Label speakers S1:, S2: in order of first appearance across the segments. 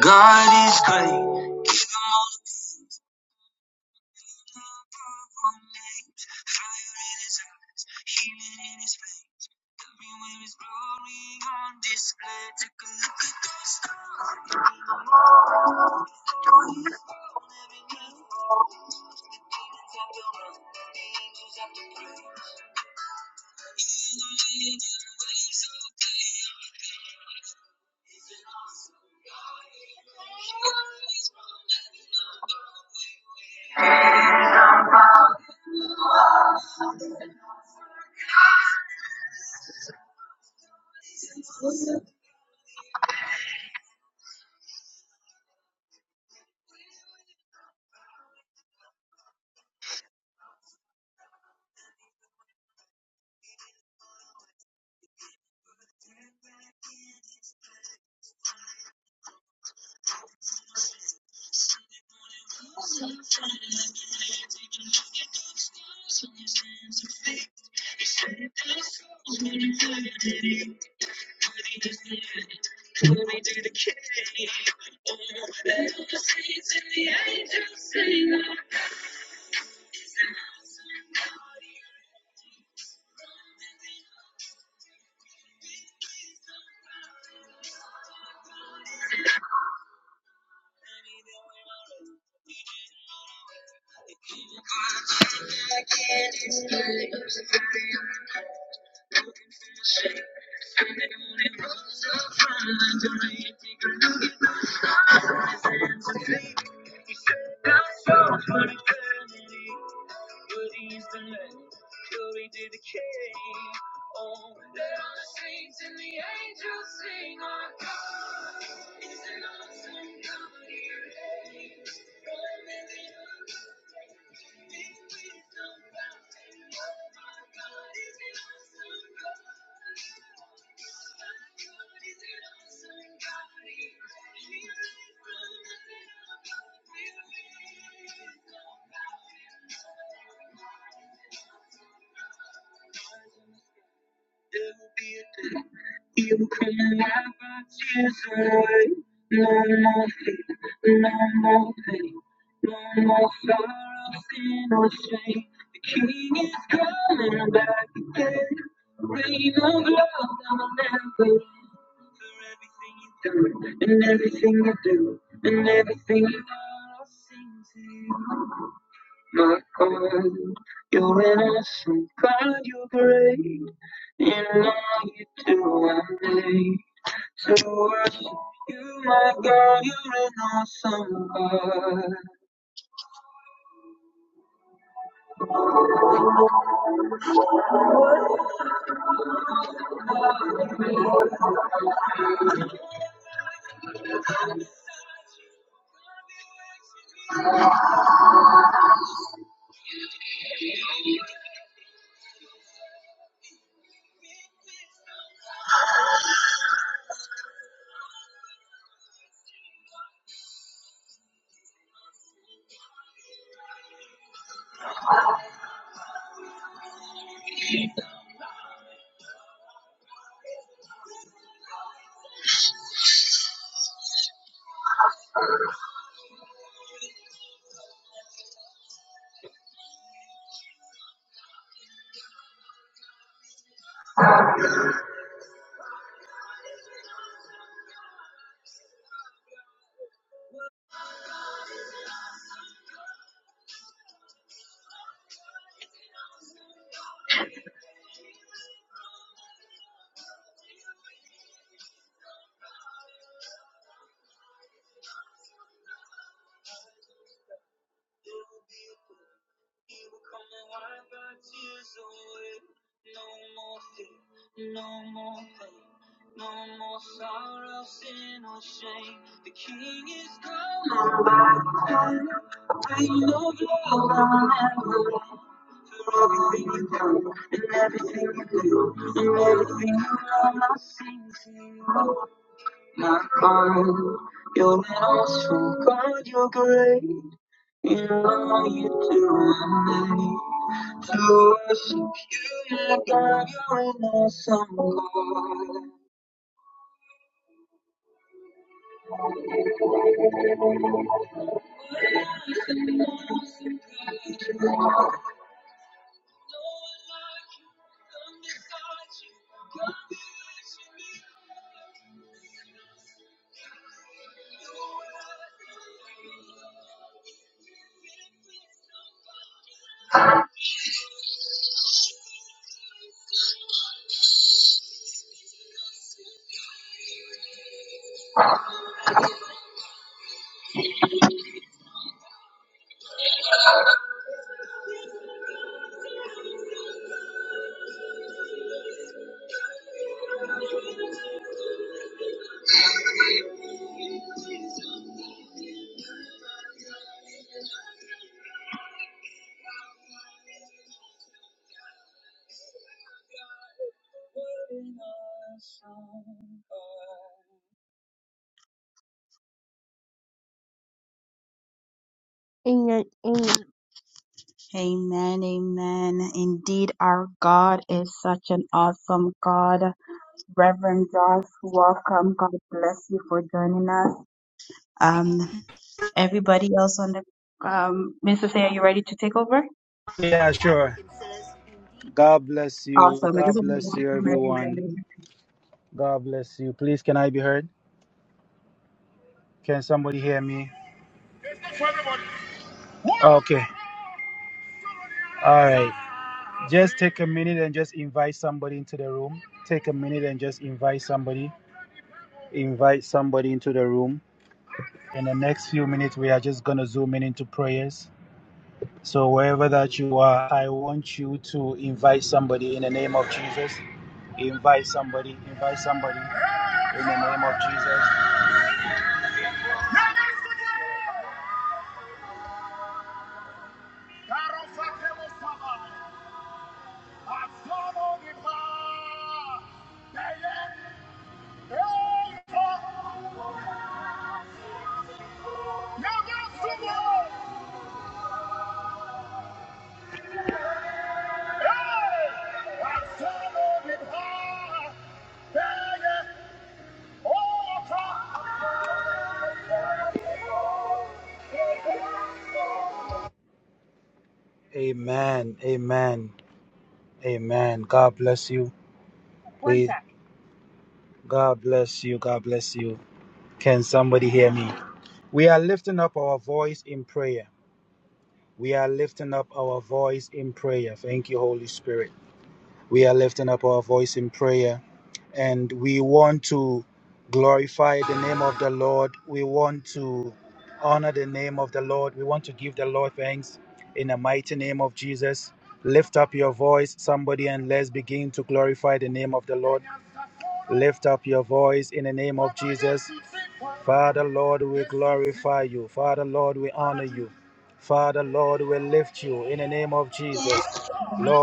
S1: God is great. Amen. Amen. Amen. Amen. Indeed, our God is such an awesome God. Reverend Josh, welcome. God bless you for joining us. Um, everybody else on the um, Mr. Say, are you ready to take over?
S2: Yeah, sure. God bless you.
S1: Awesome. I guess
S2: God bless you, everyone.
S1: we'll-
S2: God bless you. Please, can I be heard? Can somebody hear me? Okay. All right. Just take a minute and just invite somebody into the room. Take a minute and just invite somebody. Invite somebody into the room. In the next few minutes, we are just going to zoom in into prayers. So, wherever that you are, I want you to invite somebody in the name of Jesus. Invite somebody. Invite somebody in the name of Jesus. Amen. Amen. Amen. God bless you. Please. God bless you. God bless you. Can somebody hear me? We are lifting up our voice in prayer. We are lifting up our voice in prayer. Thank you, Holy Spirit. We are lifting up our voice in prayer and we want to glorify the name of the Lord. We want to honor the name of the Lord. We want to give the Lord thanks in the mighty name of Jesus. Lift up your voice, somebody, and let's begin to glorify the name of the Lord. Lift up your voice in the name of Jesus. Father, Lord, we glorify you. Father, Lord, we honor you. Father, Lord, we lift you in the name of Jesus.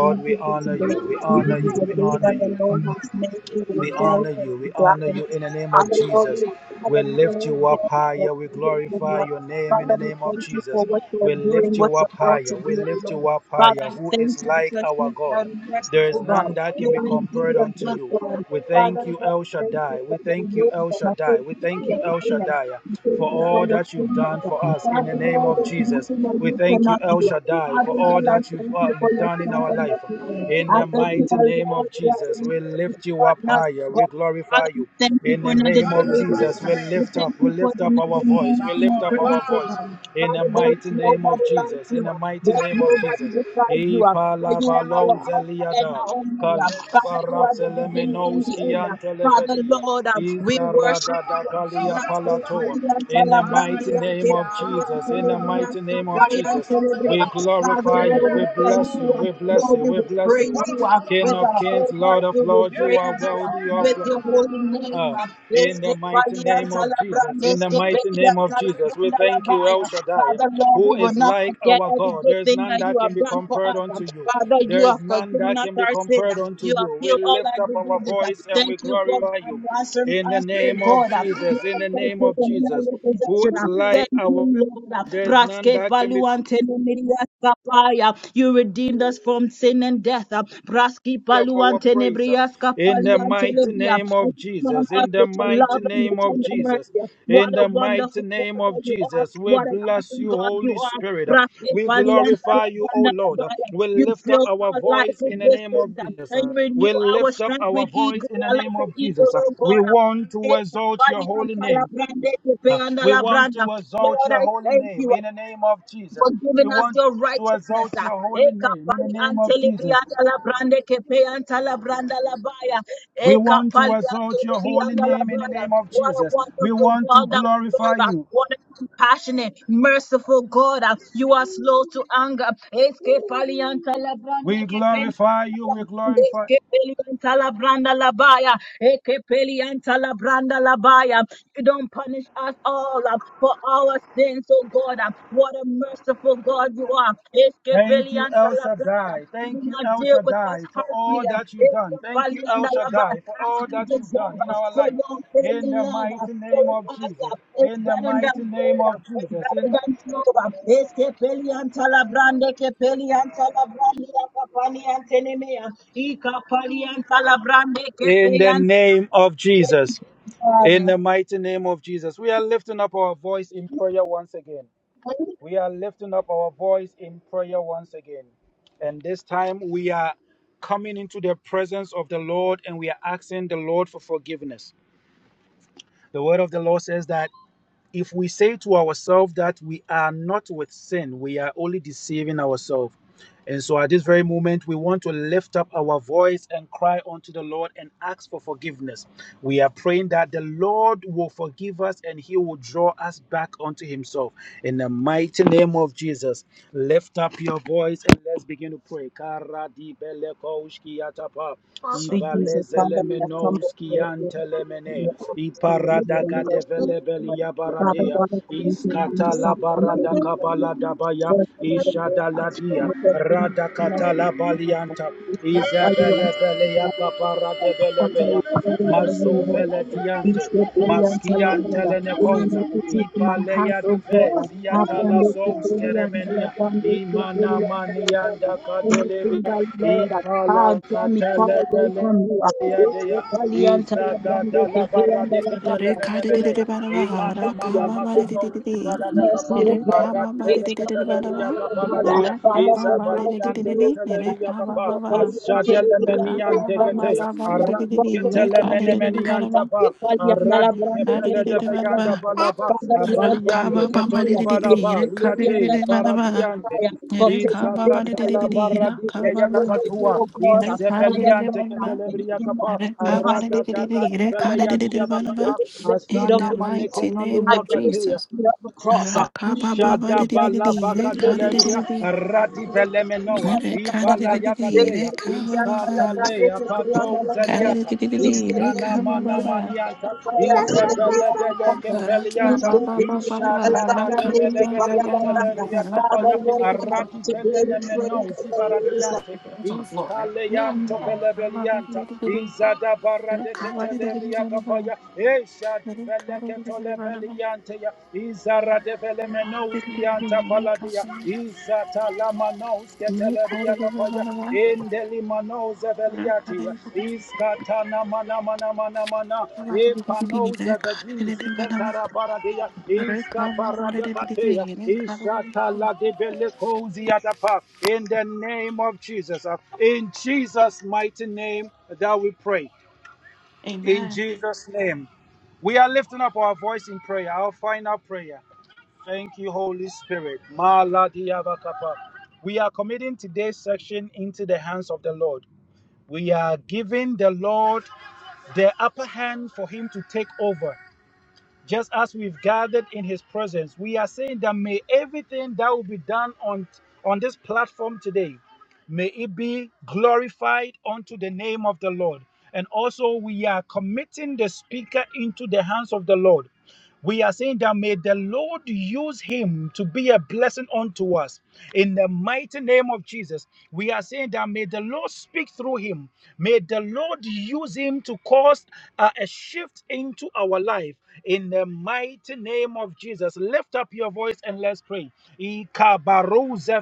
S1: This
S2: we
S1: is a
S2: honor
S1: day.
S2: you, we honor
S1: This is
S2: you,
S1: a
S2: we
S1: day
S2: honor
S1: that the
S2: you,
S1: Lord has made. We will
S2: we honor
S1: rejoice and
S2: you, we
S1: be glad
S2: honor
S1: in
S2: you
S1: it.
S2: in the name
S1: And
S2: of
S1: the Lord
S2: Jesus.
S1: will have
S2: We
S1: a
S2: lift
S1: little
S2: you up
S1: there
S2: higher, we glorify your name in
S1: Father,
S2: the
S1: we
S2: name of
S1: thank you for
S2: Jesus.
S1: what you
S2: We
S1: are doing,
S2: lift
S1: what
S2: you
S1: you're
S2: up
S1: about
S2: higher,
S1: to
S2: we
S1: do.
S2: lift
S1: Lord.
S2: you up
S1: Father, I
S2: higher. Who
S1: thank
S2: is
S1: you
S2: like
S1: because
S2: our
S1: you are
S2: God? There is
S1: merciful God.
S2: none that can
S1: You
S2: be
S1: are indeed
S2: compared
S1: a
S2: unto
S1: good
S2: you.
S1: God.
S2: We thank
S1: Father,
S2: you,
S1: God,
S2: El
S1: I thank you
S2: Shaddai.
S1: for
S2: We
S1: your
S2: thank you, El
S1: wisdom. I
S2: Shaddai.
S1: thank
S2: We
S1: you for
S2: thank you,
S1: your
S2: El
S1: kindness.
S2: Shaddai,
S1: I thank
S2: for
S1: you for
S2: all
S1: your
S2: that you've done for
S1: kindness.
S2: us in the
S1: Father,
S2: name
S1: Lord,
S2: of
S1: there's
S2: Jesus.
S1: nothing that
S2: We
S1: you
S2: thank you,
S1: cannot
S2: El
S1: do.
S2: Shaddai, for
S1: Father,
S2: all
S1: Lord, I
S2: that you've,
S1: thank
S2: uh,
S1: you for
S2: you've
S1: your
S2: done in
S1: strength
S2: our
S1: and
S2: life.
S1: your power.
S2: In
S1: I
S2: the
S1: thank you,
S2: mighty
S1: that,
S2: name of
S1: Lord, that
S2: Jesus, we
S1: you
S2: lift you
S1: are
S2: up
S1: not
S2: higher. We
S1: God.
S2: glorify
S1: Father, we
S2: you.
S1: thank you
S2: In
S1: for
S2: the
S1: another
S2: name of
S1: day of
S2: Jesus,
S1: prayer.
S2: we
S1: We
S2: lift
S1: thank
S2: up, we
S1: you for
S2: lift
S1: the
S2: up
S1: another
S2: our voice. We
S1: moment in
S2: lift
S1: your
S2: up our
S1: presence, oh
S2: voice.
S1: God.
S2: In the
S1: Father, there is
S2: mighty name of
S1: nobody like
S2: Jesus. In the
S1: you.
S2: mighty
S1: There's
S2: name of
S1: nobody
S2: Jesus.
S1: beside you. uh, For you are our Alpha and
S2: Ipalavalozeliada,
S1: our Omega. Father, you are the beginning and the end. uh. Father,
S2: kalparaselemenoskiantelevedia.
S1: Lord, uh, we worship you. uh.
S2: Izaradadakalia
S1: Rasu
S2: palatoa.
S1: Palian
S2: In the mighty
S1: Salabrandian
S2: name
S1: Te
S2: of
S1: Palian
S2: Jesus, in the
S1: Telebrian
S2: mighty name of
S1: Sapayan
S2: Jesus, we
S1: Telebrian. Father,
S2: glorify you,
S1: Lord, we
S2: we
S1: thank
S2: bless
S1: you.
S2: you,
S1: uh.
S2: we bless
S1: Lord,
S2: you,
S1: we
S2: we
S1: will
S2: bless
S1: praise
S2: you.
S1: you. uh.
S2: King
S1: With
S2: of
S1: our
S2: kings,
S1: whole
S2: Lord
S1: heart, we
S2: of
S1: will
S2: lords, you are
S1: praise you. uh.
S2: worthy of
S1: With your holy name.
S2: uh,
S1: uh. Yes,
S2: in the
S1: Te
S2: mighty
S1: Palian
S2: name of
S1: Father,
S2: Jesus, in the mighty name of Jesus, we thank you, El Shaddai,
S1: Lord, we
S2: who
S1: will
S2: is
S1: not
S2: like
S1: forget
S2: our
S1: every
S2: God.
S1: good
S2: There is
S1: thing
S2: none
S1: that you
S2: that can
S1: have
S2: be
S1: done for
S2: compared
S1: us. um.
S2: unto you.
S1: Father,
S2: There
S1: you have
S2: is none
S1: forgiven
S2: that
S1: us
S2: can be
S1: our sins.
S2: compared
S1: um. You
S2: unto
S1: have
S2: you. We
S1: healed all
S2: lift
S1: our
S2: up our
S1: diseases. um.
S2: voice and
S1: Thank
S2: we
S1: you for
S2: glorify you.
S1: answering
S2: In the
S1: us, oh
S2: name of
S1: God. um. You
S2: Jesus, in the
S1: have
S2: name of
S1: taken us
S2: Jesus,
S1: our
S2: who
S1: possession.
S2: is
S1: um.
S2: like
S1: Thank you,
S2: our,
S1: Lord. um.
S2: there's none
S1: Braske
S2: that can be
S1: paluante no miria skapaya. You redeemed us from sin and death. um. Raski
S2: of our
S1: paluante
S2: praise.
S1: nebriaska
S2: In the
S1: paliante
S2: mighty
S1: nebria.
S2: name of
S1: Crown
S2: Jesus,
S1: us
S2: in the
S1: with your
S2: mighty
S1: love and your
S2: name of
S1: tender
S2: Jesus,
S1: mercy. What
S2: in
S1: a
S2: the mighty
S1: wonderful
S2: name
S1: Father
S2: of
S1: you are.
S2: Jesus, we
S1: What an
S2: bless
S1: awesome
S2: you,
S1: God you
S2: Holy
S1: are.
S2: Spirit.
S1: Raski
S2: We
S1: paliante
S2: glorify you, O
S1: labanda
S2: Lord.
S1: labaya.
S2: We
S1: You
S2: lift up
S1: fill
S2: our
S1: our life
S2: voice
S1: with
S2: in the name of
S1: blessings and
S2: Jesus.
S1: you renew
S2: We
S1: our
S2: lift up
S1: strength
S2: our
S1: with
S2: voice
S1: eagle.
S2: in the
S1: I
S2: name
S1: like the
S2: of
S1: eagle,
S2: Jesus.
S1: oh
S2: We
S1: God.
S2: want to exalt your holy name. Uh, We want to exalt
S1: Lord,
S2: your
S1: I
S2: holy
S1: thank
S2: name
S1: you
S2: in the name of Jesus.
S1: for
S2: We
S1: giving us
S2: want
S1: your
S2: to
S1: righteousness.
S2: exalt
S1: ah.
S2: your holy name in the
S1: Ekapali
S2: name of
S1: antelibri
S2: Jesus.
S1: andala brande kepe antala branda la
S2: We want to
S1: Ekapali
S2: exalt your
S1: antelibri
S2: holy
S1: andala
S2: name in the
S1: baya.
S2: name of
S1: What a
S2: Jesus. We
S1: wonderful
S2: want to
S1: God that we
S2: glorify
S1: serve. ah.
S2: you.
S1: What a compassionate, merciful God. ah. You are slow to anger. Eskepali antala brande
S2: We
S1: kepe
S2: glorify you. We glorify.
S1: Ekepelianta la branda la baya. Ekepelianta la branda la baya. You don't punish us all uh, for our sins, oh God. uh. What a merciful God you are.
S2: Thank you,
S1: Ekepelianta
S2: El
S1: la branda.
S2: Shaddai.
S1: You do
S2: Thank you,
S1: not
S2: El
S1: deal with us
S2: Shaddai, for all
S1: harshly.
S2: that you've done. Thank
S1: uh,
S2: you,
S1: and
S2: El
S1: the love us
S2: Shaddai, for
S1: as
S2: all
S1: we
S2: that you've done
S1: deserve
S2: in
S1: us
S2: our
S1: for
S2: life.
S1: your
S2: In
S1: daily
S2: the
S1: love. us.
S2: mighty
S1: For
S2: name of
S1: us,
S2: Jesus.
S1: uh, it's
S2: In the
S1: better than
S2: mighty name
S1: gold, uh,
S2: of
S1: it's
S2: Jesus.
S1: better
S2: In,
S1: than silver. It's Kepelian Talabrande, Kepelian Talabrande, Kapalian Tenemea, Ikapalian Talabrande,
S2: in the
S1: Kepelian
S2: name of Jesus. In the mighty name of Jesus, we are lifting up our voice in prayer once again. We are lifting up our voice in prayer once again. And this time we are coming into the presence of the Lord and we are asking the Lord for forgiveness. The word of the Lord says that if we say to ourselves that we are not with sin, we are only deceiving ourselves. And so at this very moment, we want to lift up our voice and cry unto the Lord and ask for forgiveness. We are praying that the Lord will forgive us and he will draw us back unto himself. In the mighty name of Jesus, lift up your voice and let's begin to pray.
S1: Sweet Jesus.
S2: Radea, Iskata Barada Kabala Dabaya, Ishada Ladia, Radakata la Balianta, Isabella Belea Capara de Belebea, Mazo Velediante, Maskiante Lenecosa,
S1: heart,
S2: Ipalea
S1: oh
S2: Dive,
S1: God.
S2: Ziatala
S1: Abando
S2: Sous
S1: Kipelianda,
S2: Keremenia,
S1: Labando
S2: Imana
S1: Kipelianda, Labanda.
S2: Manianda
S1: Anything
S2: Cadelebe,
S1: that, Lord, ah,
S2: Ipala
S1: draw me far away
S2: Catele
S1: from you. ah, it's the
S2: Yadeya,
S1: Kipelianda,
S2: Izada
S1: Labando
S2: da la barra
S1: Kipelianda,
S2: de ketele
S1: Labanda.
S2: mene mene ya.
S3: Rekadidididibadaba,
S2: Imana mana makano
S3: rakababadididididi.
S2: usuvala da
S1: Mercy,
S2: kapa,
S1: O God,
S2: Arad bele
S1: it's the
S2: Keteleria
S1: Kipelianda,
S3: Rekababadidididibadaba,
S1: Labanda.
S2: kapaladia,
S1: Father, for doubting
S2: Izavalian de
S1: you,
S3: rakababadididididi,
S1: O God.
S2: Keteleria
S1: It's
S2: kapa,
S3: rekabababa,
S1: the Kipelianda,
S2: Ashadelemenian de
S1: Labanda,
S2: Keteya,
S1: Labanda.
S2: Aradi
S1: God,
S3: rakabababadididididi,
S1: for everything.
S2: Ketelemenemenian
S3: rekadidididibadaba,
S2: ba.
S1: Father,
S2: Aradi Kepele de
S3: kadidididibadaba,
S2: Beyanda balaba,
S1: Lord, what
S2: Abalian de
S1: you want
S2: Ketoli
S1: to do,
S3: rakabababadidididi,
S2: balaba, Liate,
S3: rekadidididibadaba,
S2: Varadian
S1: for taking things out of
S2: Izakatala
S3: rekababadidididi,
S1: my
S2: baradike
S1: business,
S2: ya
S3: rakababa,
S1: what we do,
S2: nakatua.
S1: oh God, uh, Father,
S2: Isepeliante
S1: Lord, uh,
S3: rekadidididibadaba.
S1: in the
S2: ketelebria
S1: name of
S3: In
S2: kapa.
S3: the
S1: the Master,
S2: Arata daka tipele ya diya
S1: I
S2: bakata.
S1: bring it the feet of
S2: Asana
S1: the
S2: maneke
S3: mighty
S2: na
S3: name
S2: lua
S3: of
S2: katea.
S3: Jesus.
S1: cross. I bring it the
S2: Shadabala
S1: feet
S2: bakateleria rati pelemenoa
S1: of
S2: ivala yakateya iskatalea
S1: the cross. uh,
S2: patouzeliata
S1: Father,
S2: iskanamana izebeledeleke pelianta ishataladevelebeleketeleria kapaya
S1: Lord,
S2: arati
S1: today we pray
S2: pelenemenao
S1: for the
S2: zibaradiante iskaleyanto pelebelianta izadabaradeketeleria kapaya esha Ibeleketole
S3: No,
S2: belianteya, izara devele
S3: Amen.
S2: menouski yanta izata la manouske telebriata veliatia, iskata na mana mana mana mana, baradia, iska paradekatea, ishata la debelekouzi In the name of Jesus, uh, in Jesus' mighty name that we pray. In Jesus' name, we are lifting up our voice in prayer, our final prayer. Thank you, Holy Spirit. Maladiabakapa. We are committing today's section into the hands of the Lord. We are giving the Lord the upper hand for Him to take over just as we've gathered in his presence, we are saying that may everything that will be done on, on this platform today, may it be glorified unto the name of the Lord. And also, we are committing the speaker into the hands of the Lord. We are saying that may the Lord use him to be a blessing unto us. In the mighty name of Jesus, we are saying that may the Lord speak through him. May the Lord use him to cause uh, a shift into our life. In the mighty name of Jesus, lift up your voice and let's pray.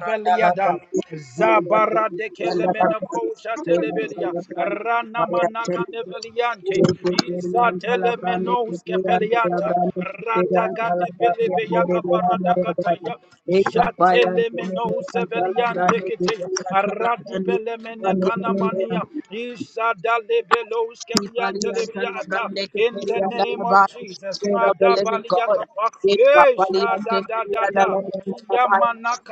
S1: Thank
S2: Zabara de Kelemenakosha Telebelia, Rana Manaka Neveliante, Iza Telemenos Capelianta, Radagate Pelebeaca Paradacataya, Jatelemenos Eveliante Kitea, Aradi Belemenecana Mania,
S1: you.
S2: Isa
S1: He palianta brande que
S2: in the
S1: peria la
S2: name of
S1: labai,
S2: Jesus,
S1: Spirit of the living God.
S2: Magabaliakapa,
S1: He
S2: Eish, da
S1: palianta
S2: da da da
S1: peria la
S2: da,
S1: labai.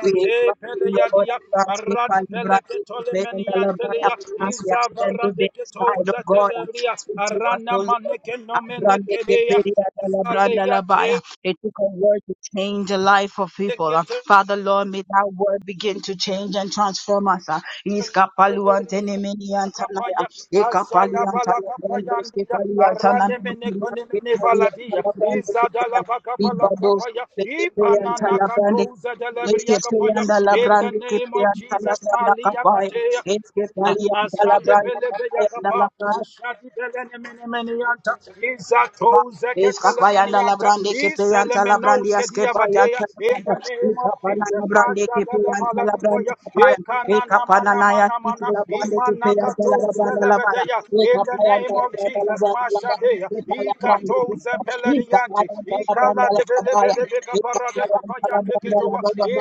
S1: We invite you, Lord,
S2: Peleyadia,
S1: as we palibrande que peria la labai.
S2: Aradbeleketolemeniantelia,
S1: As we have stand today, side of
S2: Izavaradeketoza
S1: God,
S2: Telebria,
S1: speak to us, O
S2: Arana
S1: Lord. Abrande
S2: Manekenomenekelea,
S1: keperia da la branda la
S2: Zaleate.
S1: baya. It took a word to change the life of people. uh. Father Lord, may that word begin to change and transform us. uh. Iskapalu antene meni antanaya.
S2: Kapaya,
S1: Ekapalu
S2: Ashada
S1: antana
S2: Balaka
S1: brando
S2: Payandia,
S1: skepalu antana
S2: Aranemene
S1: meni antanaya.
S2: Konemene
S1: Ekapalu
S2: Valadia,
S1: antana brando keperia.
S2: Izadala Bakapala
S1: Ibados
S2: Kapaya,
S1: keperia
S2: Ipanana
S1: antana brande
S2: Katoza
S1: este
S2: Delebria Kapaya,
S1: peleando la
S2: in the
S1: branda que
S2: name of
S1: peleando la
S2: Jesus,
S1: branda
S2: Malia
S1: capaya,
S2: Katea,
S1: este peleando la
S2: Asade
S1: branda
S2: Belebe Yakapa,
S1: capaya,
S2: Ashadi Belenemene Menianta, Izatoza
S1: Escapayanda
S2: Ketelemenianta,
S1: labrande kepeyanta labrandi
S2: Iselemenos
S1: askepayanta
S2: Kediavadea, in
S1: labranda.
S2: the name of
S1: Ikapana
S2: Jesus,
S1: labrande
S2: Mashada
S1: kepeyanta
S2: Lavala
S1: labranda
S2: Kapaya,
S1: kapaya. Ikapana
S2: Ekana
S1: naya titi labrande kepeyanta labranda labaya.
S2: in the
S1: Ikapayanta
S2: name of
S1: labranda
S2: Jesus,
S1: labranda labaya.
S2: Mashadea,
S1: Ikapayanta labrande
S2: Ikato
S1: kepeyanta
S2: Zepeleriante,
S1: Ikapayanta labranda
S2: Ikala de
S1: labaya.
S2: Belebelebeca Paradeca
S1: Ikapayanta
S2: Payande
S1: labranda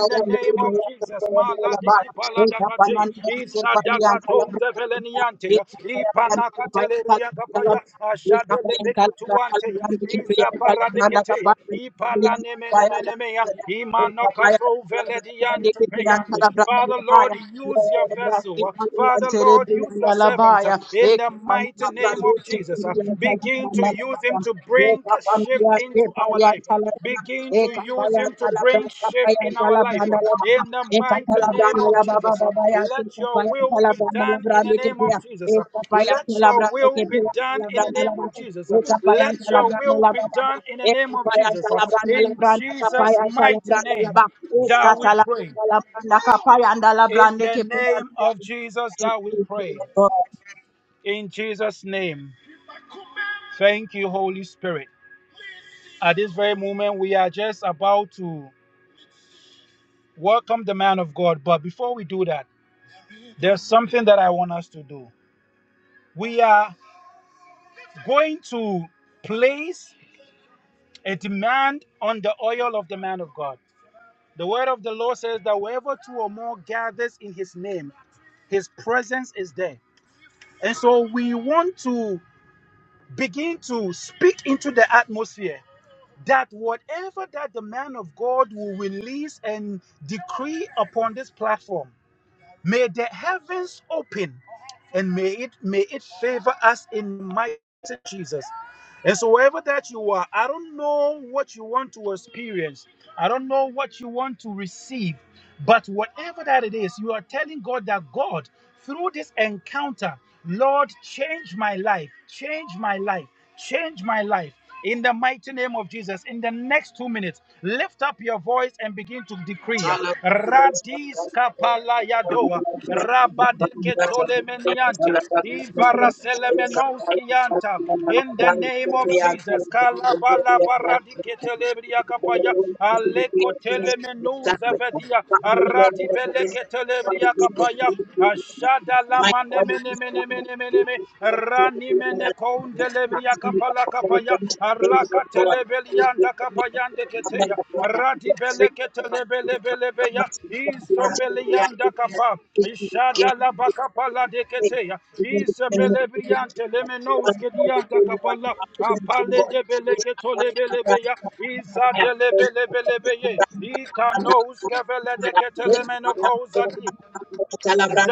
S2: in the name of Jesus,
S1: Ikapayanta labranda
S2: Maladiki
S1: labaya. Ikapana
S2: Paladakate,
S1: naya titi labranda kepeyanta labranda
S2: Isadakato
S1: labaya.
S2: Zeveleniante,
S1: Ikapayanta labranda
S2: Ipanakateleria
S1: kepeyanta labranda
S2: Capaya,
S1: labaya.
S2: Ashadelebecotuante, Iza Paradeketea, Ipalanemenemenemea, Imanakazo Velediante Payande. Father, Lord. Lord, use your vessel. Uh, Father, Lord, use your servant uh, in the mighty name of Jesus. Uh, Begin to use him to bring a shift into our life. Begin to use him to bring shift in our
S1: Thank
S2: life. uh,
S1: you.
S2: In the
S1: Thank
S2: mighty name of Jesus. Uh, Let your will be done in the name of Jesus. Uh, Let your will be done in the name of Jesus. Uh, Let your will be done in the name of Jesus. Uh, In Jesus' mighty name, that we pray. In the name of Jesus that we
S1: you,
S2: pray.
S1: Jesus.
S2: In Jesus' name. Thank you, Holy Spirit. At this very moment, we are just about to welcome the man of God. But before we do that, there's something that I want us to do. We are going to place a demand on the oil of the man of God. The word of the Lord says that wherever two or more gathers in his name, his presence is there. And so we want to begin to speak into the atmosphere that whatever that the man of God will release and decree upon this platform, may the heavens open and may it may it favor us in mighty Jesus. And so wherever that you are, I don't know what you want to experience. I don't know what you want to receive, but whatever that it is, you are telling God that God, through this encounter, Lord, change my life, change my life, change my life in the mighty name of Jesus. In the next two minutes, lift up your voice and begin to decree.
S1: My
S2: Radis kapalayadoa, rabadeketolemeniante, ivaraselemenoskianta. In the name of Jesus, kalabalabaradiketelebria kapaya, alekotelemenuzavedia, aradibeleketelebria kapaya. Ashada la mane mene mene
S1: God
S2: mene mene me
S1: is
S2: rani mene konde lebria kapala kapaya arlaka telebelianda kapayande keteya radi bele ketelebele bele beya izo belianda kapa ishada la bakapala de keteya izo bele briante lemenos kedianda kapala apale de bele ketole bele beya iza de lebele bele beye ikanos kevele de ketelemeno kozadi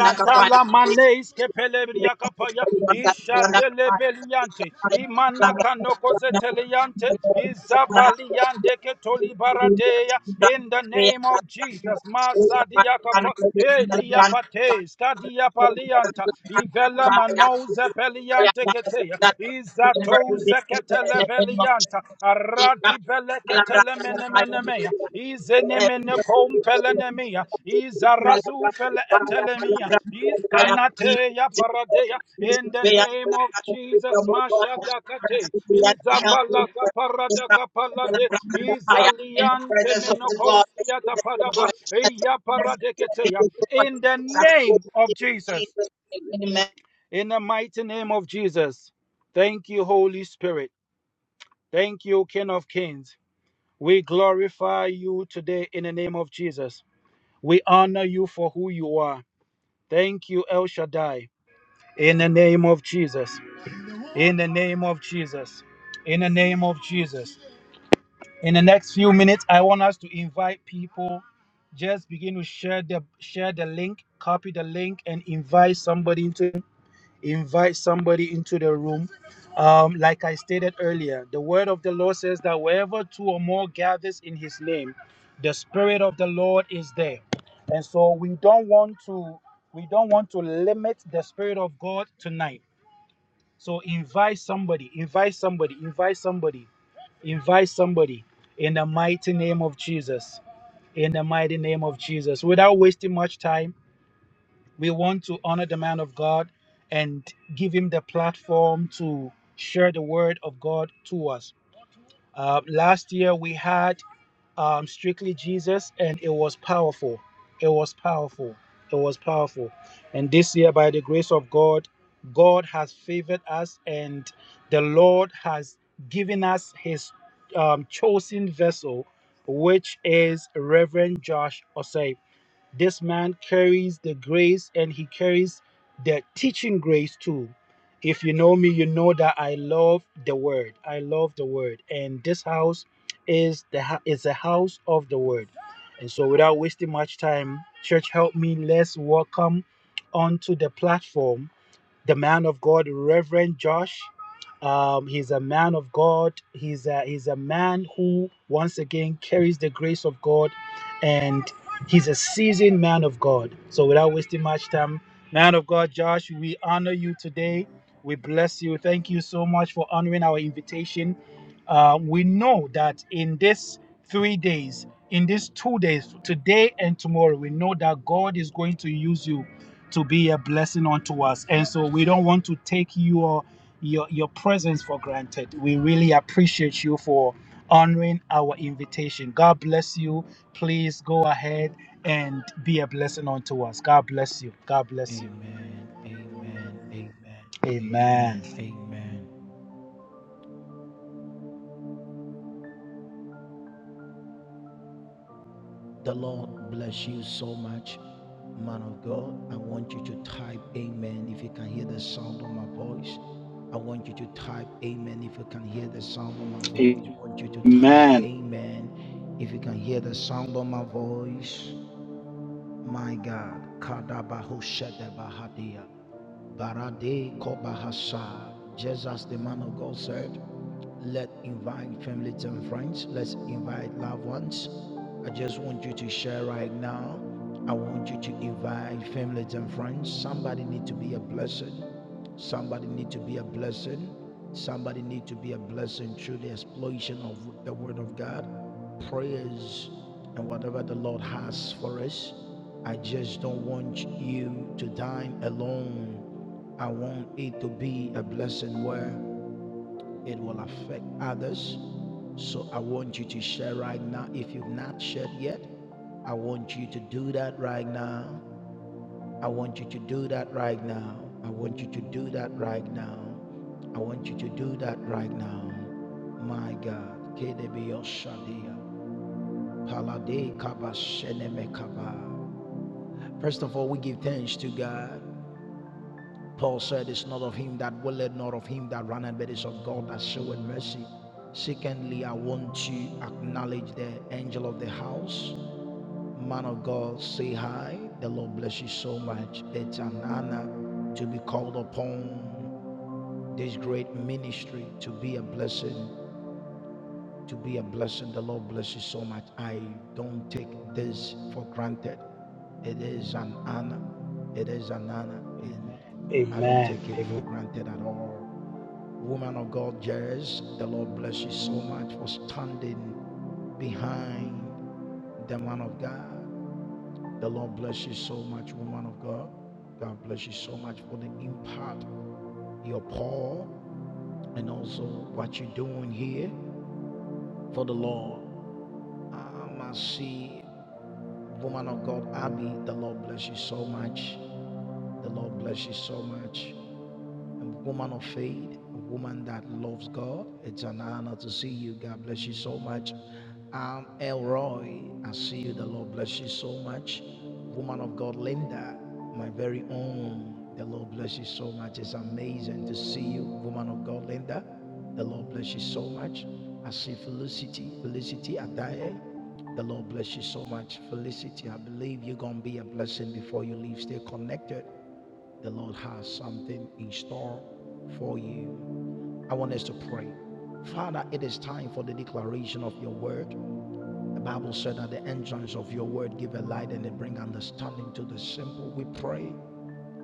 S1: Thank you.
S2: maneis kepelebria kapaya isha delebeliante imana kanoko zeteliante izabaliande ketolibaradeya in the name of Jesus masadia kapa elia pates kadia palianta ivela manoze peliante keteya izato zeketele belianta Dibeleketelemenemenemeya.
S1: Thank you.
S2: Izenemenekompelenemeya.
S1: Help me
S2: Izarazufeleetelemeya. Iskanateya paradeya. In the name of Jesus, Masha Dakate, Izapalaka
S1: just not
S2: Paradaka Palade,
S1: in the
S2: Izaliante
S1: presence of the God, the
S2: Menokosia
S1: spirit of
S2: Tapadaba,
S1: joy, that the
S2: Eya
S1: goodness, the
S2: Paradeketeya.
S1: joy,
S2: In the
S1: the
S2: name of
S1: joy,
S2: Jesus,
S1: Jesus, amen.
S2: in the mighty name of Jesus, thank you, Holy Spirit. Thank you, King of Kings. We glorify you today in the name of Jesus. We honor you for who you are. Thank you, El Shaddai. In the name of Jesus. In the name of Jesus. In the name of Jesus. In the next few minutes, I want us to invite people. Just begin to share the share the link, copy the link, and invite somebody into invite somebody into the room. Um, like I stated earlier, the word of the Lord says that wherever two or more gathers in his name, the spirit of the Lord is there. And so we don't want to we don't want to limit the spirit of God tonight. So invite somebody, invite somebody, invite somebody, invite somebody in the mighty name of Jesus. In the mighty name of Jesus. Without wasting much time, we want to honor the man of God and give him the platform to share the word of God to us. Uh, last year we had um, Strictly Jesus, and it was powerful. It was powerful. It was powerful. And this year, by the grace of God, God has favored us, and the Lord has given us His um, chosen vessel, which is Reverend Josh Osei. This man carries the grace and he carries the teaching grace too. If you know me, you know that I love the word. I love the word. And this house is the is a house of the word. And so without wasting much time, church help me, let's welcome onto the platform the man of God, Reverend Josh. Um, he's a man of God. He's a, he's a man who, once again, carries the grace of God, and he's a seasoned man of God. So, without wasting much time, man of God, Josh, we honor you today. We bless you. Thank you so much for honoring our invitation. Uh, we know that in this three days, in these two days, today and tomorrow, we know that God is going to use you to be a blessing unto us. And so we don't want to take your your your presence for granted. We really appreciate you for honoring our invitation. God bless you. Please go ahead and be a blessing unto us. God bless you. God bless you.
S4: Amen. Amen. Amen. Amen.
S2: Amen.
S4: Amen. The Lord bless you so much, man of God. I want you to type amen if you can hear the sound of my voice. I want you to type amen if you can hear the sound of my
S2: Amen.
S4: voice. I want you to type
S2: Amen.
S4: amen if you can hear the sound of my voice. My God, Kadabahoshadabahadia, Barade Kobahasa. Just as the man of God said, let invite families and friends, let's invite loved ones. I just want you to share right now. I want you to invite families and friends. Somebody need to be a blessing. Somebody need to be a blessing. Somebody need to be a blessing through the explosion of the word of God prayers and whatever the Lord has for us. I just don't want you to dine alone. I want it to be a blessing where it will affect others. So I want you to share right now. If you've not shared yet, I want you to do that right now. I want you to do that right now. I want you to do that right now. I want you to do that right now. My God. KDB Oshadia. First of all, we give thanks to God. Paul said, It's not of him that willeth, nor of him that runneth, but it's of God that showeth mercy. Secondly, I want to acknowledge the angel of the house. Man of God, say hi. The Lord bless you so much. It's an honor to be called upon this great ministry to be a blessing. to be a blessing. The Lord bless you so much. I don't take this for granted. It is an honor. It is an honor, and I don't take it for
S2: Amen.
S4: granted at all. Woman of God, Jess, the Lord bless you so much for standing behind the man of God. The Lord bless you so much, woman of God. God bless you so much for the impact, your pour, and also what you're doing here for the Lord. Um, I see woman of God, Abby. The Lord bless you so much. The Lord bless you so much a woman of faith, a woman that loves God. It's an honor to see you. God bless you so much. I'm Elroy, I see you. The Lord bless you so much. Woman of God, Linda, my very own. The Lord bless you so much. It's amazing to see you, woman of God, Linda. The Lord bless you so much. I see Felicity, Felicity Adaye. The Lord bless you so much. Felicity, I believe you're going to be a blessing before you leave. Stay connected. The Lord has something in store for you. I want us to pray. Father, it is time for the declaration of your word. The Bible said that the entrance of your word give a light and they bring understanding to the simple. We pray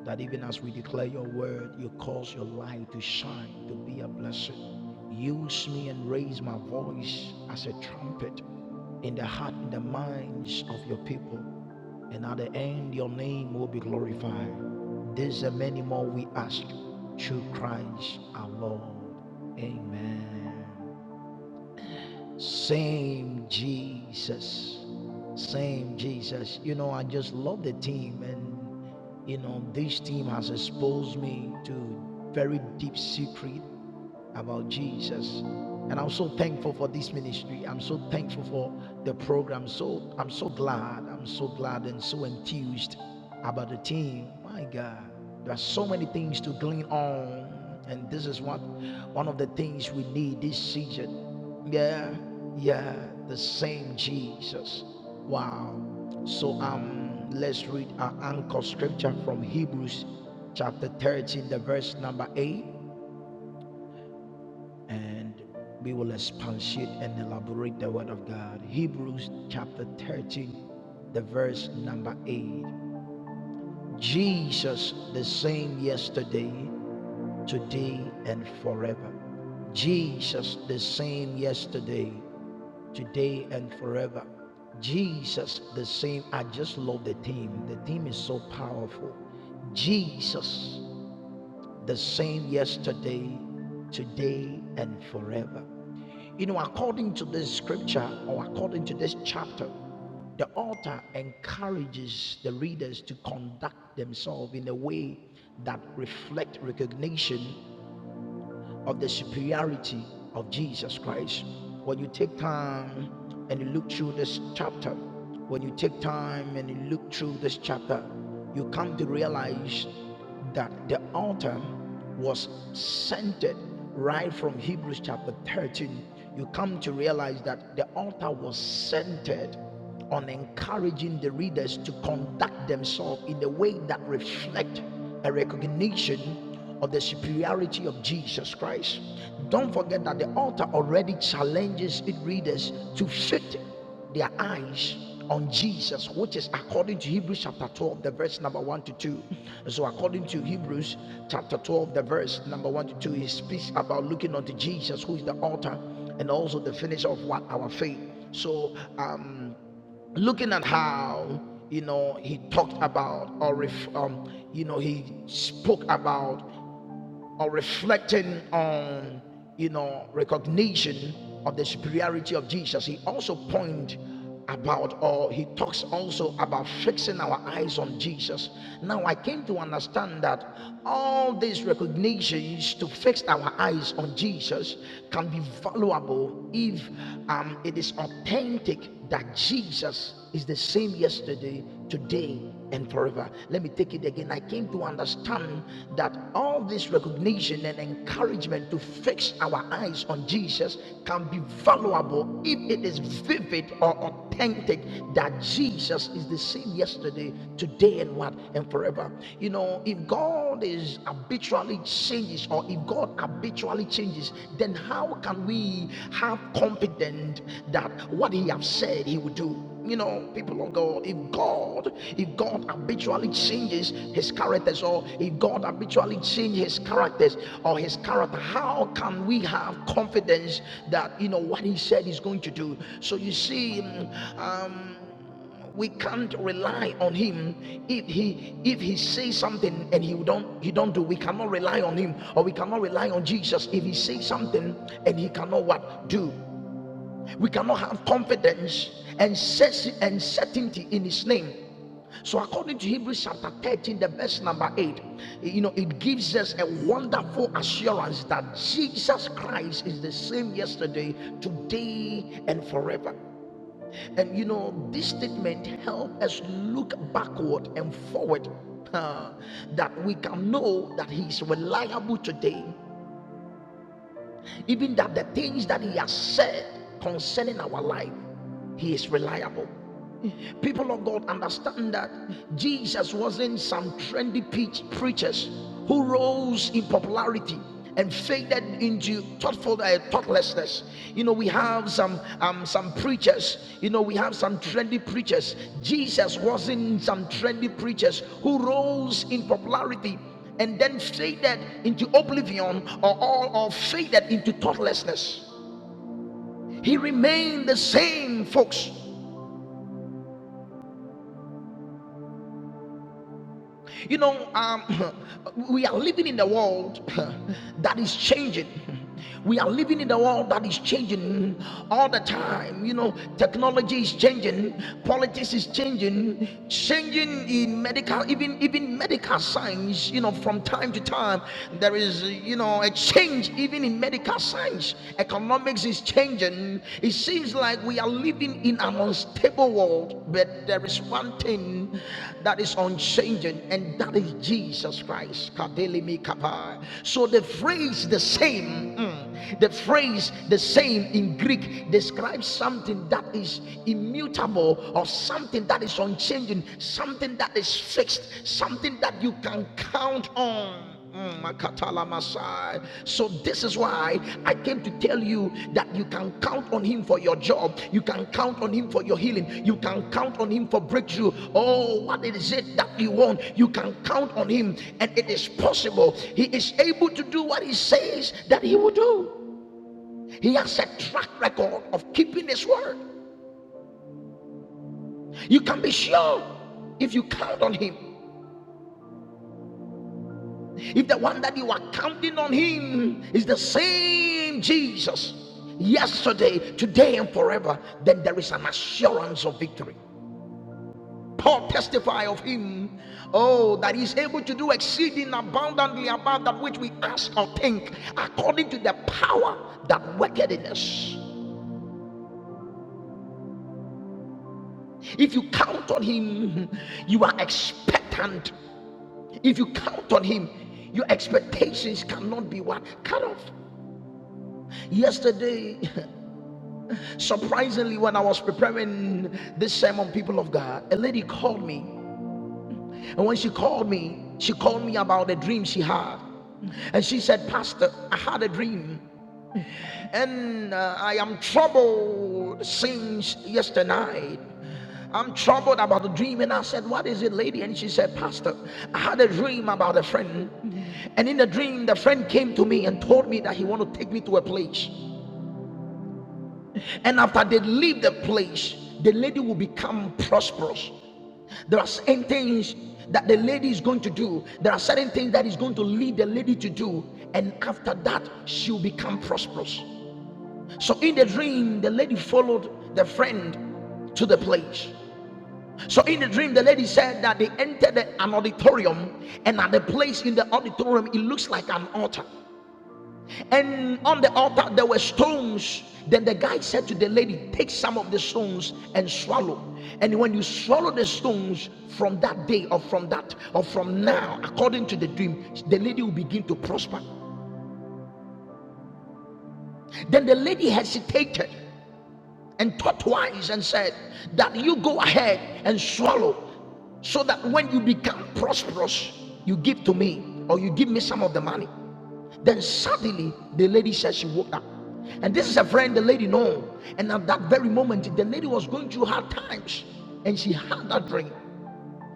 S4: that even as we declare your word, you cause your light to shine, to be a blessing. Use me and raise my voice as a trumpet in the heart and the minds of your people. And at the end, your name will be glorified. These and many more we ask through Christ our Lord. Amen. Same Jesus. Same Jesus. You know, I just love the team. And, you know, this team has exposed me to very deep secret about Jesus. And I'm so thankful for this ministry. I'm so thankful for the program. So I'm so glad. I'm so glad and so enthused about the team. My God. There are so many things to glean on. And this is what one of the things we need this season. Yeah, yeah, the same Jesus. Wow. So um let's read our anchor scripture from Hebrews chapter 13, the verse number 8 and we will expatiate and elaborate the word of God. Hebrews chapter 13, the verse number 8. Jesus the same yesterday, today, and forever. Jesus the same yesterday, today, and forever. Jesus the same. I just love the theme. The theme is so powerful. Jesus the same yesterday, today, and forever. You know, according to this scripture or according to this chapter, the author encourages the readers to conduct themselves in a way that reflect recognition of the superiority of Jesus Christ. When you take time and you look through this chapter, when you take time and you look through this chapter, you come to realize that the altar was centered right from Hebrews chapter 13. You come to realize that the altar was centered on encouraging the readers to conduct themselves in a way that reflect a recognition of the superiority of Jesus Christ. Don't forget that the author already challenges its readers to fit their eyes on Jesus, which is according to Hebrews chapter 12, the verse number 1 to 2. So, according to Hebrews chapter 12, the verse number 1 to 2, he speaks about looking unto Jesus, who is the author and also the finisher of what? Our faith. So, um, looking at how you know he talked about or if um, you know he spoke about or reflecting on you know recognition of the superiority of jesus he also points about or he talks also about fixing our eyes on jesus now i came to understand that all these recognitions to fix our eyes on jesus can be valuable if um, it is authentic that jesus is the same yesterday today and forever. Let me take it again. I came to understand that all this recognition and encouragement to fix our eyes on Jesus can be valuable if it is vivid or authentic that Jesus is the same yesterday, today, and what and forever. You know, if God is habitually changes or if God habitually changes, then how can we have confidence that what He has said He will do? you know people of god if god if god habitually changes his characters or if god habitually changes his characters or his character how can we have confidence that you know what he said he's going to do so you see mm, um we can't rely on him if he if he says something and he don't he don't do we cannot rely on him or we cannot rely on jesus if he says something and he cannot what do we cannot have confidence and certainty in His name. So, according to Hebrews chapter 13, the verse number 8, you know, it gives us a wonderful assurance that Jesus Christ is the same yesterday, today, and forever. And, you know, this statement helps us look backward and forward uh, that we can know that He is reliable today even that the things that he has said concerning our life, he is reliable. People of God understand that Jesus wasn't some trendy preachers who rose in popularity and faded into thoughtful uh, thoughtlessness. You know, we have some um, some preachers. You know, we have some trendy preachers. Jesus wasn't some trendy preachers who rose in popularity and then faded into oblivion or, or, or faded into thoughtlessness. He remained the same, folks. You know, um, we are living in the world that is changing. We are living in the world that is changing all the time. You know, technology is changing, politics is changing, changing in medical, even even medical science. You know, from time to time there is you know a change even in medical science, economics economics is changing. It seems like we are living in an unstable world, but there is one thing that is unchanging, and that is Jesus Christ. So the phrase the same, mm, the phrase the same in Greek describes something that is immutable or something that is unchanging, something that is fixed, something that you can count on. Mm, So this is why I came to tell you that you can count on him for your job, you can count on him for your healing, you can count on him for breakthrough. Oh, what is it that you want? You can count on him, and it is possible. He is able to do what he says that he will do. He has a track record of keeping his word. You can be sure if you count on him. If the one that you are counting on him is the same Jesus yesterday, today, and forever, then there is an assurance of victory. Paul testify of him, oh, that he's able to do exceeding abundantly above that which we ask or think, according to the power that worketh in us. If you count on him, you are expectant. If you count on him, your expectations cannot be what cut off. Yesterday, Surprisingly, when I was preparing this sermon, people of God, a lady called me. And when she called me, she called me about a dream she had. And she said, Pastor, I had a dream. And uh, I am troubled since yesterday night. I'm troubled about the dream. And I said, What is it, lady? And she said, Pastor, I had a dream about a friend. And in the dream, the friend came to me and told me that he wanted to take me to a place. And after they leave the place, the lady will become prosperous. There are certain things that the lady is going to do, there are certain things that is going to lead the lady to do, and after that, she'll become prosperous. So in the dream, the lady followed the friend to the place. So in the dream, the lady said that they entered an auditorium, and at the place in the auditorium, it looks like an altar. And on the altar there were stones. Then the guy said to the lady, Take some of the stones and swallow. And when you swallow the stones from that day or from that or from now, according to the dream, the lady will begin to prosper. Then the lady hesitated. and taught twice and said that you go ahead and swallow so that when you become prosperous, you give to me or you give me some of the money. Then suddenly the lady says she woke up. And this is a friend the lady know. And at that very moment, the lady was going through hard times and she had that dream.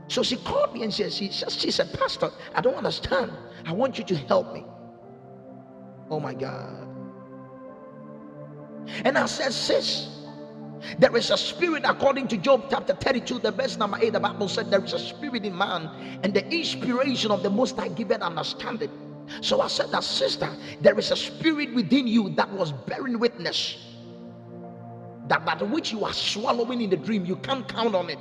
S4: So she called me and said, she, says- she said, Pastor, I don't understand. I want you to help me. Oh my God. And I said, sis, There is a spirit, according to Job chapter 32, the verse number 8, the Bible said, There is a spirit in man, and the inspiration of the Most High giveth understanding. So I said that, sister, there is a spirit within you that was bearing witness that that which you are swallowing in the dream, you can't count on it.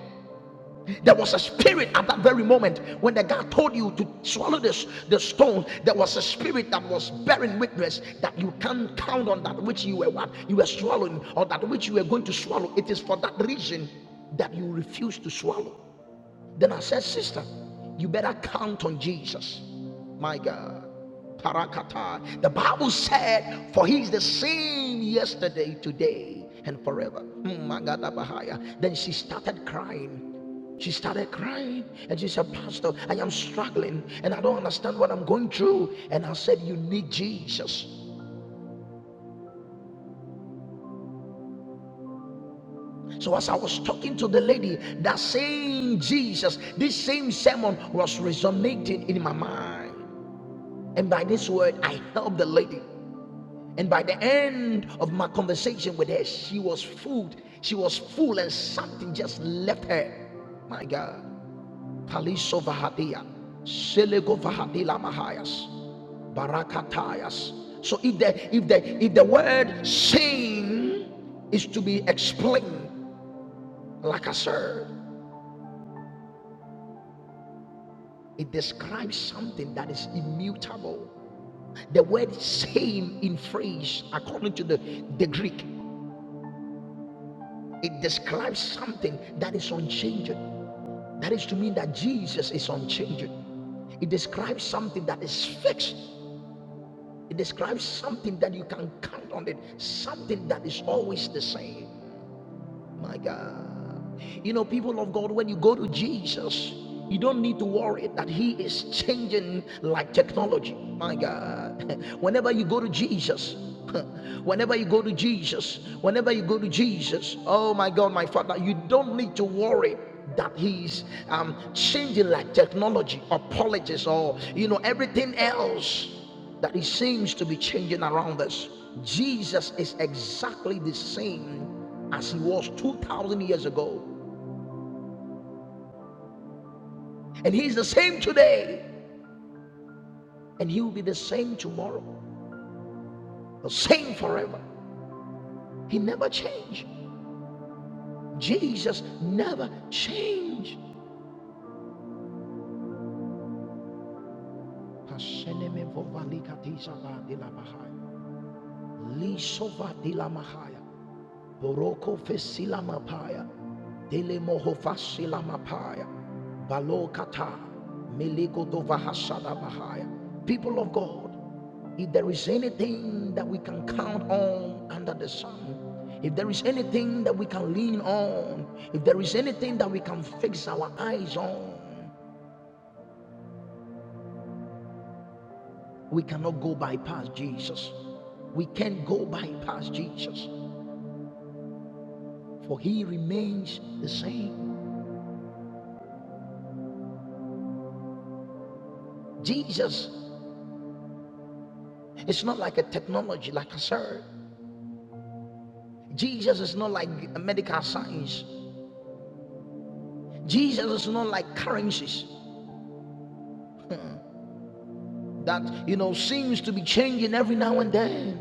S4: There was a spirit at that very moment when the guy told you to swallow this the stone. There was a spirit that was bearing witness that you can't count on that which you were what you were swallowing or that which you were going to swallow. It is for that reason that you refuse to swallow. Then I said, Sister, you better count on Jesus. My God. Parakata. The Bible said, For he is the same yesterday, today, and forever. Hmm, my Then she started crying. She started crying and she said, Pastor, I am struggling and I don't understand what I'm going through. And I said, You need Jesus. So, as I was talking to the lady, that same Jesus, this same sermon was resonating in my mind. And by this word, I helped the lady. And by the end of my conversation with her, she was full. She was full, and something just left her. My God. Taliso Vahadia. Selego Vahadila Mahayas. Barakatayas. So if the if the if the word sin is to be explained like I said, it describes something that is immutable. The word same in phrase, according to the, the Greek, It describes something that is unchanging. That is to mean that Jesus is unchanging. It describes something that is fixed. It describes something that you can count on it, something that is always the same. My God. You know, people of God, when you go to Jesus, you don't need to worry that He is changing like technology. My God. Whenever you go to Jesus, whenever you go to Jesus, whenever you go to Jesus, oh my God, my Father, you don't need to worry that he's um, changing like technology or politics or you know everything else that it seems to be changing around us. Jesus is exactly the same as he was 2,000 years ago. And he's the same today. And he will be the same tomorrow. The same forever. He never changed. Jesus never changed. Lisovatilamaha. Boroko fesilamapaya. Dele moho fasilamapaya. Balokata. Meliko dovahasada bahaya. People of God, if there is anything that we can count on under the sun, if there is anything that we can lean on, if there is anything that we can fix our eyes on, we cannot go bypass Jesus. We can't go bypass Jesus, for he remains the same. Jesus It's not like a technology, like a sir. Jesus is not like a medical science. Jesus is not like currencies that, you know, seems to be changing every now and then.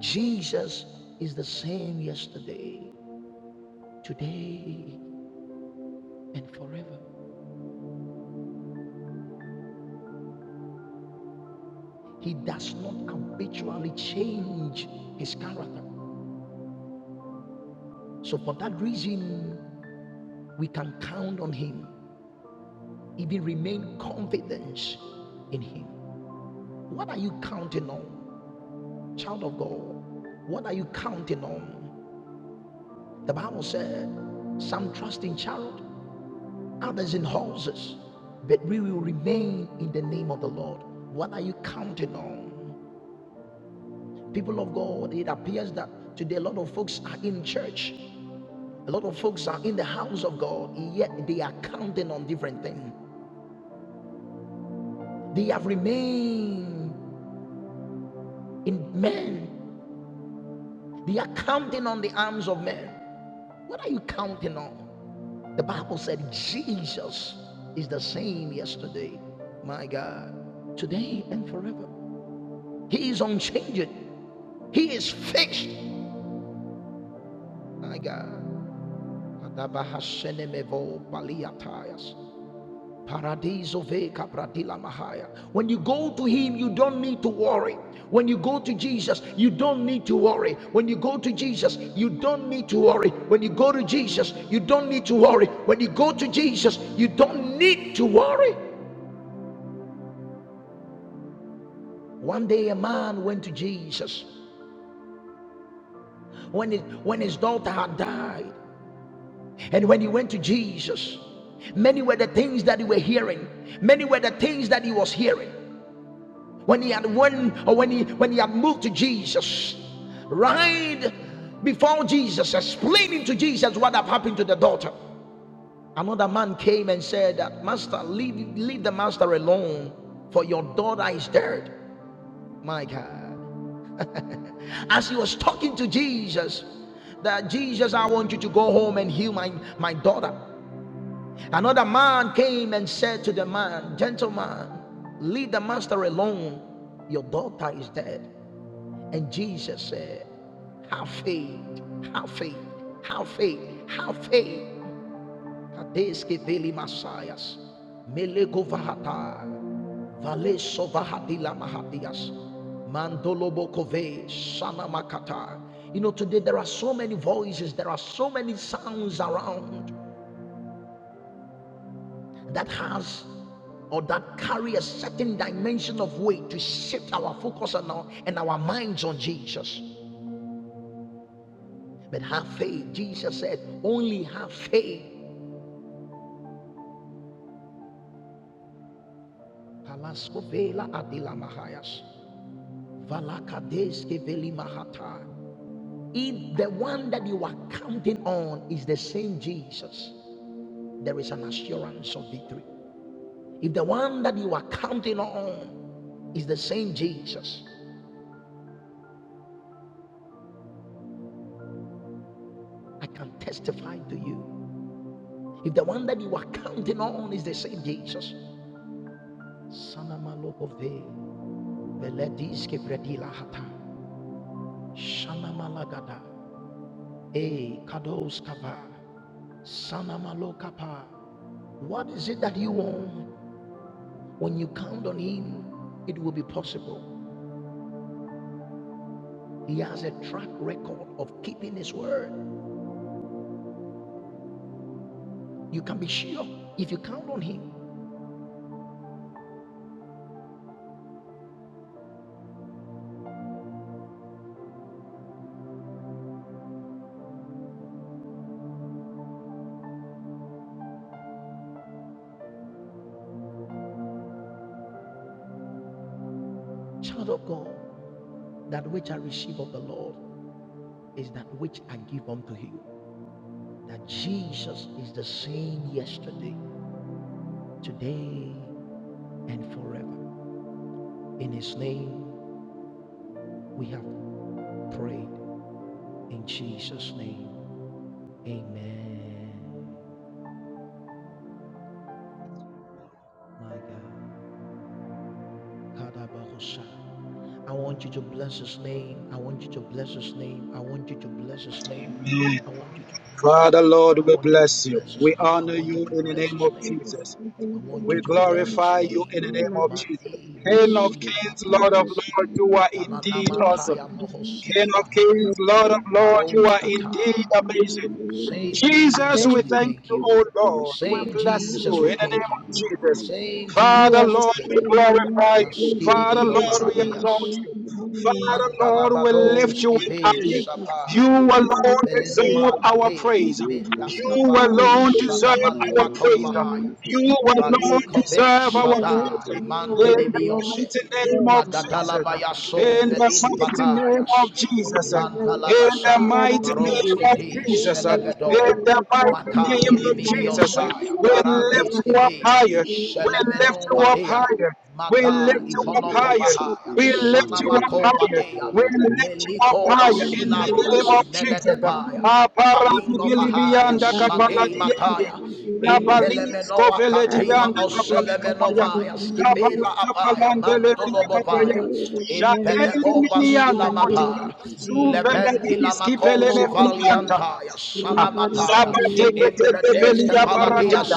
S4: Jesus is the same yesterday, today, and forever. He does not habitually change his character. So for that reason, we can count on him, even remain confident in him. What are you counting on? Child of God, what are you counting on? The Bible said, Some trust in chariot, others in horses, but we will remain in the name of the Lord. What are you counting on? People of God, it appears that today a lot of folks are in church, a lot of folks are in the house of God, yet they are counting on different things. They have remained in men They are counting on the arms of men. What are you counting on? The Bible said Jesus is the same yesterday, my God, today and forever. He is unchanging. He is fixed, my God. Adabahasenemevo baliatayas. Paradiso veka pradila mahaya. When you go to him, you don't need to worry. When you go to Jesus, you don't need to worry. When you go to Jesus, you don't need to worry. When you go to Jesus, you don't need to worry. When you go to Jesus, you don't need to worry. One day a man went to Jesus when, it, when his daughter had died. And when he went to Jesus, many were the things that he were hearing. Many were the things that he was hearing. when he had won or when he when he had moved to jesus right before jesus explaining to jesus what had happened to the daughter another man came and said that master leave leave the master alone for your daughter is dead my god as he was talking to jesus that jesus i want you to go home and heal my my daughter another man came and said to the man gentleman leave the master alone your daughter is dead And Jesus said, Have faith, have faith, have faith, have faith. Kadeske veli Messias, melego vahata, valeso vahadila mahadias, mandolobokove, sana makata. You know, today there are so many voices, there are so many sounds around that has or that carry a certain dimension of weight to shift our focus and our, and our minds on Jesus. But have faith. Jesus said, only have faith. Palasko vela adila mahayas. Valakadeske veli mahata. If the one that you are counting on is the same Jesus, there is an assurance of victory. If the one that you are counting on is the same Jesus, I can testify to you. If the one that you are counting on is the same Jesus, Sanamalokoveh, Velediske Vredila Hata, Shanamalagada. Hey, Kados Kapa, Sanamalo Kapa. What is it that you want? When you count on Him, it will be possible. He has a track record of keeping His word. You can be sure if you count on Him, child of God, that which I receive of the Lord is that which I give unto you. That Jesus is the same yesterday, today, and forever. In His name, we have prayed. In Jesus' name. Amen. My God. Kadabahosha. I want you to bless his name. I want you to bless his name. I want you to bless his name.
S2: Amen.
S4: I want you to bless his
S2: Father
S4: name.
S2: Lord,
S4: I
S2: we
S4: want you to
S2: bless you.
S4: bless his
S2: We
S4: name. I
S2: honor
S4: want you
S2: you
S4: to
S2: in the
S4: bless
S2: name
S4: his
S2: of
S4: name.
S5: Jesus,
S2: Jesus.
S5: we
S4: I
S5: thank you,
S4: want you
S2: We
S4: to
S5: mighty
S4: bless
S5: God,
S4: his
S5: for
S2: glorify you
S5: this
S2: in
S4: name.
S2: the name
S5: year.
S2: of Jesus.
S4: Mate
S5: We thank
S2: King
S5: you,
S2: of
S5: for
S4: masila
S2: kings, Lord of
S5: Jesus,
S4: mapayas.
S5: for
S2: lords, you are indeed
S4: Palanama
S2: awesome.
S4: taya
S2: King
S4: mohosede
S2: of
S4: bahaya.
S2: kings, Lord of lords, you
S4: Baros
S2: are
S5: this
S2: indeed
S4: kata.
S2: amazing.
S5: year.
S4: Same
S2: Jesus,
S4: Jesus,
S2: we
S5: Thank you, Jesus, Thank
S4: we
S5: you,
S2: thank
S4: thank
S2: you,
S4: you.
S2: O
S5: Jesus, for what
S2: Lord.
S5: you have
S4: Same
S2: We
S5: done
S2: bless
S4: Jesus,
S2: you
S5: and
S2: in
S4: we
S5: I
S2: the name
S5: thank
S4: thank you.
S2: of
S5: you for us this
S2: Jesus.
S5: year.
S4: Same
S5: You
S2: Father,
S5: are
S4: Jesus,
S5: the
S4: we
S2: Lord, we
S4: thank you.
S5: spirit of mighty
S2: glorify
S5: to
S2: you.
S5: be create
S2: Father,
S5: to
S4: Maskidibi
S5: wait
S2: Lord,
S5: to
S2: we
S5: be and
S2: exalt
S4: obaratias.
S5: thank
S2: you.
S5: you, Lord.
S2: Father, Lord, we
S5: We
S2: lift
S5: thank
S2: you in
S4: Mandalabadoski
S5: you,
S4: be
S2: high.
S5: Jesus, we
S2: You
S5: thank
S4: Shapa.
S5: you, Lord,
S2: alone
S5: for
S2: deserve
S4: Belenoma
S5: you.
S2: our
S4: Kade.
S5: We give
S2: praise.
S5: you the
S2: You
S4: Mendaskava.
S5: glory, we give
S2: alone
S5: you
S2: deserve
S5: the
S2: our
S5: honor,
S4: Shadabalima
S5: we give
S2: praise.
S5: you the
S4: Kobahaya.
S5: Lord
S2: You
S5: Jesus.
S2: alone
S4: Bali Kove
S2: deserve
S5: You
S2: our
S5: are worthy,
S4: Shada.
S5: you are
S4: Iman
S2: praise. In
S5: worthy,
S2: the
S5: you are
S4: Didibiose.
S5: mighty
S2: mighty name
S5: God.
S2: of Jesus.
S5: Thank
S2: In
S4: Magadalabayaso
S5: you,
S2: the
S4: Velim
S2: mighty
S5: Jesus.
S2: name
S4: Padayas.
S2: of Jesus.
S5: You are
S2: In
S5: mighty
S2: the
S4: Mandalabasa.
S5: God, I
S2: mighty
S5: love
S2: name
S5: you.
S4: Baroski
S2: of
S4: de
S5: You are
S2: Jesus.
S5: the God of
S2: In
S4: Celebedo.
S2: the
S5: my
S2: mighty
S5: salvation,
S4: Maka
S5: I love
S2: name of
S5: you.
S2: Jesus.
S4: dilimiviosaya
S2: We
S5: Thank
S2: lift you
S4: baradiski
S2: up
S4: vi
S2: higher.
S5: You
S2: We lift
S4: shelemeno
S2: you up
S4: vadea
S2: higher. We
S5: I
S2: lift
S4: mada
S2: you
S5: love
S2: up
S5: you.
S4: iponoko
S5: You are the
S2: higher.
S5: best, I
S4: vahaya
S2: We
S5: love you.
S2: lift
S5: You
S2: you
S5: are God of
S2: up
S4: sanamako
S2: higher.
S5: my salvation, I
S4: vadea
S2: We lift you up
S4: meliko
S2: higher in the name
S4: vasiladias
S2: of
S5: love
S2: Jesus.
S5: you.
S4: imeledevaya palingo vahaya
S5: I
S2: Aparadibilibianda
S4: sadei
S2: kapaladiande.
S4: mataya
S2: Zabalis
S4: Intelemenoa
S5: love
S4: katima
S2: koveledianda
S5: you.
S2: kapalakapaya.
S5: I
S4: oselemenovaya
S5: love you.
S4: skivela abaya
S5: Thank
S2: Zabalakapalandelebelekapaya.
S4: mantolobovaya
S2: Jadeli
S4: impeteko
S2: minianda
S4: vasila
S2: kotia.
S4: mapaya Lepenti lamakosi
S2: Zumbelediskipelenekulanta.
S4: valiantaya sanamataya impredeske
S2: Zabadegedegebelia
S4: paladia
S2: paradela.
S5: you.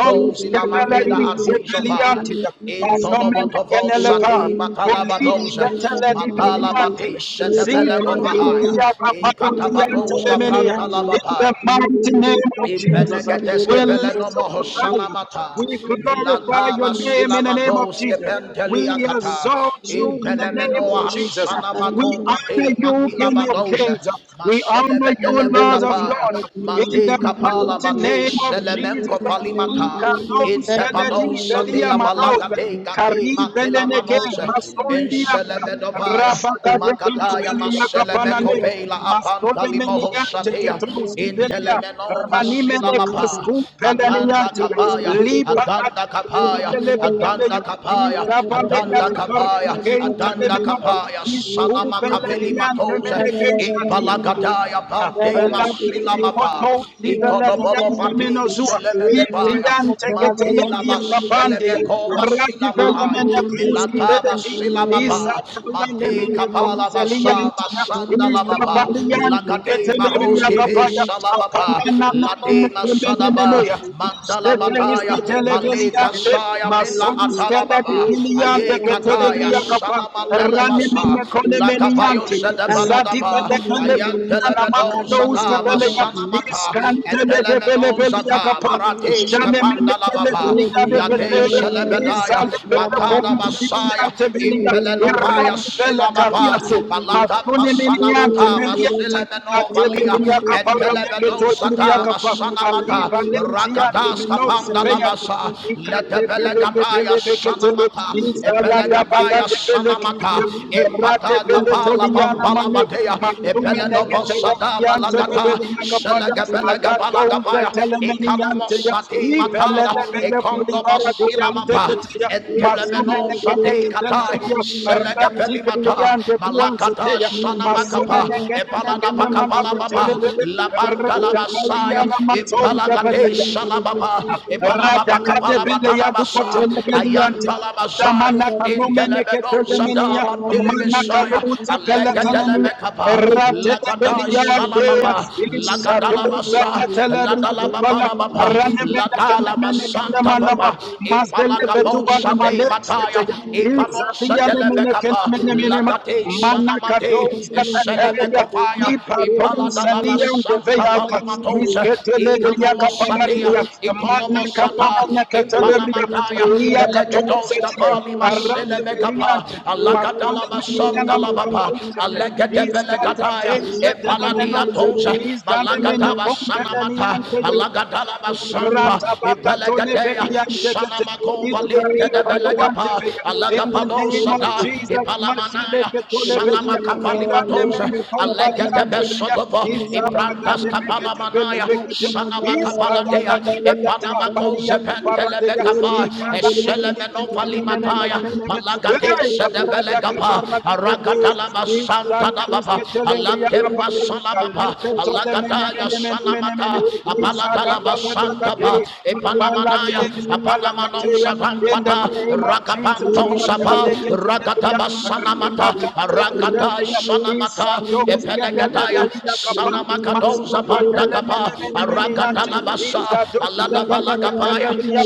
S5: Thank
S4: lamapeda
S2: skebeleri
S4: atijova
S2: zepeliantia. Manomen
S4: intolovotovo
S2: kenelepa.
S4: sati
S2: Kulish
S4: matalabadosa
S2: keteleri biliantia.
S4: madalabatishe tefeleko mahaya
S2: Zibalentia kaparadiante
S4: inkatabadoska
S2: lemenia.
S4: pranta
S2: In the
S4: lababa
S2: mighty name of Jesus, ah, we
S4: Impelegedeske
S2: lift
S4: velenomo
S2: up a prayer.
S4: hosanamata.
S2: We glorify
S4: Milata
S2: your name in the name of
S4: basilamadoske
S2: Jesus. We
S4: penteliakata.
S2: exalt you in the name
S4: Impelemenoa
S2: of Jesus. We
S4: hasanamako
S2: honor
S4: vate
S2: you, King
S5: you.
S2: of
S4: makilabadose.
S2: Kings. We honor you,
S5: Thank
S2: Lord of
S4: Maselebedelebegebaya.
S2: Lords. In the
S4: Madekapala
S2: mighty
S4: bate
S2: name of Jesus.
S4: selemengo falimata.
S2: Ikanos keledi
S4: Intepadosa
S2: velia
S4: dea
S2: manos.
S4: balaga de
S2: Kari
S4: gate
S2: beneneke
S4: matilamanose.
S2: masoli bianta.
S4: Inselebedovaya.
S2: Rabagade
S4: Makataya
S2: benebele yatapanane.
S4: Maselemekovela
S2: Mastole menigante che
S4: Apantalimohosatia
S2: truschi velia,
S4: Intelemenova
S2: ranime de
S4: Silabapa
S2: cascun
S4: Adanda
S2: pelaniante,
S4: Kapaya
S2: liba da
S4: Adanda Kapaya
S2: delle begeia,
S4: Adanda Kapaya
S2: Izabaleya
S4: Adanda
S2: kapare di
S4: Kapaya
S2: kente de
S4: Adanda
S2: menoa,
S4: Kapaya
S2: isku
S4: Sanama
S2: bella
S4: Kavili
S2: diante
S4: Matose
S2: mene keishkatia,
S5: you.
S4: Impalagadaya Pante
S5: Thank
S2: Lakini koto
S4: Masilamapa
S2: sivelediante
S4: Igodobolovatis
S2: menozua.
S4: Selemedebaya
S2: Iviante
S4: Madela
S2: ketelemia tapandia.
S4: Baselemeko Basilamahai
S2: Rajivelemene kuski
S4: Milata
S2: veledi.
S4: Basilamaba
S2: Izatalane
S4: Made
S2: mene
S4: Kapala Basa
S2: kouzelianta.
S4: Basanda Lababa
S2: Izavaliante
S4: Lakate
S2: ketelemia
S4: Maroski
S2: kapaya.
S4: Pesalababa
S2: Apamena mene
S4: Late
S2: kumene
S4: Masadaba
S2: menea.
S4: Mandala
S2: Istedeliste
S4: Bataya Maleka
S2: televeliante.
S4: Saya Mila
S2: Masons
S4: Atalababa
S2: telebiliante
S4: Aye Kataya
S2: ketelemia kapa.
S4: Sana Matela
S2: Rane mene
S4: Basa
S5: you.
S2: kone
S4: Lakabayo
S2: meniante.
S4: Seda
S5: Thank
S4: Telebaladaba,
S2: Zadibelekele
S4: Ayan
S2: Belia
S4: Telemedon
S2: Namakados
S4: Sada,
S2: Tabelea is
S4: Masanamata, and
S2: Cantele de
S4: Telemenon
S2: Belebelia
S4: Sada,
S2: Capa.
S4: Maradesh
S2: Janemele
S4: Kapanda Lababa,
S2: Telebelia de
S4: Yadesh
S2: Petele is
S4: Celebedaya,
S2: Alebele
S4: Makada Masaya,
S2: Contibiliante Belia
S4: Impelenovaya
S2: Irat Bele
S4: Silababa,
S2: Cariaso.
S4: Balata
S2: Masone Miniante
S4: Masanamata,
S2: Belia
S4: Masilemeno Valia,
S2: Adebelia
S4: and
S2: Capara de
S4: Telemedon
S2: Ketolia
S4: Sada,
S2: Capa. Ali
S4: Masanamata,
S2: Valencia de
S4: Rakadas
S2: Minor
S4: Kapanda
S2: Sepeyan.
S4: Labasa,
S5: you.
S4: Letebelegabaya
S5: Thank
S4: Sanamata, Epelegataya sanamata, impata kapala bambala badea, epeledobo sadaba lagata, selegabela gabaya, ekanomo sate matada, ekondobo silamapa, entelemeno sate katai, selegebelimata, malakata sanamakapa, epalada bakapala baba, labanda la masaya, impalagade
S2: Masumene
S4: salababa, Ebalada
S5: you.
S2: Radakate
S4: bakapala
S2: bele ya
S4: batala
S2: duko
S5: Thank
S4: basa.
S2: tele bele yante.
S4: Ayantala basa.
S2: Damana kalumene
S4: Intelebedo sada
S2: ketelemenia.
S4: bandele
S2: Mana
S4: besaya.
S2: kaluze pele
S4: Allegadele
S2: talamia.
S4: bekapa.
S2: Ratete bele
S4: Lagada
S2: yante.
S4: shalababa.
S2: Isha
S4: Lagadala
S2: duze
S4: basa.
S2: ketele
S4: Ladala
S2: rindu
S4: babala baba.
S2: Rane mene kene
S4: Ladala
S2: mene kene
S4: basanta
S2: manama.
S4: baba.
S2: Mazdele bedu
S4: Epalagabon
S2: wala mane
S4: sate mataya.
S2: ya. Iza
S4: Ekanon
S2: liya ne
S4: sadele
S2: mene kene
S4: bekapa.
S2: mene mene ma.
S4: Lagate
S2: Mana
S4: sanamate.
S2: kadoze petele
S4: Seleme
S2: ya.
S4: kopaya.
S2: Ipatom
S4: Mandalama
S2: Salia
S4: Santa
S2: Deveyaka,
S4: Palimatosa,
S2: Misketeleria
S4: Economosatea,
S2: Caparadia, Mana
S5: you.
S4: Economosata,
S2: Canona
S5: Thank
S2: Cataleria,
S4: Impanamataya,
S2: Lia
S4: Velegados
S2: Catosete,
S4: Cavali
S2: Arade
S4: Masele Megapa,
S2: Veliante,
S4: Alagadalama Santa
S2: Mafonamaniana
S4: Lavapa,
S2: Macatosete,
S4: Alegate
S2: Iskata
S4: Velegataya,
S2: Tense Telemenosa,
S4: Epaladiatosa,
S2: Isanameno
S4: Malagatava Sanamata,
S2: Pompedaniante
S4: Alagadalama Santa,
S2: Ratabaka
S4: Epelegatea,
S2: tolebediante kete.
S4: Sanamakova
S2: Iftari
S4: Linte de
S2: paluante
S4: Velegapa,
S2: feya. In the name of
S5: you.
S4: Alagapanosata,
S2: Jesus,
S4: Epalaman. Anaya,
S2: Mashileke
S5: Thank
S4: Sanama
S2: tolebedia.
S4: Kapali Matosa,
S2: Ranemene
S4: Alega
S2: kompalia
S4: de
S2: teveya.
S4: Besodovo,
S2: Izabaga
S4: Ibrandas
S2: de bege
S4: Kapala
S2: de bele
S4: Manaya,
S2: bege de.
S4: Sanama
S2: Iska da da
S4: Kapaladea,
S2: da da da da.
S4: Epanama
S2: Balia
S4: Kose Pentelebe
S2: paparadeya.
S4: Kapa,
S2: Ivana de mene
S4: Eselemeno
S2: mene mene mene
S4: Falimataya,
S2: mene mene.
S4: Palagate
S2: Hey,
S4: Sedebele
S2: paradaka
S4: Kapa,
S2: paradaka
S4: Aragatalama
S2: te.
S4: Santa Dababa,
S2: Zagadiske telebria
S4: Alatemba Salamapa,
S2: the mene
S4: Alagadaya
S2: mene mene mene mene.
S4: Sanamata, Apaladalaba Santa
S2: Izagadabadagade.
S4: Epanamanaya,
S2: Abalades
S4: Apanamanos
S2: ibalakateya. In the
S4: Savampata,
S2: name
S5: you.
S2: of
S5: Thank
S2: Jesus,
S4: Rakapanto Sava,
S2: Madadeke telebria.
S4: Rakataba Sanamata, Rakata
S2: Rabakateleya.
S4: Sanamata,
S2: Izadoske
S4: Epelegadaya,
S2: telebelia kapa.
S4: Sanamakado
S2: Mastoko telemene
S4: Zapandakapa,
S2: mene mene yante.
S4: Rakatalabasa,
S2: Izadoske teleke
S4: Aladabalagapaya,
S2: telebria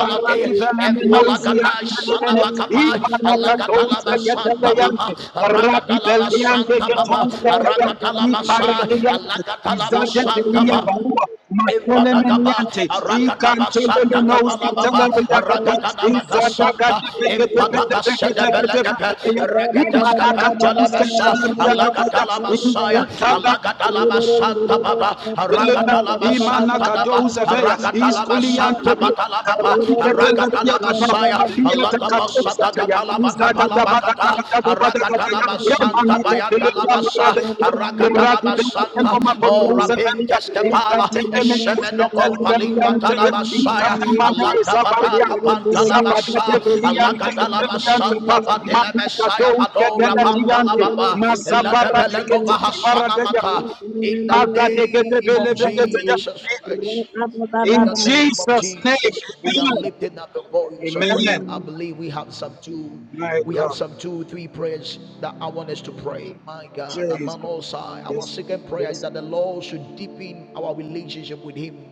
S2: Parati Velemenosi
S4: Empalagata,
S2: Antanemene,
S4: Sanamakapa,
S2: Ipanaka Tones
S4: Alagadalaba
S2: the
S4: Santa
S2: Getabayante,
S4: Papa,
S2: Rabbi
S4: Rakatalaba
S2: Beliande
S4: Santa Papa,
S2: Ketons the Kaya,
S4: Rakatalaba Sa,
S5: you.
S2: Iparadiante,
S4: Alagadalaba
S2: Izade
S4: Santa
S2: Velia
S4: Papa.
S5: Thank
S2: Barua,
S4: Empadagaba,
S2: Makolemeniante,
S4: Aragataba
S2: Ikante
S4: Santa
S2: Vemenos
S4: Gabalababa,
S2: Ketanabayakapa,
S4: Aragataba
S2: Izada
S4: Santa,
S2: Gada Bekete
S4: Empadaga Sedebelegebe, Regadeska
S2: Imanaka Tones
S4: Pantalabesa, Alagatala Messiah,
S2: Ketanabaya,
S4: Alagatala Santa Baba, Aragatala Santa Baba,
S2: imanakadouzavea
S4: Aragatala Santa Batalababa, Aragatala Messiah,
S2: iskuliantekarabiketeleriakataliatakateusataya
S4: Alagabasadagabalabakabalabakata,
S2: izadadabadadabadabadagataya
S4: Aragadalabasanta
S5: you.
S2: emanakateyaparadeu
S5: Amen.
S4: Aragadalabasanta, O Rabin
S2: imradibeenomakodouzavea
S4: Teskepala, Eshemenoko Valimba
S2: izatebemeneusketeleberiante
S4: Tadabasaya, Alagabada
S2: ikanamaneezabariaka
S4: Kapantalabasa,
S2: zabadadebelianteketeriantepa
S4: Alagadalabasanta Badile Messiah Badora
S2: manakadousketelejiante
S4: Pandalababa, Eladebelego
S2: mazaparadeketulibaradeya
S4: Vahasanamata, in the name of
S2: Mazadegedebelegedege.
S4: Jesus Christ. In
S2: In
S4: the name of
S2: Jesus' name,
S4: Jesus, we are lifting up the voice of
S2: amen.
S4: prayer.
S2: Amen.
S4: I believe we have some two,
S2: My
S4: we have
S2: God.
S4: some two, three prayers that I want us to pray. My God,
S2: Jesus.
S4: Amanosai. Our
S2: Yes, Lord.
S4: second prayer is
S2: Yes,
S4: that the
S2: Lord.
S4: Lord should deepen our relationship with Him.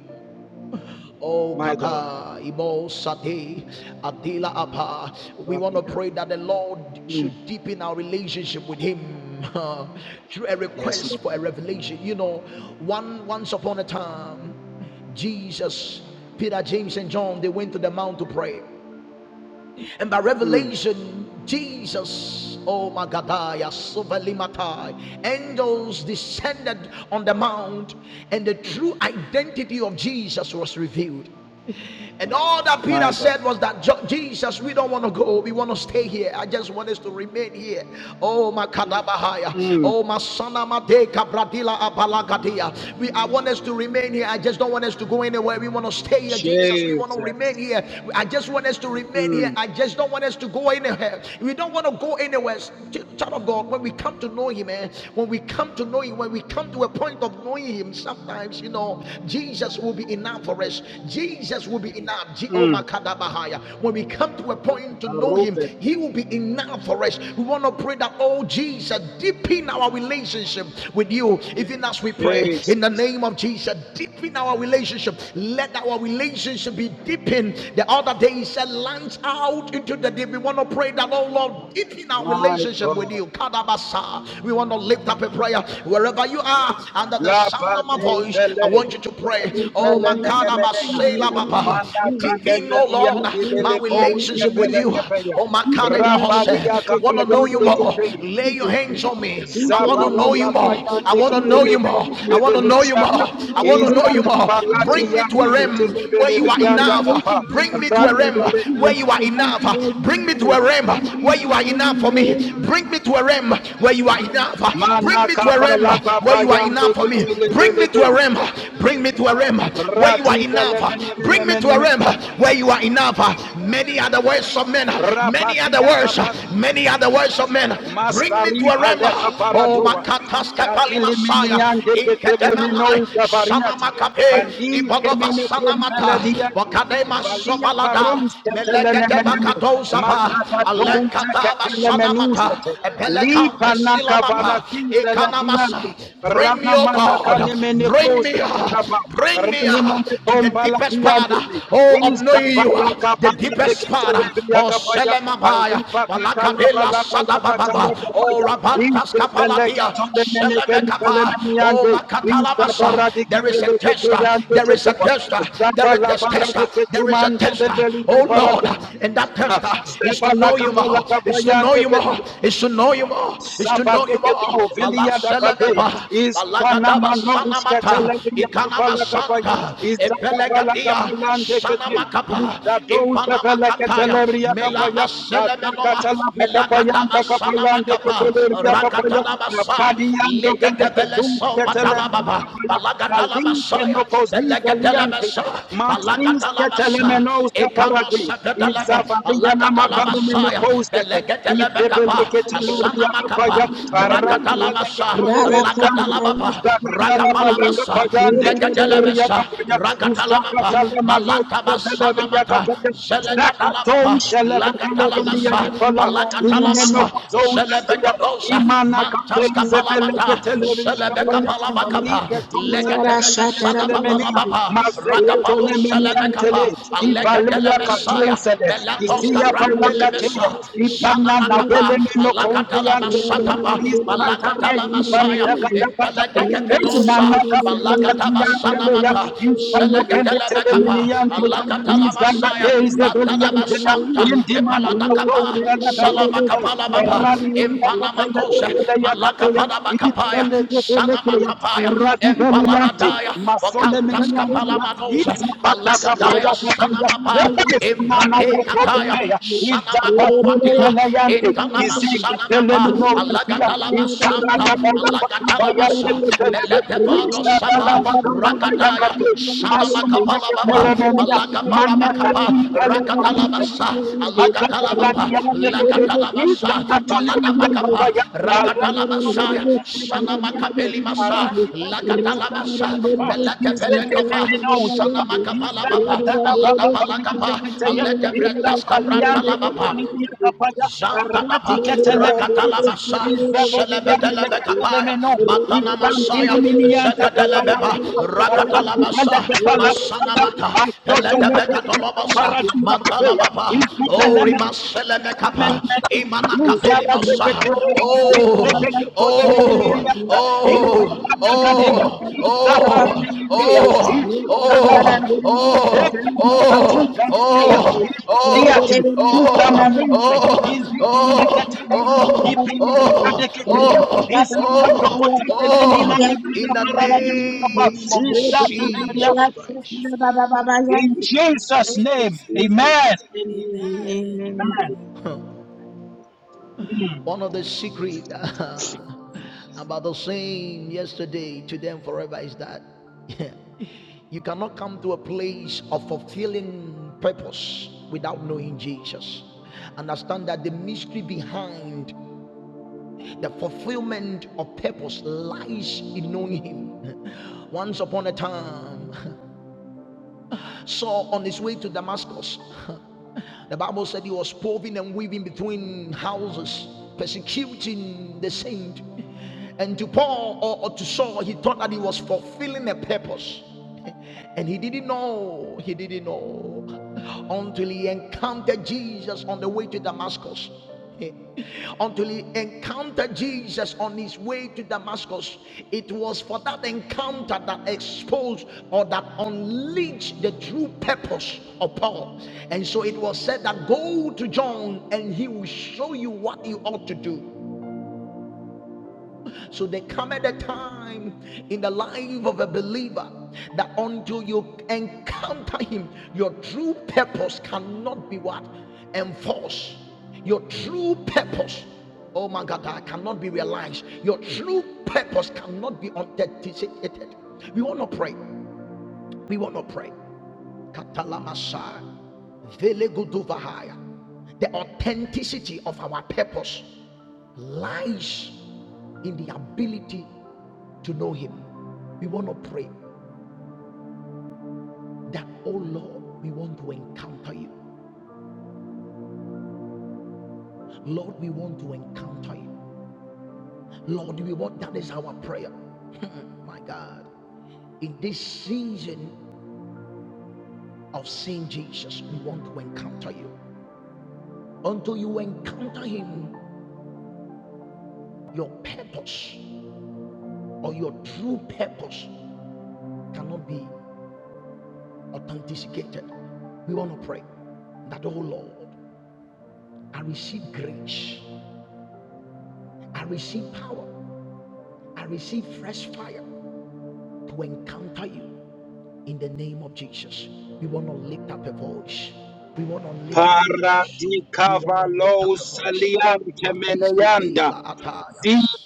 S4: Oh
S2: My God.
S4: kata ibo sate atila apa. We want to pray that the Lord
S2: Mm.
S4: should deepen our relationship with Him uh, through a request for a revelation. You know, one once upon a time, Jesus, Peter, James, and John, they went to the mount to pray, and by revelation, Jesus. Oh my God, angels descended on the mount, and the true identity of Jesus was revealed. And all that Peter
S2: My God.
S4: said was that Jesus, we don't want to go. We want to stay here. I just want us to remain here. Oh my kadabahaya.
S2: Mm.
S4: Oh my sana madeka bradila abalagadia. We I want us to remain here. I just don't want us to go anywhere. We want to stay here, Jesus. We want to remain
S2: Jesus.
S4: here. I just want us to remain here.
S2: Mm.
S4: I just don't want us to go anywhere. We don't want to go anywhere. Child of God, when we come to know Him, eh, when we come to know Him, when we come to a point point of knowing Him, sometimes, you know, Jesus will be enough for us. Jesus will be enough. Je- oh,
S2: Mm.
S4: When we come to a point to know Him, He
S2: Marovedia.
S4: will be enough for us. We want to pray that, oh, Jesus, deepen our relationship with you. Even as we pray in the
S2: Jesus.
S4: name of Jesus, deepen our relationship. Let our relationship be deepened. The other day, He said, launch out into the deep. We want to pray that, oh, Lord, deepen our personal
S2: My
S4: relationship with
S2: God.
S4: you. Kadabasa. We want to lift up a prayer wherever you are under the sound
S2: Laba
S4: of my
S2: de
S4: voice. I
S2: Vele,
S4: want you to pray. Oh,
S2: Zubele Nenemenea,
S4: Makadabasela Baba.
S2: Manaka
S4: Deep in, oh
S2: Nevelian
S4: Lord,
S2: de
S4: my
S2: Velecos
S4: relationship with
S2: Capella
S4: you.
S5: Amen.
S2: Capella,
S4: Oh, my
S5: You
S4: God,
S5: put
S4: in
S5: in
S4: my
S5: my
S2: Rabalia
S5: relationship
S4: want
S5: with
S4: to know
S2: Capayan
S5: you
S4: you
S2: de
S4: more.
S5: in
S2: Capella,
S4: Lay your
S5: Jesus.
S4: hands on me.
S5: We
S4: I
S5: pray
S6: more.
S4: want to
S5: my
S2: Zabala
S4: know you
S6: Lay your
S4: more.
S6: hands
S2: Capayan
S5: relationship
S4: I
S6: on
S2: de
S5: with
S4: want
S6: me.
S4: to know
S5: you in
S4: you
S6: I want
S2: Capella
S6: to
S4: more.
S6: know
S4: I
S2: de
S6: you
S4: want to
S6: more.
S4: know you
S5: Jesus.
S6: I
S5: We
S2: Belebianda,
S4: more.
S6: want
S5: pray
S6: to know
S4: I
S5: my
S6: you
S4: want to
S6: more. I
S4: know
S2: Isda
S4: you more.
S6: want
S5: relationship
S6: to
S5: with
S6: know you
S5: you
S4: Bring
S6: more.
S4: me
S2: Capaladian
S4: to
S2: de
S4: a
S5: in
S6: I want to
S4: realm
S5: Jesus.
S6: know
S2: Capella
S6: you
S4: where
S6: more.
S4: you
S5: We
S4: are
S5: pray my
S2: Belebianda
S6: Bring me to
S4: enough.
S5: relationship
S2: Capa,
S6: a
S4: Bring
S6: realm
S4: me
S5: with
S4: to a
S5: you
S4: realm
S6: where you are
S2: Radibele,
S5: in
S4: where
S5: Jesus.
S4: you
S6: enough.
S5: We
S4: are
S5: want to
S6: Bring me
S5: know
S4: enough.
S6: to
S5: you
S6: a
S5: in
S4: Bring me
S6: realm
S4: to a
S5: you.
S4: realm
S6: where
S5: I
S6: you are
S5: want
S4: where
S5: to
S4: you are
S5: know
S6: enough.
S4: enough
S5: you
S4: for
S6: Bring me
S4: me.
S5: more
S6: to a
S5: in
S4: Bring
S5: you.
S4: me
S6: realm
S4: to a
S6: where you
S4: realm
S6: are
S4: where
S6: enough
S4: you
S6: for
S4: are
S6: me. Bring
S4: enough.
S6: me to a
S4: Bring me to
S6: realm
S2: Manaka
S4: a realm
S6: where you are
S4: where
S6: enough.
S4: you are
S6: Bring me
S2: Palapayan de
S4: enough for me.
S2: Capella
S6: to a
S4: Bring me to
S6: realm
S2: Belebe,
S4: a
S6: where
S4: realm.
S6: you are enough
S4: Bring
S6: for
S4: me
S6: me.
S4: to a realm
S6: Bring me to
S4: where
S6: a
S4: you are
S6: realm.
S2: Radibele
S6: Bring
S4: enough.
S6: me to a
S4: Bring me
S6: realm
S4: to a
S2: Menemenemen.
S4: realm
S6: where you are
S4: where you are
S6: enough. Bring. Bring me
S4: enough.
S6: to a
S4: Many are
S6: realm
S4: the
S6: where
S4: words of
S6: you are
S4: men.
S6: enough.
S4: Many are
S2: Rabati
S4: the
S6: Many are
S4: words.
S6: the words of men.
S4: Many are the words of
S6: Many are the
S4: men.
S6: words.
S4: Bring me
S2: Mastari
S4: to a
S6: Many are the
S2: Valeta
S4: rema,
S6: words of men.
S4: Oh,
S2: Paradua,
S6: Bring me
S4: Makatas
S6: to a
S4: Kapali
S6: realm.
S2: Jadili
S4: Messiah.
S6: Oh, my
S2: Miniande
S6: God, my
S2: Ketemeno
S4: Inkedemanai.
S6: Messiah.
S2: Gavariata,
S6: In the
S4: Samamakape.
S6: banana,
S2: Kani
S4: Ibogova
S2: Kemene
S4: Sanamata.
S6: Shakamakabe,
S2: Kumbelediandi,
S6: in Baba
S4: Wakadema
S2: Valia
S6: Sanamata,
S4: Sobalada.
S2: Parons
S6: in Kabeba
S2: Ketelenemene,
S6: Somalada,
S4: Melegedebakadozaba.
S6: in the
S2: Mazabadon
S6: Kabaka
S4: Alenkataba
S6: Osama, in
S4: Sanamata.
S2: Zekatelemenusete,
S6: the Kababa
S4: Ebelekam
S2: Lipa
S6: Sanamata, in
S4: Pesilamaba.
S2: Nakavarazi
S6: the
S2: Velediante,
S4: Ikanamasa. Bring
S2: Rana
S4: me, oh
S2: manaka
S4: God.
S2: nemene
S4: Bring
S2: kosa
S4: me. ah,
S2: talaba.
S4: Bring
S2: Rani
S4: me ah,
S2: mene
S4: to the
S2: komba la
S4: deepest part.
S2: diandebe.
S4: ah, Oh, of
S2: Iza
S4: knowing you. ah,
S2: balaka
S4: The
S2: pana deke
S4: deepest part.
S2: telebi
S4: ah, Oh,
S2: yakapaya.
S4: Selemabaya,
S2: Alipa katalaba
S4: Balakabela
S2: la balaka
S4: Sadababa, O
S2: talakapaya.
S4: Rabantas
S2: Ize peleke
S4: Kapaladia,
S2: tole mene keni pele
S4: Selemekaba,
S2: mene
S4: O
S2: yande. Iza
S4: Makatalabasa.
S2: baradi ke
S4: There is a
S2: peleke pe
S4: tester,
S2: yande
S4: there
S2: ke
S4: is a
S2: tuba.
S4: tester,
S2: Zaba
S4: there is
S2: la
S4: a
S2: baradi
S4: tester,
S2: ke
S4: there is a
S2: tumande
S4: tester,
S2: lebeli ke
S4: oh
S6: Kabaka
S4: Lord,
S2: baradi.
S4: and that tester
S6: Sanamata.
S4: is
S6: Oh,
S2: Zaba
S4: to
S2: la
S4: know you
S6: Lord.
S2: kapala
S4: more, is to know
S2: kapayande
S4: you more, is to know you more, is to know you more.
S2: Sabadegedo Vilia da Cabea
S4: Balaselebeba,
S2: is
S4: Balagadaba
S2: Panamanovis
S4: Sanamata,
S2: Catalegia de
S4: Ikanama
S2: Palacapaya
S4: Santa,
S2: is Zacapala
S4: ebelegadia,
S2: Capalan de
S4: Sanamata
S2: Cate is
S4: makapa
S2: Dados de
S4: impana makataya
S2: Velacatelebria
S4: mela
S2: Capaya
S4: aselemenoa
S2: Azacatala
S4: melagata
S2: Capayan da
S4: asana
S2: Capayan de
S4: makapa
S2: Cataleria
S4: rakata
S2: Capaya
S4: la basa
S2: Apadian de
S4: lekete bele
S2: Velecatum
S4: so batala
S2: Cataleria
S4: baba
S2: Capaya
S4: balagata la
S2: Alike
S4: basaya
S2: nokozi
S4: belegete la
S2: galiante.
S4: basa
S2: Masis
S4: balagata la basa
S2: ketelemenos
S4: ekano
S2: kaparade.
S4: sakata la be
S2: Izavalia na
S4: alagata la basaya
S2: makanemenekouskete.
S4: belegete la bekapa asana
S2: Izebeleketeleria kapaya.
S4: makapa rakata la
S2: Aradiveleketo
S4: basa
S5: Rala
S4: alagata
S2: tolebeliyande.
S4: la
S5: Kadimai,
S4: baba rakapa la basa
S2: Zakatalabalakapayande
S4: lekata la
S2: kiteleria
S4: Zelebesa,
S2: kapaya.
S4: Ragatalababa,
S2: Zakatalemanousketeleria
S4: Malatabasanamata,
S2: kapaya.
S4: Zelegatalababa,
S2: Zakatoushelefetelebelia
S4: Lagatalabasa,
S2: kapala.
S4: Palagatalababa,
S2: Imenokuzoutetia.
S4: Zelebekadosa,
S2: Imana
S4: Mantaska
S2: kateize peleke
S4: Palamata,
S2: telemenia
S4: Zelebeka
S2: kapaya
S5: Rala
S4: Palabakapa,
S2: malike tuza lebeleke
S4: Legatelemesana
S5: Thank
S2: telemenia
S4: Babalababa,
S2: mazeke
S4: Ragapalo
S2: tolemenia tele
S4: Selemekapa,
S2: ivaluya
S4: Allegatele Messiah,
S2: katousele izia
S4: Melatoska
S2: paya kateya
S4: Brantelemesa,
S2: ipana na
S5: you.
S4: Sanamakapa,
S2: velemeno konzi yante
S5: Thank
S2: tele
S4: Alagatalabasatapa,
S2: Thank
S4: Alagatalama Messiah, Eledeketelosa, Balagatabasanamata, Selegetelebekapa, Alagatalamashaya, Batanabasanta, Epaladakapa, Salamakapalabapa, Impanamakose,
S2: you.
S4: Malakapanabakapaya,
S2: Melegedelekeya,
S4: Sanamakapaya,
S2: Radiveliante,
S4: Empalabadaya, Okantas
S2: Masolemeniantia,
S4: Kapalamanose,
S5: you.
S4: Balagadaya,
S5: Thank
S2: Izapatapapayapapaya,
S4: Sanamapa,
S2: Epesananakotobeya,
S4: Imbradekataya, Sanamakovatila,
S2: Izapatuzeleante,
S4: Intanama Sanamapa,
S2: Izekatelemenosefia,
S4: Alagadalabasanta, Alagatalabasa,
S2: Izkaradabalababayatepelebe,
S4: Meledevado Sava, Ragadaya,
S2: Ishadalabakapayakate,
S4: Sanamakapalababa,
S2: Masomenekepelemenia,
S4: Alagaparabakapa,
S2: Manakadiveleparuze,
S4: Ragatalabasa,
S5: you. Thank
S4: Alagatalababa,
S2: Abakwadadiyandekete,
S4: Lagatalabasa,
S2: izakatoleriyakabaya,
S4: Baladabakapa, Ragatalabasa,
S2: arakondomeneketeyemekete,
S4: Sanamakapelibasa, Lagatalabasa,
S2: arakitadeketadaliyakapa,
S4: Meledebelekova,
S2: izetenemenozapa,
S4: Sanamakapalababa, Aladabalakapa,
S2: izakatalabakapayandeketeye,
S4: Aledebredaskabratalababa.
S2: izapaliyandeketolibiyakapaya,
S4: Zantalaba,
S2: aradiketelemeneze,
S4: Rakatalabasa, Celebedelebecapaia,
S2: izabeliyandeketolemeno,
S4: Matana Masaya, Zegadelebeba,
S2: izandiliminiyandakapayakapa,
S4: Rakatalabasa, Masanamata,
S2: arakipandakepalakapaya,
S4: Peledebecatolobosa,
S5: you.
S2: Paratina
S5: Thank
S2: Batea, is
S4: Matalababa,
S2: the
S4: O
S2: element.
S4: Rimaselemecapa, Imanacapelimosa, Oh, Oh, Oh, Oh, Oh, Oh, Oh, Oh, Oh, Oh, Oh, oh, Oh, oh, oh, oh, oh, oh, oh, oh. In the name of
S2: Is
S4: Jesus
S2: that
S4: Christ.
S2: in
S6: In the name of
S2: Jesus'
S5: Thank you,
S2: name,
S6: Jesus.
S5: Jesus.
S2: amen.
S5: Amen.
S6: Amen.
S5: Amen.
S6: Amen.
S2: Mm.
S4: One of the secret about the same yesterday, today, and forever is that you cannot come to a place of fulfilling purpose without knowing Jesus. Understand that the mystery behind The fulfillment of purpose lies in knowing him. Once upon a time, Saul on his way to Damascus, the Bible said he was proving and weaving between houses, persecuting the saint. And to Paul or, or to Saul, he thought that he was fulfilling a purpose. And he didn't know, he didn't know until he encountered Jesus on the way to Damascus. until he encountered Jesus on his way to Damascus. It was for that encounter that exposed or that unleashed the true purpose of Paul. And so it was said that go to John and he will show you what you ought to do. So there cometh a time in the life of a believer that until you encounter him, your true purpose cannot be what? Enforced. Your true purpose, oh my God, that cannot be realized. Your true purpose cannot be authenticated. We want to pray. We want to pray. Katalamasha, Veleguduvahaya. The authenticity of our purpose lies in the ability to know Him. We want to pray that, oh Lord, we want to encounter you. Lord, we want to encounter you. Lord, we want that is our prayer. My God. In this season of seeing Jesus, we want to encounter you. Until you encounter him, your purpose or your true purpose cannot be authenticated. We want to pray that, oh Lord, I receive grace, I receive power, I receive fresh fire to encounter you in the name of Jesus. We want to lift up a voice. We want to lift up a voice. We want to lift
S2: Paradikavalo
S4: up a voice.
S2: saliante
S4: Padiski
S2: meneyanda.
S4: vela atayas.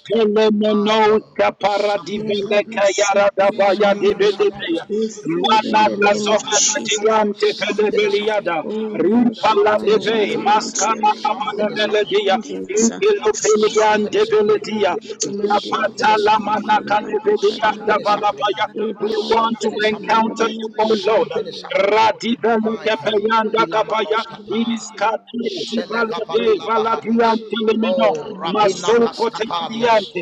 S4: My God, something is
S5: Lord, I
S2: paradivele
S4: happening.
S5: bless you.
S2: kayarada baya
S4: Something
S6: in
S4: is
S5: Hallelujah.
S6: the
S4: happening.
S2: dibidibiya.
S5: We
S6: name
S5: said in the
S2: Manata
S4: Something
S5: name
S4: is
S5: of
S4: happening.
S5: Jesus.
S2: zoveladiante
S6: of Jesus,
S4: Something
S6: I
S4: is happening.
S6: receive blessing
S2: pelebeliada.
S6: power
S5: Oh, mighty
S2: Rumpala
S4: Something
S6: to
S4: is
S5: God, I
S2: deve
S4: happening.
S5: want
S6: encounter
S5: to
S2: maskana
S6: you,
S5: encounter
S2: kamana
S6: O
S4: Something is
S5: you,
S4: happening.
S6: God.
S2: meledia.
S6: In this
S5: Jesus.
S6: end time, Father,
S4: Something
S2: Impilopeliante
S4: is
S6: we say
S2: beledia.
S4: happening.
S6: we are nothing.
S5: Commanded
S6: We
S5: us.
S4: Something
S2: Zapata
S4: is
S5: to
S2: la
S5: be
S4: happening.
S2: manaka
S5: by the
S2: dividia
S6: are not
S4: Something
S6: good without
S4: is
S6: you.
S5: Kadarandi.
S2: davala
S4: happening.
S2: baya.
S6: Father
S5: We
S2: We
S6: Lord, I
S5: babaya,
S2: want to
S4: Something
S6: receive
S4: is
S6: you.
S5: we
S4: happening.
S2: encounter you,
S5: babaya,
S6: to
S2: O Lord.
S6: encounter
S4: Something is
S6: you,
S4: happening.
S6: Lord. I
S2: Radibele
S4: My God.
S6: receive
S2: keperanda
S6: grace to enter
S2: kapaya
S4: Kilamanos
S6: you. I
S4: kapa.
S2: iskati
S6: receive
S2: zibalade
S4: Selegapatila
S6: grace
S4: bahadis.
S2: valadiante lemeno
S4: Oh,
S5: Commanded
S4: Rabina
S2: masuko
S4: Kastapabias.
S6: to
S2: tediante
S5: us.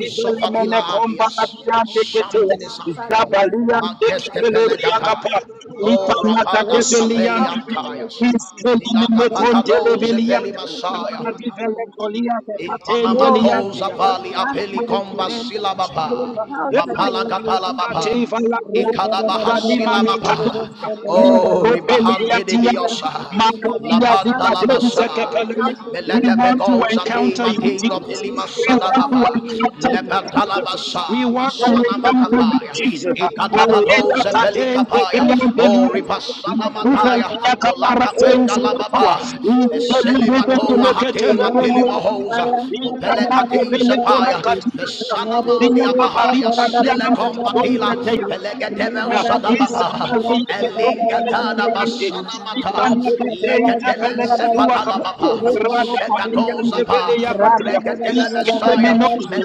S5: Oh God,
S2: mene komba
S4: adias.
S2: adiante ketea
S4: Something is happening.
S5: Father, in the name of Jesus,
S2: zabaliante
S4: Mageske
S2: keteleria
S5: we
S2: kapa
S5: need
S4: pelegataya.
S5: to pray.
S2: lipa
S5: Thank
S4: Oh,
S5: you for the
S2: mata
S4: Rapadas
S5: grace to
S2: develiante
S4: kapeliam
S5: encounter you,
S4: tayas.
S5: Jesus.
S2: Iskeleme
S4: Milata
S5: Thank you for the
S2: kontele
S5: grace
S4: pakadoze
S5: to
S2: belianda.
S5: encounter
S4: pelimasaya.
S5: you,
S2: Rabbi vele
S5: Jesus.
S2: kolia
S6: enter
S4: In
S6: you.
S2: katende
S4: Panama
S5: Oh,
S4: calls
S5: mighty
S2: liantia.
S6: Amen.
S5: God,
S4: Avali
S5: grant
S4: Apeli
S5: me the
S2: Mighty
S4: Comba
S2: name
S5: grace
S2: of
S6: May
S5: to
S6: that
S4: Silababa,
S2: Jesus.
S6: man
S5: encounter
S2: Every
S4: Mapala
S5: you,
S6: encounter
S4: Gatala
S6: you, God, in
S4: Baba,
S5: Jesus.
S6: the
S2: cative and
S6: name of
S2: lagoon,
S5: Grant me
S6: Jesus.
S4: ikada Ikadabaha
S2: Zaniman
S5: the grace to encounter you, Jesus.
S4: Silamapa,
S6: Let
S4: Oh
S6: me know
S4: Ribahante
S6: you,
S5: Grant
S4: de
S6: Let
S2: Iskopeliatia,
S6: me
S5: me
S6: encounter
S4: Biosa,
S5: the
S6: you.
S2: Makodia
S6: Let
S2: Zita
S4: Lapanda
S6: me
S2: Grunze
S4: Lamasa,
S2: Kepelia.
S6: encounter
S2: We
S4: Melete
S2: want to
S4: Pegosa
S2: encounter
S4: Tima
S2: you,
S4: King of
S2: Jesus.
S4: Ilima
S5: grace to
S2: We want to
S5: encounter
S4: Sadababa,
S5: you,
S2: encounter you,
S5: Lord.
S2: Jesus.
S4: Lepatalabasa,
S2: We want
S6: you.
S2: to
S5: That
S6: Let
S5: is
S4: Masana
S6: me
S5: the
S2: encounter
S5: grace
S2: you,
S5: to
S4: Makapaya,
S5: the
S2: Jesus.
S6: encounter you.
S5: certain
S6: We want
S5: Lord
S2: Alleluia,
S4: Ikatapatos
S6: to
S5: Jesus.
S6: encounter
S2: Tadeze,
S5: That
S4: Pelikapaya,
S5: is the
S6: with
S4: Oh
S5: grace
S2: Beyond
S6: Jesus.
S5: of
S6: When
S4: Ribasana
S6: the
S5: absolute
S6: later
S4: Mataya,
S2: Zuvelia
S6: time
S5: honor.
S4: for
S6: is
S4: Bolaka
S6: the
S5: Oh,
S6: Indian
S5: we
S4: penda
S2: kaparasense
S4: la
S5: don't
S6: prayer,
S4: baba,
S5: think
S2: katua.
S5: in
S4: lababa,
S5: the
S6: we present our
S5: Lord
S4: Meselimato
S6: characteristics
S4: wahate
S6: of God.
S4: matili
S2: Itelebelebelebelebele.
S4: mohoza,
S6: We celebrate the liberation
S4: Mopelekati
S6: of God.
S2: Ikanadebelebele
S4: zepaya,
S6: We
S2: katia.
S6: celebrate the liberation of God.
S4: Mesanama
S2: Diya
S6: We celebrate the
S2: mabari, baria
S4: sile Silekom
S6: liberation
S2: mamukitonze
S4: matila,
S2: teya.
S4: Pelegedevel sadababa,
S2: Isabelle Ketroskali
S4: Elingatada
S2: Triandi,
S6: of God.
S4: basanamata,
S2: Ipanakate
S6: In the
S4: Legetele
S2: Isabelle
S6: name of
S4: zepata
S6: Jesus,
S4: la
S2: Duakapa,
S4: baba,
S6: Iwewewe, iwewewe, iwewewe,
S2: Radapalia and
S5: Jesus.
S6: eh,
S4: zepatalababa,
S5: Rabba
S4: Sekatozapa,
S6: iwewewe,
S2: Develia
S6: iwewewe,
S2: Katia,
S4: Regetele
S2: Is
S4: mesaya,
S6: iwewewe,
S2: Kemenosha,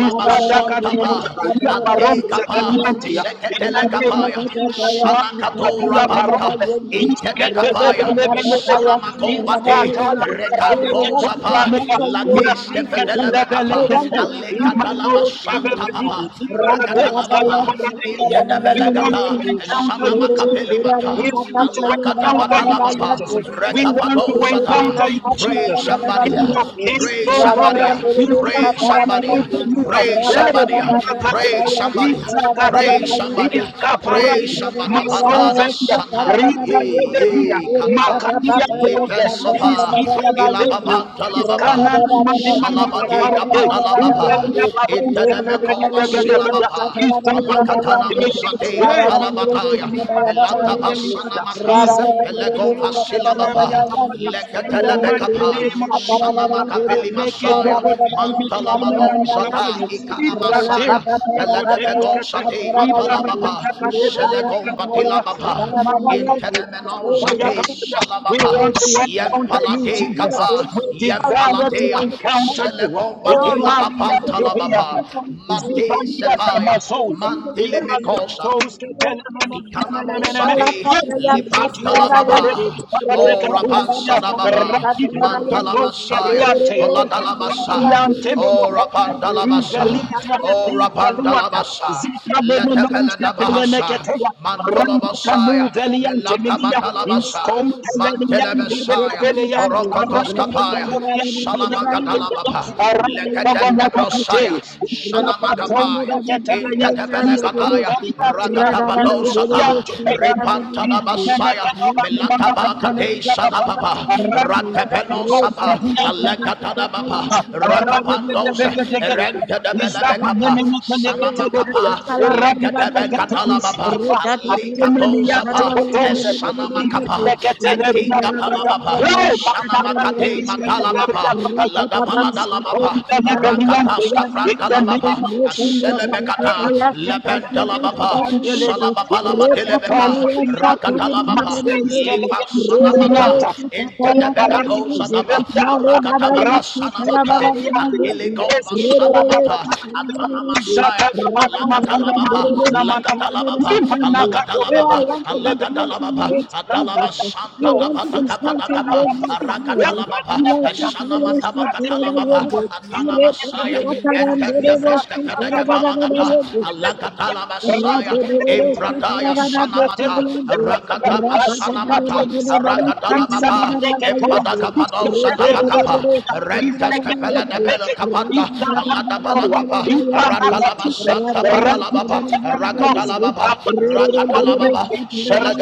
S2: Is
S4: santapa, Adekapa,
S5: Rabba I
S4: Seketele
S5: want to encounter
S4: kapaya,
S5: you, Jesus. I want
S4: Sanakatora
S5: to
S4: banta, Inte Intedekapaya,
S2: Thank you. We want
S4: Sanamakovate, Rekantosapa, Lagiske Vedelebekapa,
S6: iwewewe, iyewewe,
S5: encounter
S4: Alekatalaba
S6: iwewewe,
S4: Santa
S6: iwewewe,
S5: you,
S4: Papa,
S6: iwewewe,
S4: Rakatalababa,
S6: Liwayaba,
S2: to
S4: Intedebelegata,
S6: Liwayaba,
S2: encounter you,
S6: Liwayaba,
S2: Jesus. We
S4: Sanamakatelimata,
S2: want to
S6: Hallelujah.
S2: encounter
S6: In
S2: you,
S6: the
S4: Alakatabatalababa,
S6: name
S2: Jesus.
S6: of
S2: We
S6: Jesus,
S2: want to
S6: Father
S4: Rekapadosata.
S2: encounter you,
S6: Lord,
S4: Pray
S2: Jesus.
S4: somebody,
S2: King of
S6: Liwayaba,
S2: kings,
S4: pray
S2: oh Lord,
S4: somebody,
S6: Liwayaba,
S2: we
S5: Jesus.
S2: want
S4: pray
S2: to
S4: somebody,
S2: encounter
S5: Rabba
S2: you. Oh,
S4: pray
S2: Lord,
S4: somebody,
S2: we want
S6: Liwayaba,
S2: to
S4: pray
S6: Liwayaba, Hallelujah. In the name of Jesus. Amen. Amen. Amen. Hallelujah. Hallelujah. Mm. Hallelujah. Hallelujah. In the name
S4: somebody,
S2: encounter
S4: Pray somebody. Pray
S2: Ibiscaparada,
S4: somebody. Badada
S2: Masovelia,
S4: sata.
S2: Rita
S4: Ye
S2: Tenderia,
S4: ye kata.
S2: Macadia Toze,
S4: Lipen soba.
S6: of Jesus. In
S2: Iskipalateria,
S4: Ilababanta
S2: Iskana
S4: lababa.
S2: Mandima
S4: Salabadi
S2: Macaparade,
S4: gapada lababa.
S2: Ivalia Barons Calabria,
S4: Itenemekova silababa. Alakatana
S2: Izabella
S4: mozade
S2: Hey, Eh,
S6: the
S4: matalabataya.
S2: Mankutani
S4: Melata basana
S2: Mantoligaligada.
S4: mata. Pelego fasilababa.
S2: Izabelebinoskatalabiatapaka.
S5: Rabba Jesus, I
S2: In the mighty
S4: Leketelebekapa. Mantala,
S2: name of
S5: am the
S2: Jesus, I'll
S4: Sanamagavili Masaya, Mantala Manon Zada,
S2: Aleketokotelebelekenemanikapaya.
S4: Ikana Masaya, Peledebego
S2: Izatelebakoteliskete.
S4: Sati Matalababa, Selegon
S2: Iparandakadebelebekapaka. Eh,
S4: Batilababa,
S6: Amen. Amen.
S4: Intenemeno Zate
S2: Mamakatalabiatapaya. We
S4: Salababa,
S2: want to encounter you,
S4: Yempalade
S2: Jesus.
S4: Kapa,
S2: We
S5: person who calls on
S2: desire to
S5: you,
S4: Yempaladea,
S5: mighty God.
S2: encounter you.
S4: Selegon
S6: Hallelujah.
S5: Oh,
S2: Eh,
S5: I
S4: Batila
S5: want
S6: Iwayawa,
S5: to
S2: Maria
S5: know the only
S6: Iwayawa,
S4: Apantalababa,
S5: call
S2: Yobiaka.
S5: from you,
S4: Mante
S2: Zivalia
S5: Jesus.
S6: Iwayawa.
S4: Sebaya,
S6: Oh
S2: Tamasos,
S5: Grant me
S6: God,
S5: the
S6: Lord,
S4: mantili
S6: let me
S4: Mikosa.
S6: encounter
S2: Lipranetos,
S6: you.
S5: grace
S6: Let me encounter you.
S2: Telemenemenemenemene,
S4: Ikanamosate,
S5: Thank
S6: Reveal yourself
S2: Paradicatia,
S4: Libantala
S6: to me, O God.
S4: Baba, O
S6: Reveal yourself to
S4: Rapansana
S6: me, Lord.
S4: Baba,
S6: Reveal
S4: Mantala
S2: Ratificos,
S6: yourself to me, Lord.
S4: Masaya,
S2: Riante,
S6: In
S4: Olatala
S6: the name
S4: Basa,
S6: of
S2: Riante,
S4: O
S6: Jesus.
S2: Minoponda,
S4: Rapandala
S6: And I
S4: Basa,
S2: Iveliza,
S4: O Rapandala
S2: Ratificaluata,
S4: Basa,
S2: Zika Menos,
S4: Letepele Dabahasa,
S2: Telenecatua.
S4: Mantolo
S2: Ramu
S4: Masaya,
S2: Velian
S4: Melata
S2: Temelia,
S4: Batala Basa,
S2: Miscom Pelanian
S4: Mantele
S2: de
S4: Messiah,
S2: Velia, Arabic.
S4: Rokotos
S2: muveliante melia, iscompeleliante gedevelia, arante
S4: Kapaya,
S2: gedeoriente peliante
S4: Salamagadala
S2: gedelo,
S4: Baba,
S2: arante
S5: you.
S4: Lekatende
S2: gabonabacate,
S4: Brosaya,
S5: Thank
S2: igrabatonza
S4: Sanamagapaya,
S2: cataria,
S4: Intadabelegadaya,
S2: iscompeliante,
S4: Rakatabadosata,
S2: interiante pegante,
S4: Repantana Basaya, Melatabakate Sadababa,
S2: Arradi
S4: Rakapenosaba, Alekatanababa,
S2: is
S6: will live
S2: In the
S6: Iwayawa.
S4: Rakapandos,
S2: name
S6: In the
S5: you.
S6: name
S5: Re
S6: of
S5: Male
S6: Jesus,
S4: Rentadabelebekapa,
S5: Baba
S6: revive
S4: Sanamakapa,
S6: revive revive.
S4: Lekatabegatalababa, Alikatosaba, Esanamakapa, Etingatalababa, Sanamakate Mata. Talamapa, Aladabala Dalamapa, Rakataska Frantalamapa,
S2: of Jesus,
S4: Aselebekata, Lependalamapa, Salababala Telebeba, Rakatalabapa, Lipa Sanamata, Intedebegato Zadaba, Rakatabaka
S2: Master is
S5: Yasutala Baba
S4: Sanamata,
S5: Baba
S4: Akiligomba
S5: Oh, I want
S4: Sanamata, Adana Masaya, Malakatalabapa, Lakatalabapa, baba
S5: to
S4: alagadala
S5: encounter you,
S4: baba
S5: Lord
S4: adalaba
S5: Jesus. I
S4: santa
S5: want
S4: daba
S5: to
S4: dakapa
S5: encounter you,
S4: dakapa
S5: Lord
S4: arakatala
S5: God.
S4: baba eshana mataba katala
S6: Let me
S4: baba
S6: encounter
S4: atana
S6: you. Let
S4: masaya
S6: me encounter
S4: etende
S6: you.
S4: breska
S6: In the
S4: kadega
S6: name of
S4: balagata
S5: Ilaka
S4: alagatala basaya
S6: Jesus.
S4: impradaya sanamata rakatapa sanamata
S6: Revive,
S4: aragadala baba impadaga pado sadaba kapa redes kapela debel kapada kapanda Radabalagaba,
S5: Rabba
S6: revive,
S4: Ratalaba
S6: revive,
S4: Santa
S6: revive.
S5: Rada
S4: Badalababa, Rakatalababa,
S6: In the name of
S4: Rakatalababa,
S6: Jesus,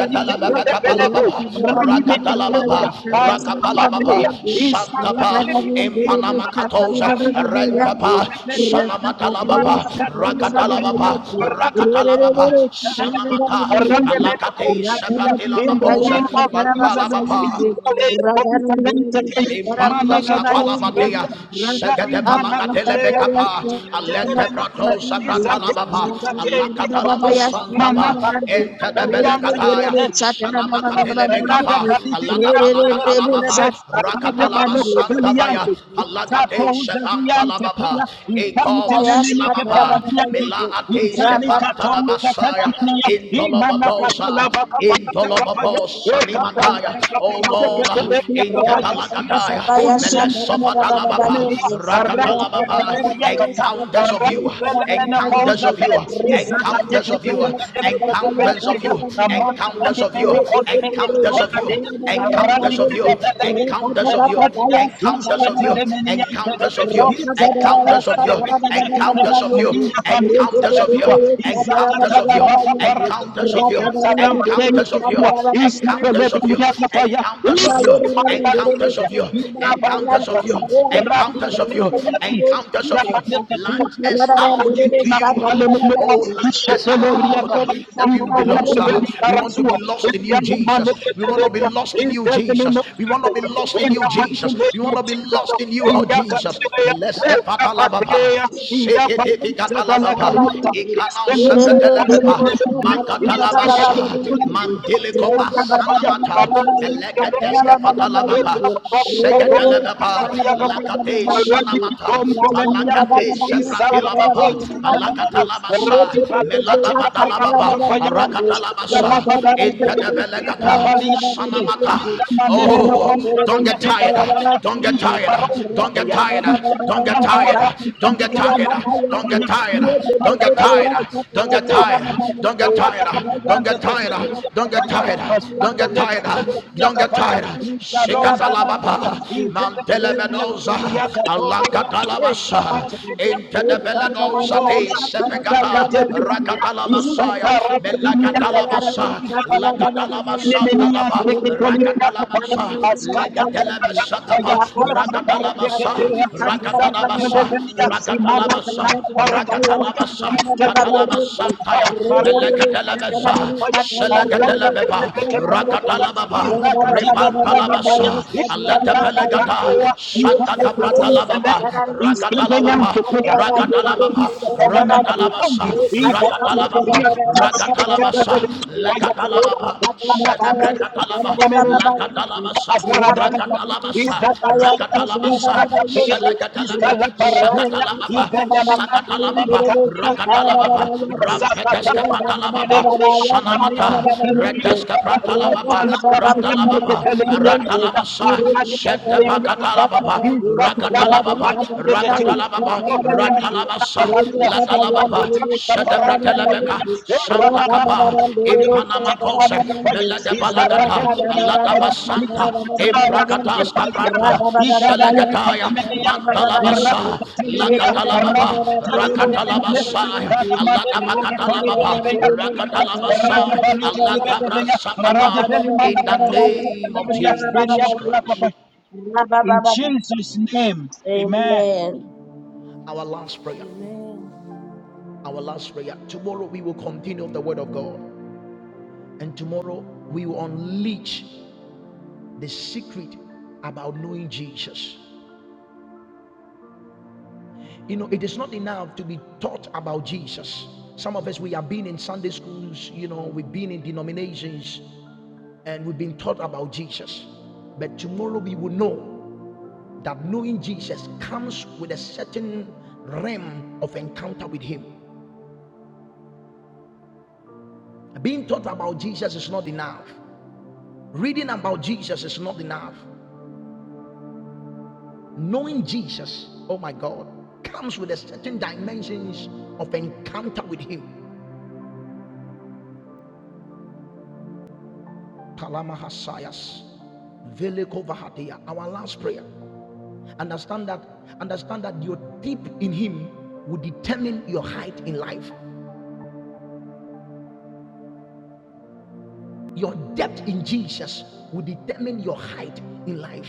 S6: in the name of
S4: Kapalababa,
S6: Jesus,
S4: Rakatalababa,
S6: in
S2: Thank you.
S4: Rakapalababa, Santapa,
S2: Izakate,
S4: Impanama Katose,
S2: izakatubaria,
S4: Rentapa,
S2: rasopeleliati,
S4: Sanamatalababa,
S2: manakatuske pelia,
S4: Rakatalababa, Rakatalababa,
S2: ratiketuze kitanagadi,
S4: Sanamata, Malakate,
S2: arangemelekouketia, In the
S4: Sepatilababose,
S2: name of Jesus,
S4: Mapalababa.
S2: Izaleya kousalenteke,
S4: Impandas
S2: maneketouzi
S4: kapalabatea,
S2: belia,
S6: the
S2: Izari
S4: segede palagatele
S2: manakateya,
S4: bekapa,
S6: name
S5: Rapa
S4: alete
S6: of Jesus,
S2: Izakateleleuze,
S4: prato
S5: Rapa
S6: Devaya
S4: sabratalababa,
S2: Izagezitateya,
S6: Baba,
S4: alakatalaba
S6: Devaya Baba,
S4: santaba,
S2: Manakatu,
S4: ente de
S6: in the name of
S4: belegataya,
S2: Beliante,
S6: Jesus,
S4: sanamakatele
S6: in
S2: Rada
S4: bekapa,
S6: Jesus'
S4: alada
S6: mighty
S2: kadidiyante
S6: name,
S2: belebelebe.
S4: palagatalababa,
S2: Rada
S6: Devaya
S4: rakatalaba
S6: Baba,
S4: santabaya,
S2: balokofeliyante. Zato
S4: alagate
S6: Devaya
S2: uzaliyante
S4: sepantalababa,
S2: teya.
S6: Leave her
S2: Infante
S4: ekoma
S2: nemeneke
S4: silababa,
S2: parabiyante.
S4: mila ateis
S2: Uzali kato
S4: kepantanabasaya,
S2: uzatelameneya. Imana katala
S4: intolobadosa,
S2: baka patata kapaya.
S4: intolobabos
S2: E
S6: alone. In the
S2: katala
S6: name
S4: sanimataya,
S2: baka
S4: O Lord,
S2: patata
S6: of Jesus.
S2: kapaya.
S5: Rapa
S4: intebalagatalababa,
S5: Rata
S6: Leave
S4: Rakataya,
S6: her
S5: Baba
S2: Izulu
S6: alone.
S5: Satara
S6: Leave
S5: Baba
S6: her
S4: Melesofatalababa,
S5: Yendit,
S6: alone.
S5: Rata Baba
S4: Rakatalababa,
S6: In the name of
S4: encounters
S6: Jesus.
S4: of you,
S6: Leave her
S4: encounters of you,
S6: alone.
S4: encounters of you,
S6: Leave her alone. Leave her
S4: encounters of
S6: alone.
S4: you,
S6: Leave her
S4: encounters of you,
S6: alone. Leave her alone. Leave her alone. Leave her
S4: encounters of you, encounters of you, encounters of you,
S6: alone.
S5: Satara
S4: encounters of you, encounters of you, encounters of you, encounters of you, encounters of you, encounters of you, encounters of you, encounters of you, encounters of you,
S5: Baba Yendit,
S4: encounters
S5: La
S4: of you,
S5: little and
S2: Thank
S5: little
S2: you.
S4: encounters
S2: In
S4: of you,
S2: the
S4: of you,
S2: mighty name of
S4: encounters of you, encounters of you,
S2: Jesus,
S4: encounters of you. Launch us out into you. Oh, launch us out uh, that we will be lost. uh.
S5: Jesus.
S4: We want to be lost in you, Jesus. We want to be lost in you, Jesus. We want to be lost in you, Jesus. We want to be lost in you,
S2: in
S4: oh
S2: the Catea,
S4: Jesus.
S2: in the
S4: Meleske
S2: Patea,
S4: patalababa,
S2: in the
S4: seketeti
S2: Paluza, the
S5: Rada
S4: katalababa,
S2: Lacarita, is the
S4: ikanao
S2: woman on the
S4: sepetelebeba,
S2: level, is the
S4: makatalabasa,
S2: of
S4: mandilikobasanamata,
S2: Thank
S4: meleketeske
S2: you.
S4: Shegedebeba, Lagate Sanamata, Malagate Seprantila Baba, Malagatalamasa, Meladabadalababa, Aragatalamasa,
S6: Leave her
S4: Intedebelegata,
S6: alone.
S4: Sanamata.
S6: In the
S4: Oh,
S6: name of
S4: don't get
S6: Jesus.
S4: tired, don't
S6: Oh
S4: get tired,
S6: no,
S5: Thank
S6: no.
S4: don't get tired, don't get tired, don't get tired, don't get tired, don't get
S2: Thank
S4: tired,
S2: you.
S4: don't get
S2: Is
S4: tired, don't get tired, don't get tired, don't get tired, don't get tired, don't get tired. Shikatalababa. Alaba,
S5: you.
S4: Mantelebenosa, Alankatalabasa,
S5: Rabba
S4: Intedebelenosa de Sepegata, Rakatalamasa, Melagatalabasa,
S2: the
S4: Lagatalabasa, Tadaba, Rakatalabasa, Legatelabasa, Rakatalabasa,
S6: Leave her alone. Leave
S4: Rakatalabasa, Rakatalabasa, Rakatalabasa,
S6: her
S4: Katalamasantaya, Melagatelabasa, Selagatelabeba, Rakatalababa, Rebantalabasa, Lata
S6: alone.
S4: Pelagata, Santa
S6: Amen.
S4: Capratalababa, Rakatalababa, Rakatalababa, Rakatalabasa, Rakatalababa, Rakatalabasa,
S2: even
S4: Lakatalababa, Senebrekatalaba,
S2: Amen.
S4: Lakatalabasa, Rakatalabasa, Rakatalabasa, Selekatalaba, Sakatalababa, Sakatalababa, Rakatalababa, Rampeteske Patalababa, Sanamata, Reteske Pratalababa, Ratalababa,
S5: Rabba
S4: Ratalabasa, Shetabacatalababa, Rakatalababa, Rakatalababa, Ratalabasa, Latalababa, Shetabratelebeca,
S2: Thank
S4: Sandakapa,
S2: you.
S4: Impanamacose, Meledebalagata, Aladabasanta, Imbracatas Cabranta, Selegataya, Mantalabasa, Lakatalababa, Rakatalabasa, Aladabacatalababa, Rakatalabasa,
S5: Rata
S4: Aladabrasakaba, in the name of Jesus Christ.
S2: In Jesus' name, amen.
S4: our last prayer
S6: In
S4: our last prayer tomorrow we will continue of the word of god and tomorrow we will unleash the secret about knowing jesus you know it is not enough to be taught about jesus some of us we have been in sunday schools you know we've been in denominations and we've been taught about jesus but tomorrow we will know that knowing jesus comes with a certain realm of encounter with him being taught about jesus is not enough Reading about Jesus is not enough. Knowing Jesus, oh my God, comes with a certain dimensions of encounter with Him. Palama Hasayas, Veleko Vahadia, our last prayer. Understand that, understand that your deep in Him will determine your height in life. Your depth in Jesus will determine your height in life.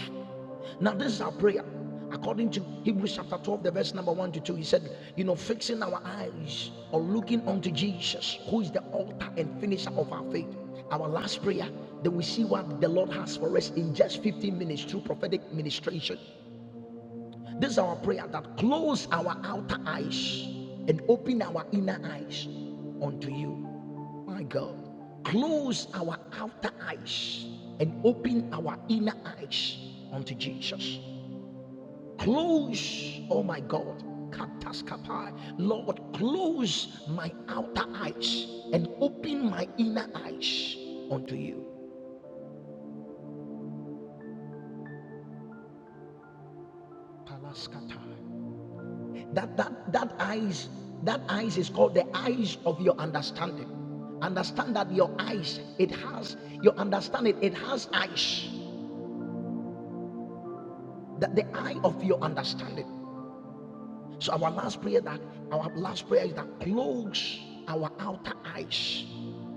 S4: Now, this is our prayer. According to Hebrews chapter 12, the verse number 1 to 2, he said, You know, fixing our eyes or looking unto Jesus, who is the altar and finisher of our faith. Our last prayer, then we see what the Lord has for us in just 15 minutes through prophetic ministration. This is our prayer that close our outer eyes and open our inner eyes unto you. My God, close our outer eyes and open our inner eyes unto Jesus. Close, oh my God, kataskapai. Lord, close my outer eyes and open my inner eyes unto you. Palaskatai. that that that eyes that eyes is called the eyes of your understanding understand that your eyes it has your understanding it has eyes that the eye of your understanding so our last prayer that our last prayer is that close our outer eyes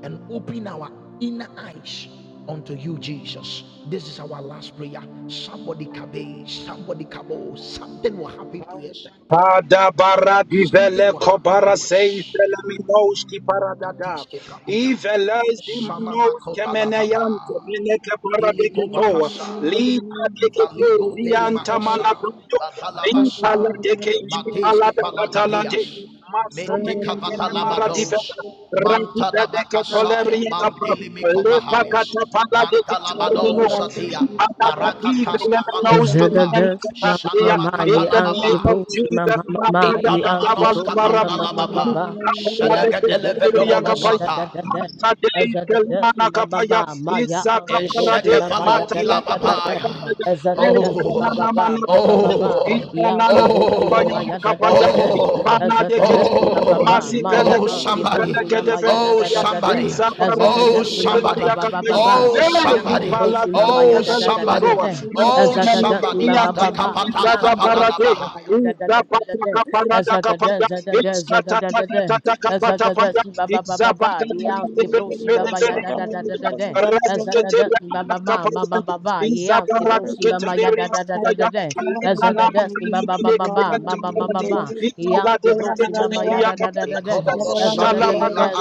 S4: and open our inner eyes unto you jesus this is our last prayer somebody kabe somebody kabo something will happen to us
S2: Adabara divele
S4: something will happen to
S2: kobara sei
S4: us
S2: selaminos ki paradada.
S4: Katishke Bradia.
S2: Ivelez imanos
S4: Shamamakota la
S2: kemeneyan
S4: papa.
S2: kemene ke
S4: Diligo
S2: paradeketoa.
S4: vahasha.
S2: Li adekete
S4: Valigo
S2: zianta
S4: delimahasha.
S2: manapunto. Rinta la
S4: Batalabasha.
S2: deke ishki
S4: Mateske
S2: palada katalade.
S4: falagadeas.
S2: Masomene
S4: Mendeka
S2: kene mara divela,
S4: vatalabados.
S2: Masumenekene maradivela. Radiveleke
S4: Mantanabakasaya.
S2: toleriyeta pro.
S4: Mantilimikovahayash.
S2: Lepakata paladeke tikelelo.
S4: Mantalabados atia.
S2: Shipataka
S4: Parakatas kavalos
S5: Amen.
S4: kava.
S7: Azadadaz, mama
S2: divelelenouskenenenikatadia.
S5: Thank
S7: mama,
S5: you.
S2: In
S4: Shanamakata
S7: ye
S4: la
S2: the
S7: alti
S2: name
S4: papa.
S2: of
S7: brosi, mama
S2: Jesus,
S7: mama, ye alti
S4: Ikanamanos
S7: brosi,
S2: madadakadabalabarabu.
S7: mama
S4: kapandalababa.
S7: mama, ye
S2: Kapaladeke
S7: alti brosi, mama ya da da
S4: Shelegedelebedolobosata.
S7: da da.
S2: Masadei ya Kapaya, Izaka Parade,
S7: Azadadaz,
S2: mana
S7: mama
S2: Kapaya,
S7: mama, ma ya
S2: iza
S7: alti
S2: kapara
S7: brosi, mama ya da da da da da.
S4: Enshekevalodilababaya.
S7: Azadadaz, mama
S4: Oh,
S2: Eskanana
S7: mama,
S2: Mana
S4: oh,
S7: mama
S2: Kapaya,
S7: mama,
S4: oh,
S7: ye
S2: Ipanana
S7: alti brosi,
S4: oh,
S7: mama ya da da
S2: Kapaya,
S7: da da.
S4: oh,
S2: Ipana de
S7: Azadadaz,
S2: Keti,
S7: mama
S4: oh,
S7: mama, ma
S2: Mazipele,
S7: ya
S4: oh,
S7: alti
S4: somebody,
S7: brosi, mama
S2: Benekede,
S7: ya da
S4: oh,
S7: da da da da.
S4: somebody,
S2: Izabara,
S7: Azadadaz,
S4: oh,
S7: mama mama,
S4: somebody,
S7: mama
S2: Yakapaya,
S7: mama,
S4: oh,
S7: ye alti
S4: somebody,
S2: Ipala,
S7: brosi, mama ya
S4: oh,
S7: da da da da
S4: somebody,
S2: Zabeleketoa,
S7: da.
S4: oh,
S2: Masimene,
S4: somebody,
S2: Niante,
S7: Azadadasimabababa, he
S4: Badakapatas
S2: Izada
S7: anki
S2: Barade,
S4: kapadadabahaya.
S7: brusimabaya da da da da
S2: Izabata
S7: da as at
S2: Kaparada
S7: the
S2: Kapaya,
S7: dance at the dance at
S2: Izkatata
S7: the da. Azadadazadadazadadadada.
S2: Kapata Paya, Izabata
S7: Azadadasimabababa, he
S2: de
S7: anki
S2: Bele, Bele,
S7: brusimabaya da da da
S2: Bele,
S7: da da as at the dancing Baba Mama Baba, he asked the broken Baba da. Azadadasimababa, mamababa, he anki brusimabaya da da da da
S5: Thank
S7: as at the
S2: Zala
S7: da da.
S4: Ikolobosatela
S2: bakate,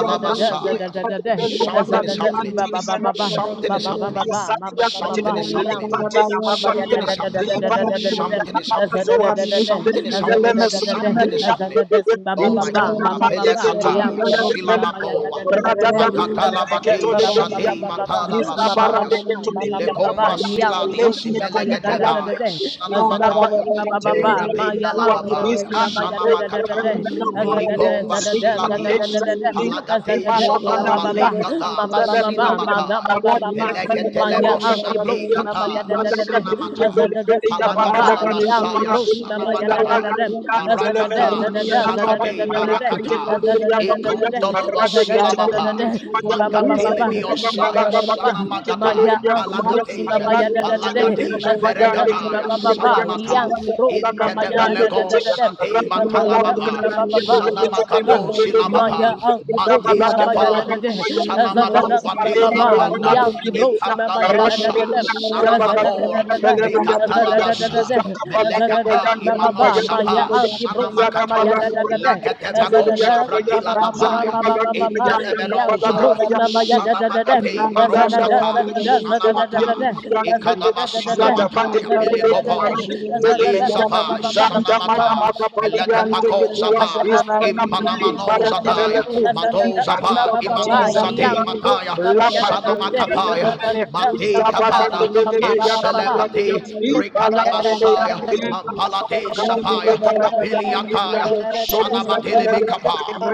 S2: Yonda,
S7: mamamamaba, da da da da da da da da. Azadadadadazadadazadadazadadada.
S2: Iskadebelu
S4: Something is
S2: Barati
S4: happening.
S2: Antilimeno,
S7: Azadadasimabababa,
S4: Something
S7: ba
S4: is
S7: ba ba ba
S5: you.
S7: ba
S4: happening.
S7: ma ma
S2: Hasadia
S7: ma ma
S2: kate,
S7: ba
S4: Something is
S7: ya ki
S4: happening.
S2: lipate
S7: bro
S2: ya
S7: ki ma ba ya da
S2: mapatia,
S4: Something
S7: da
S4: is
S7: da da da
S4: happening.
S7: da da da da da
S2: libarate ya
S4: Something is
S7: da za
S4: happening.
S7: da
S2: namazoa,
S7: da da da
S4: Something
S2: ibeli
S7: da
S4: is
S7: za
S2: bele
S7: da
S4: happening.
S7: da da da
S4: Something
S2: mesolemeni
S4: is
S7: da
S2: ya
S7: za
S4: happening.
S7: da da
S2: mbebe,
S7: si ma ba
S4: Oh
S7: ba
S4: my
S7: ba
S4: God.
S2: inskana
S7: ma ba ba
S4: Apele
S7: ba
S2: mateke toni
S7: ya
S4: kataya.
S7: ki
S2: bele
S7: bro ki ma
S2: bele
S7: ma ya
S2: bele,
S7: da da da
S4: Silamaboa.
S7: da da da
S2: radada
S7: za
S4: Makatala
S7: da
S2: bereke
S7: da si
S4: bate
S2: tole
S7: ma ba
S2: bele
S7: ba
S2: ya
S7: ba
S4: shade
S7: ba
S2: nge,
S7: ba ba
S4: matada
S7: ma ba ba ba
S2: izabarabeke
S7: ba
S4: basayas.
S7: ma
S2: tole
S7: ba
S2: bele
S7: ba
S2: ya
S7: ba
S4: Milegomba
S7: ba
S2: kapaya,
S7: ya ki
S4: siladia
S7: bro ki
S2: lemene
S7: ma ma ya da da
S2: kompala
S7: da da
S4: simelegedevaya
S7: da
S2: kende,
S7: za da da
S4: sanamataya
S7: si ma
S2: izabarabeke
S7: ba ba
S2: tele
S7: ba ma
S2: bele
S4: borabinda
S7: ya
S2: kuwa,
S7: ki bro
S4: lababaya
S7: ki ma
S2: iskana
S7: ma ya da
S2: bele
S7: da da da
S4: sanamakata
S7: da
S2: bele bele
S7: za da
S2: kuradi,
S7: da
S4: miligomba
S7: za da da za da
S2: lipate
S7: da da
S4: siladias
S2: za
S7: da
S2: kulia,
S7: da za da da
S2: limanda
S5: Rabba
S7: si ma
S4: palagadejoto
S2: kana
S7: ba ba ba
S2: minaka,
S4: balekata
S7: ma ma ma
S2: Thank
S7: ma ma ma ma ma
S4: basinabataya
S7: ma ba ba ma ya out ye bro
S4: elegetelemosate
S7: shi ma ma
S4: kata
S7: ya da da da da
S4: basanamata
S7: za da da si ba ba ba ye out ye
S4: Palagadalabasaya
S7: bro shi ma ma ya da da da
S4: Sanamagada
S7: da za da da za
S4: Barakata
S7: da da za da da da
S4: Sakade
S7: da da da
S4: Barakata
S7: za da da da da da da za da da da da da da
S4: Ekondolabasilababa
S7: si ba ba ba ba ba si ba ba
S4: Magatelimiosaya
S7: ba ba ba ma ya
S4: Sanamagataya
S7: out ye bro shi ma
S4: Palagateja
S7: ma ya da da da da
S4: Palagateja
S7: za da da si ba
S4: Veregataya
S7: ba ba ba ye
S4: Sanamata
S7: out ye bro shi ma ma ya da da da
S4: Intedevelegon
S7: da da da
S4: Sate
S7: za da da si
S4: Matalababa
S7: ba ba ba ba ma ba ba ba ma ya
S4: Sanamagadosilababa
S2: you. Thank
S7: out ye bro
S5: Thank
S7: shi
S4: Matis
S7: ma ma ya da
S4: kefa
S7: da da
S4: sanamako
S7: Azadadasi
S4: vadila
S7: bababa,
S4: apanda
S7: yasi brosi mama
S4: ikandalabasha
S7: yadadadadam.
S4: sanamako
S7: Azadadadadada,
S4: rikatalabasha
S7: azadadadadada,
S4: melekata
S7: azadadasi
S4: imano
S7: bababa, maya
S4: sapa
S7: asi brosi mama
S4: sanamakata
S7: yadadadada.
S4: leketevago
S7: Azadadasi
S4: vratila
S7: bababa,
S4: apaya
S7: mabababa, yasi
S4: intedevenosa
S7: brosi mama yadadadadam.
S4: sanamagate maroskata
S7: Azadadazadada, zadadadadada,
S4: sanamata
S2: you
S4: Ikadaba
S7: azadadadadada,
S2: izada pate
S4: sanamata ya bili
S2: pepele
S7: azadadadadada,
S4: govos
S2: arante ketole menina
S7: azadadasi
S4: melizava
S7: bababa,
S2: izanda maya
S4: sanamata
S2: makapali
S7: mabababa,
S2: yante ketua
S4: meletepakosava
S2: izana mene paradi vele
S4: impanamanozadaya
S2: kun
S5: you.
S2: ipanuka
S4: matozava
S2: katiza
S5: Thank
S4: imanozade
S2: fiante
S4: mataya
S2: la patomos
S4: sanamakapaya
S2: ketelemene izabada
S4: matikapada
S2: kebele beyaka paradi ya
S4: inselebati
S2: ibala kebeya
S4: rikadabasaya
S7: yeah,
S2: enda kapata
S4: mampalate
S2: kanimene
S4: sapaya
S2: paradi
S4: mapiliataya sanamadilibikapa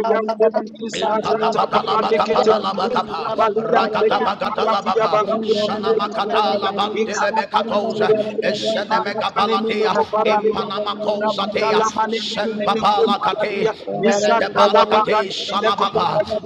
S4: Inkatapatalabakapatalabatapa, rakatapakatalabapa, shanamakatalabamdelebekatoza, eshenemekapalatea, impanamakozatea, sempapalakate,
S2: Izata la bara,
S4: meletepalakate,
S2: zile kola
S4: shalabapa,
S2: bara,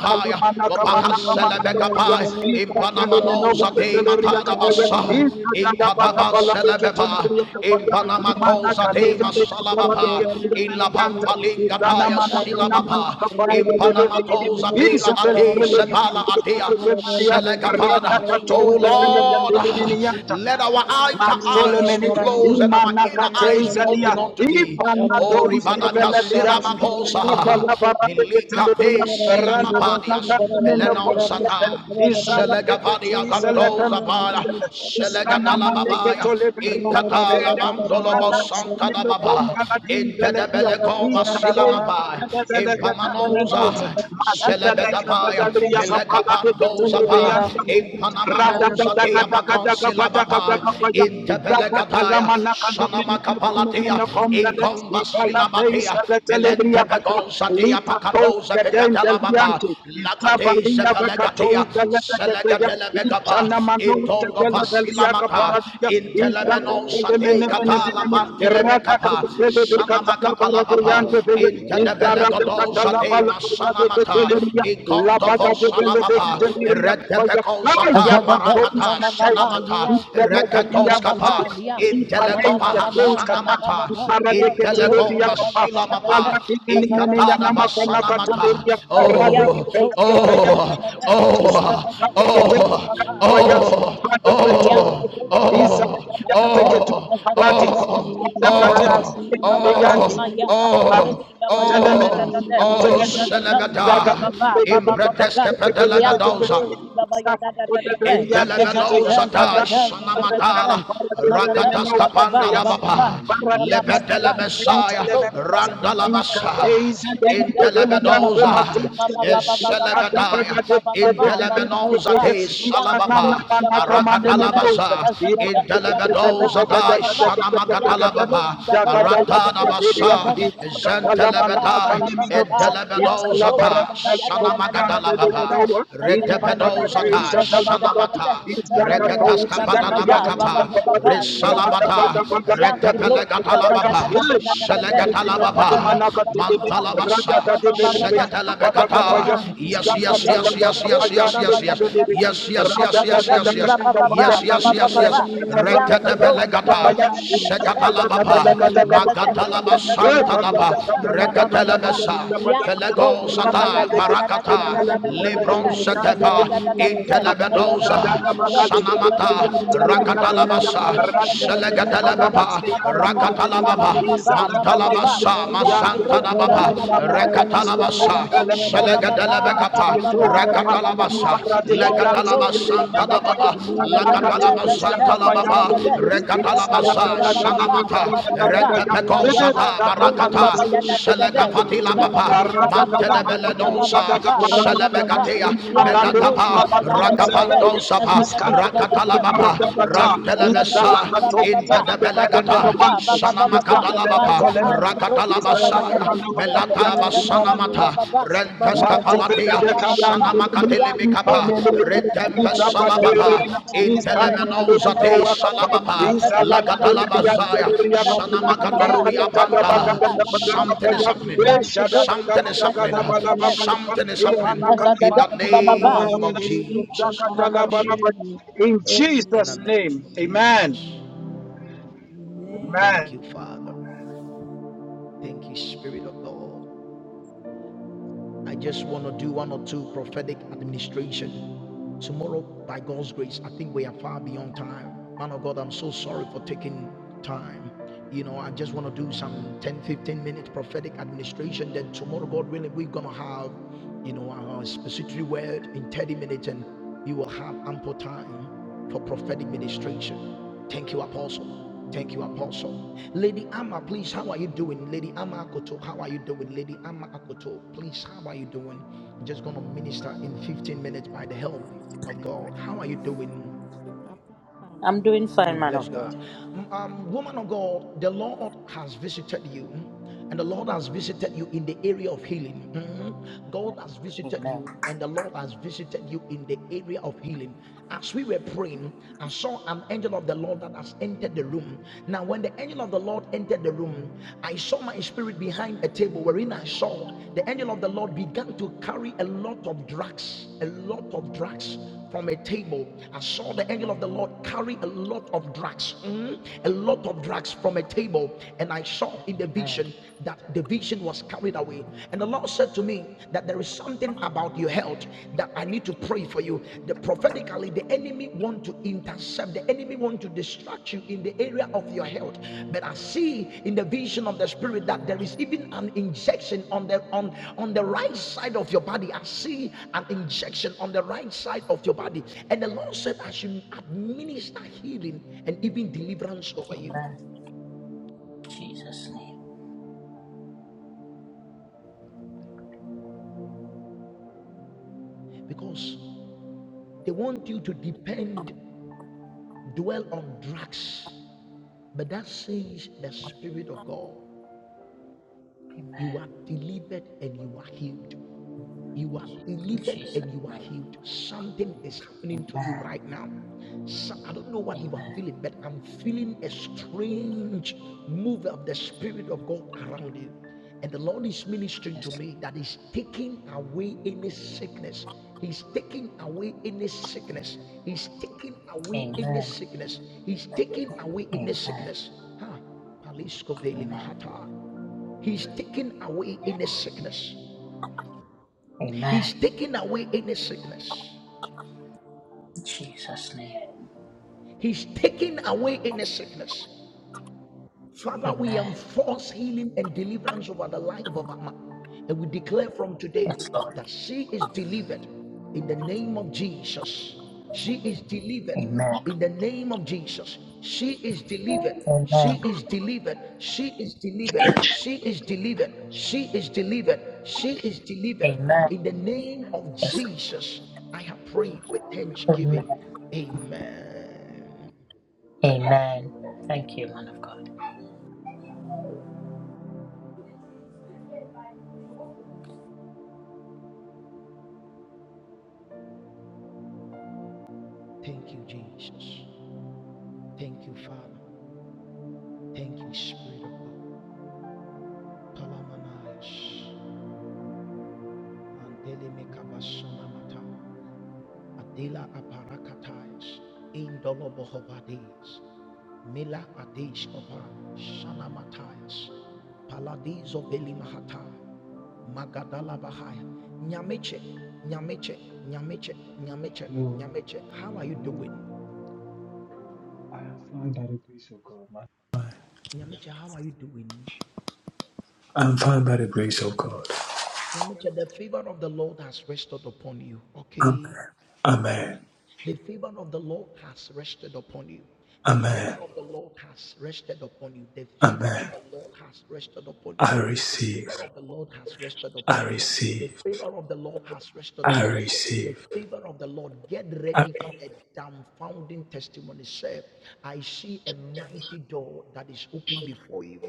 S5: you. Thank
S4: opahasselebekapai, impanamanosate, matadabasa in Kadaba Selebeba, in Panama Cosa de Masalababa, in La Pampa Lingataya Silababa, in Panama Cosa Pela Ade Sebala Adea Selegavada. Oh Lord,
S2: Isabel,
S4: let our outer eyes
S2: Masolemeni,
S4: be closed and our inner eyes be
S2: Imanakateizalia,
S4: open unto thee. Oh
S2: Ipanados
S4: Ribadaka
S2: Gaveladia,
S4: Silamabosa, Milika
S2: Shakalabarabekatelia,
S4: Pe Silamabadias, Melenon
S2: Ranamanakamenopolikete,
S4: Sata.
S5: you.
S4: Shelegapadia Gandoza Baya,
S2: Izarateketisalakamanate,
S4: Shelegatala Babaya,
S2: Istanamaneketolebelia
S4: Inkatala
S2: Kapea,
S4: Bandolobo Santa da Baba,
S2: Manakamenokombaladigalia,
S4: Intedebelekova Silamabaya,
S2: Ikabelekatelebelekatelenenosa,
S4: Impamanoza, Shelebedabaya,
S2: Maziteleketelebria
S4: Melekapandoza Ba,
S2: Kapaladeketelebeyanta, Thank
S4: Impanamanoza
S5: Thank
S4: Tiabakan Silababaya, Intebelegataya, Shanamakapalat. Malatia, Incomba Silabatea, Pegosatia Pacatosa Pecatalababa, Lacate Sepelegatia, Selegatele Megapa, Itongo Vasilamata, Intelemeno Sate Catala Vantile Mecapa, Sanamacatalababa, Intedebelegodo Sate Masanamata, Icondovo Salababa,
S2: you.
S4: Redepeco
S7: Azadat
S4: Maracata,
S7: mama
S2: Ayapatouskatente,
S7: mama
S4: Sanamata,
S7: yanti brosi mama
S4: Recatoscapa,
S7: mama
S2: Ibelebediakasia,
S7: yam
S5: you.
S7: mama mama
S4: Intelegova
S7: mama
S2: Ipaneiskatouskata,
S7: mama mama
S4: Sanamata,
S7: yanti brosi
S4: Intelego
S7: mama
S2: Iparadiketeleriakapa,
S7: ya da da da da
S4: Masilamapa,
S7: azadat
S4: Inkatada
S7: mama mama
S4: Basanamata.
S2: Kaladinenenenenyanamakonakateleria,
S7: mama mama
S4: Oh,
S7: yanti
S4: oh,
S7: brosi mama ya da
S4: oh,
S7: da.
S2: Radikipelekepeyandikete,
S4: oh,
S7: da
S4: oh, oh, oh, oh, oh, oh,
S7: azadat mama mama mama
S2: Zilabadiketeleriakapaya,
S7: mama mama
S2: Ipadiketou-
S7: yanti brosi mama
S2: Iza
S7: ya da da da
S2: yante
S7: da
S2: ketu
S7: azadat da.
S2: paradi.
S7: da da
S2: Iza
S5: Thank
S2: kate
S7: azadat mama
S2: kete
S7: mama
S2: yante.
S7: mama
S4: oh,
S7: yanti
S2: Ape
S4: oh,
S7: brosi mama ya da
S2: teleme
S7: da da
S4: oh,
S7: da. ya
S4: oh,
S2: temin.
S7: ya.
S2: Zaga
S4: Celebata,
S2: kete
S7: ya
S2: kete
S7: ya Maya
S4: Impreteske
S2: kete
S7: Yes,
S2: kete
S7: the blow,
S2: kete.
S4: Pedelebedosa.
S7: she baba ya
S2: Zaka
S7: da da da
S2: kote
S7: da
S2: bele
S7: da.
S2: yante
S7: As da
S2: ketu
S7: da
S4: Intelebedo
S2: ya.
S7: da da da
S4: zata
S2: Arati
S7: da da da
S2: teleme
S7: da
S2: yaka
S4: shanamatala
S7: da. As
S2: paradi
S7: da da
S2: bele
S7: da she
S2: meno
S4: rakatas
S7: baba
S2: kete
S4: kapanda
S7: ba
S2: ya.
S4: la
S7: ba ba ba.
S4: baba
S7: Ba ba ba
S2: Paradise
S7: ba ba.
S4: lebedele
S7: Yes,
S2: elemente
S7: the
S4: messiah
S7: blow, she
S2: elements
S7: baba ya da
S4: randala
S7: da da
S2: Inca
S7: da da.
S4: masa
S2: days and
S7: As da
S2: then
S7: da da
S2: the
S7: she baba
S2: Belian
S7: ba
S2: de
S7: ba.
S4: intelebedoza
S7: Ma ba
S2: Mafusta
S7: ba ba ba ba
S2: Inca
S7: ba.
S2: da
S4: eselebedaya
S2: Baga
S7: Ma
S2: de
S7: ma ba ba ba ma ba ba ba
S4: intelemenoza
S7: ba.
S2: Belian
S4: te
S7: Yes,
S2: Inca
S7: the
S2: Nana
S7: blow,
S4: salababa
S7: she
S2: Nana
S7: baba ya da
S2: Kamane
S7: da da
S4: arakatala
S7: da.
S2: Mendoza
S4: basa
S7: As da da
S2: Iba
S7: da she
S2: de
S7: baba ba
S2: Belega
S7: ba
S2: de
S4: intelebedoza
S7: ba ba
S2: Gada
S4: da
S7: ba
S2: Gada
S7: ba.
S2: Gada
S7: Yes, the
S2: Gada
S7: blow,
S4: shanamakatalababa
S7: she baba
S2: Daga
S7: ya
S2: da
S7: da da
S2: la
S7: da
S4: aratada
S2: Baga
S7: da.
S2: Delia
S7: As
S4: basa
S7: da da da
S2: Izaka
S7: she baba ba
S2: Palamana
S7: ba ba
S4: zentelebedaya
S7: ba
S2: Makane
S7: ba ba ba.
S2: Mendoza
S7: Yes, the
S2: Izala
S7: blow, she
S4: Edelebedozata,
S7: baba
S2: Baradiza
S7: ya da da da da
S2: Kovian
S7: da
S2: de
S7: da da da.
S4: Sanamagadalababa,
S2: Mendoza
S7: Yanti bro, da da da da da
S2: In Manaka
S4: Redebedozata,
S2: Teisha
S7: da
S2: Talabaradi
S4: Sanamata,
S2: Izaka
S4: Regataskapadadabakapa, Resalabata, Retepelegatalababa, Selegatalababa, Mantalabasa, Segetelebegata. Yes, yes, yes, yes, yes, yes, yes, yes,
S5: you.
S4: yes, yes, yes, yes, yes, yes,
S5: Thank
S4: yes, yes, yes, yes, yes, Reketebelegata, Segatalababa, Magatalaba Santadaba, Reketelebesa, Felegosata, Barakata,
S7: da da da da
S4: Lebron
S7: da.
S2: Rada
S4: Setepa,
S2: Thank
S4: Intelebedosa, Sanamata, Rakatalabasa, Selegatalababa, Rakatalababa, Mantalabasa, Masantadababa, Rekatalabasa,
S5: you.
S4: Selegatalabekapa,
S5: Thank
S4: Ragatalabasa, Legatalabasanta da Baba,
S2: you. Is
S4: Lagatalabasanta la Baba, Regatalabasa, Sanamata, Rekapeko
S7: Fire out,
S4: Sata,
S7: you broke, you
S4: Barakata,
S7: baba, ya da da da da,
S4: Selegapati la
S7: da da da,
S4: Baba,
S7: ba ba ba ba, ba ba ba ba
S4: Mantedebeledonsa,
S7: ba, ba ba ba ba,
S4: Selebegatea,
S7: Yes,
S4: Melatapa, Rakapandosapa, Rakatalababa, Rantelemesa, Intedebelegata, Sanamakata. Labapa, Rakatalabasaya, Melataba
S2: the
S4: Sanamata, Rentesta
S2: Makoveda
S4: Palatia,
S2: de Kayanti,
S5: you.
S4: Sanamakatelemikapa,
S2: Panelli,
S5: Thank
S4: Redempe
S2: Izapate,
S4: Salabapa,
S5: you.
S2: Iskanamali,
S4: Intelemenosate
S2: Noakapa,
S4: Salabapa,
S2: Izalataria,
S4: Lagatalabazaya,
S2: Teleria, Marada
S4: Sanamakatori
S2: Bagada
S4: Apanda.
S2: Bagada,
S4: Something is happening,
S2: Shada
S4: something is
S2: Bagada
S4: happening,
S2: Bagada,
S4: something is happening. In the
S7: the bro,
S2: Ivanakanamanamana,
S4: name of Jesus
S2: Izakatala
S4: Christ.
S2: Banaba. In
S6: the
S5: Jesus.
S4: In
S2: Jesus'
S6: name of
S2: name,
S6: Jesus.
S2: amen.
S4: Jesus.
S2: Amen.
S4: Thank
S6: Amen.
S4: you, Father. Thank you, Spirit of God. I just want to do one or two prophetic administration. Tomorrow, by God's grace, I think we are far beyond time. Man of God, I'm so sorry for taking time. You know, I just want to do some 10, 15 minute prophetic administration. Then tomorrow, God willing, we're going to have you know, our specific word in 30 minutes, and we will have ample time for prophetic ministration. Thank you, Apostle. Thank you, Apostle. Lady Amma, please, how are you doing? Lady Amma Akoto, how are you doing? Lady Amma Akoto, please, how are you doing? I'm just going to minister in 15 minutes by the help of God. How are you doing?
S8: I'm doing
S4: We
S8: fine, man
S4: bless
S8: of God.
S4: God. Mm, Um, woman of God, the Lord has visited you, mm, and the Lord has visited you in the area of healing. Mhm. God has visited
S8: Amen.
S4: you, and the Lord has visited you in the area of healing. As we were praying, I saw an angel of the Lord that has entered the room. Now, when the angel of the Lord entered the room, I saw my spirit behind a table wherein I saw the angel of the Lord began to carry a lot of drugs, a lot of drugs from a table. I saw the angel of the Lord carry a lot of drugs, mm, a lot of drugs from a table. And I saw in the
S8: Amen.
S4: vision that the vision was carried away. And the Lord said to me that there is something about your health that I need to pray for you. The prophetically, the enemy want to intercept the enemy want to distract you in the area of your health, but I see in the vision of the spirit that there is even an injection on the on on the right side of your body. I see an injection on the right side of your body, and the Lord said, "I should administer healing and even deliverance over you,
S8: Amen. Jesus' name.
S4: because they want you to depend, dwell on drugs." But that says the spirit of God, you
S8: Amen.
S4: are delivered and you are healed. You are delivered
S8: Jesus'
S4: and you are
S8: name.
S4: healed. Something is happening
S8: Amen.
S4: to you right now. So, I don't know what you are
S8: Amen.
S4: feeling, but I'm feeling a strange move of the Spirit of God around you. And the Lord is ministering
S8: Yes.
S4: to me that He's taking away any sickness. He's taking away any sickness. He's taking away any
S8: Amen.
S4: sickness. He's taking away any
S8: Amen.
S4: sickness. Huh. Palisco Veli
S8: Amen.
S4: Mahata. He's taking away any sickness.
S8: Amen.
S4: He's taking away any sickness.
S8: Jesus' name.
S4: He's taking away any sickness. Father, we
S8: Amen.
S4: enforce healing and deliverance over the life of Amma. And we declare from today
S8: Yes, Lord.
S4: that she is delivered in the name of Jesus. She is delivered
S8: Amen.
S4: in the name of Jesus. She is delivered. She
S8: Amen.
S4: is delivered. She is delivered. She is delivered. She is delivered. She is delivered.
S8: Amen.
S4: In the name of
S8: Yes.
S4: Jesus, I have prayed with
S8: Lord. Amen.
S4: thanksgiving. Amen.
S8: Amen. Thank you, man of God.
S4: Thank you, Jesus. Thank you, Father. Thank you, Spirit of God. Palamanayash. Mandele mekabashona mata. Adela aparakatayash. Indolobohobades. Mila adesh opa. Shana matayas. Paladizo belimahata. Magadala bahaya. Nyameche. Nyameche. Nyameche. Nyameche.
S9: Hello,
S4: Nyameche. How are you
S9: hello.
S4: doing?
S9: I am fine by the grace of God, man.
S4: Nyameche, how are you doing?
S9: I'm fine by the grace of God.
S4: Nyameche, the favor of the Lord has rested upon you.
S9: Amen.
S4: Okay.
S9: Amen.
S4: The favor of the Lord has rested upon you. The favor
S9: Amen.
S4: of the Lord has rested upon you. The favor of
S9: Amen.
S4: the Lord has rested upon you.
S9: I
S4: The favor
S9: receive.
S4: of the Lord has rested
S9: I
S4: upon you. The
S9: receive.
S4: favor of the Lord has rested
S9: I
S4: upon you. The
S9: receive.
S4: favor of the Lord. Get
S9: A-
S4: ready for a dumbfounding testimony. Say, I see a mighty door that is open before you.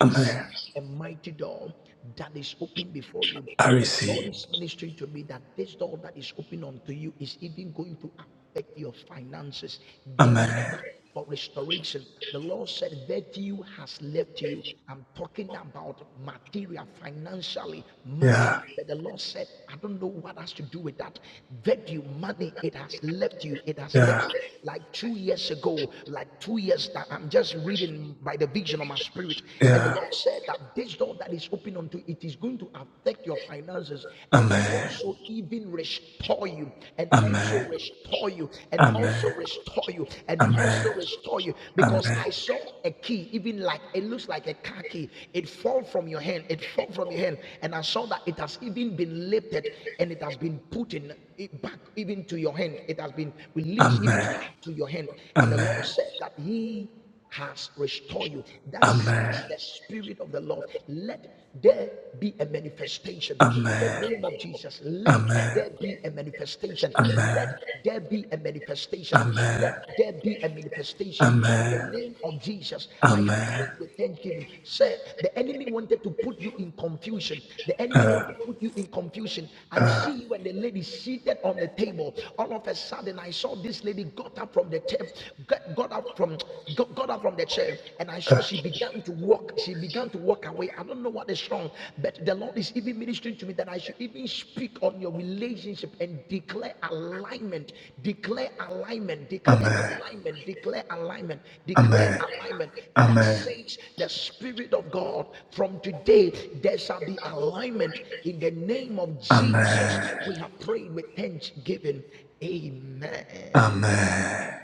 S4: I see a mighty door that is open before you.
S9: I
S4: And the Lord
S9: receive.
S4: is ministering to me that this door that is open unto you is even going to affect your finances. Get
S9: Amen.
S4: ready for restoration. The Lord said, Virtue has left you. I'm talking about material, financially, money.
S9: Yeah.
S4: But the Lord said, I don't know what has to do with that. Value, money, it has left you. It has left
S9: Yeah.
S4: you. Like two years ago, like two years that I'm just reading by the vision of my spirit. And the
S9: Yeah.
S4: Lord said that this door that is open unto you, it is going to affect your finances and
S9: Amen.
S4: also even restore you and also
S9: Amen.
S4: restore you and
S9: Amen.
S4: also restore you and
S9: Amen.
S4: also restore you because
S9: Amen.
S4: I saw saw a key, even like it looks like a car key. It fall from your hand. It fall from your hand, and I saw that it has even been lifted and it has been put in it back even to your hand. It has been released even
S9: Amen.
S4: back to your hand. And the Lord
S9: Amen.
S4: said that He has restored you.
S9: Amen.
S4: That says
S9: Amen.
S4: the Spirit of the Lord. Let there be a manifestation in the name of Jesus.
S9: Amen.
S4: Let
S9: Amen.
S4: there be a manifestation.
S9: Amen.
S4: Let there be a manifestation. Let there be a manifestation. In the
S9: Amen.
S4: name of Jesus, I have
S9: Amen.
S4: prayed with thanksgiving. Sir, the enemy wanted to put you in confusion. The enemy
S9: uh,
S4: wanted to put you in confusion. I
S9: uh,
S4: see you and the lady seated on the table. All of a sudden, I saw this lady got up from the table, got, got up from got, got up from the chair, and I
S9: uh,
S4: saw she began to walk. She he began to walk away. I don't know what is wrong, but the Lord is even ministering to me that I should even speak on your relationship and declare alignment, declare alignment, declare
S9: amen,
S4: alignment, declare alignment, declare
S9: amen,
S4: alignment. That
S9: amen,
S4: says the Spirit of God from today, there shall be alignment in the name of Jesus.
S9: amen,
S4: We have prayed with thanksgiving. Amen.
S9: amen.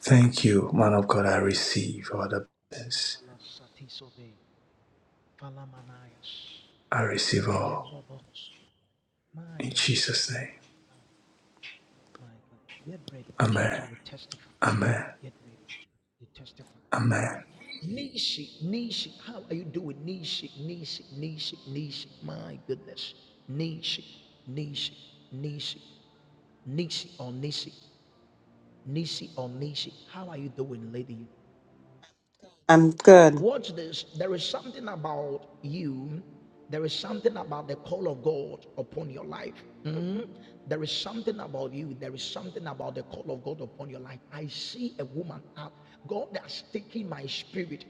S9: Thank you, man of God. I receive all the blessings. I receive all
S4: My
S9: in
S4: God,
S9: Jesus' name.
S4: my God. Get ready.
S9: Amen,
S4: You will testify.
S9: amen,
S4: Get ready. You testify. Get
S9: amen.
S4: ready. Nishi, Nishi. How are you doing? Nishi, Nishi, Nishi, Nishi. My goodness. Nishi, Nishi, Nishi, Nishi or Nishi. Nisi or Nishi. How are you doing, lady?
S10: I'm good.
S4: Watch this. There is something about you. There is something about the call of God upon your life. Mhm. There is something about you. There is something about the call of God upon your life. I see a woman up. God has taken my spirit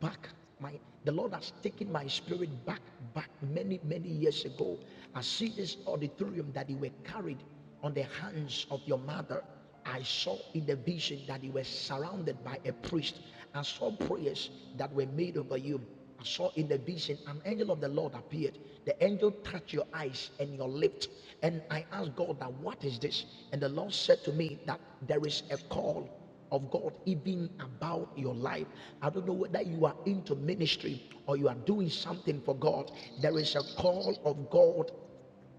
S4: back. My the Lord has taken my spirit back, back many, many years ago. I see this auditorium that you were carried on the hands of your mother. I saw in the vision that you were surrounded by a priest. I saw prayers that were made over you. I saw in the vision an angel of the Lord appeared. The angel touched your eyes and your lips. And I asked God that what is this? And the Lord said to me that there is a call of God even about your life. I don't know whether you are into ministry or you are doing something for God. There is a call of God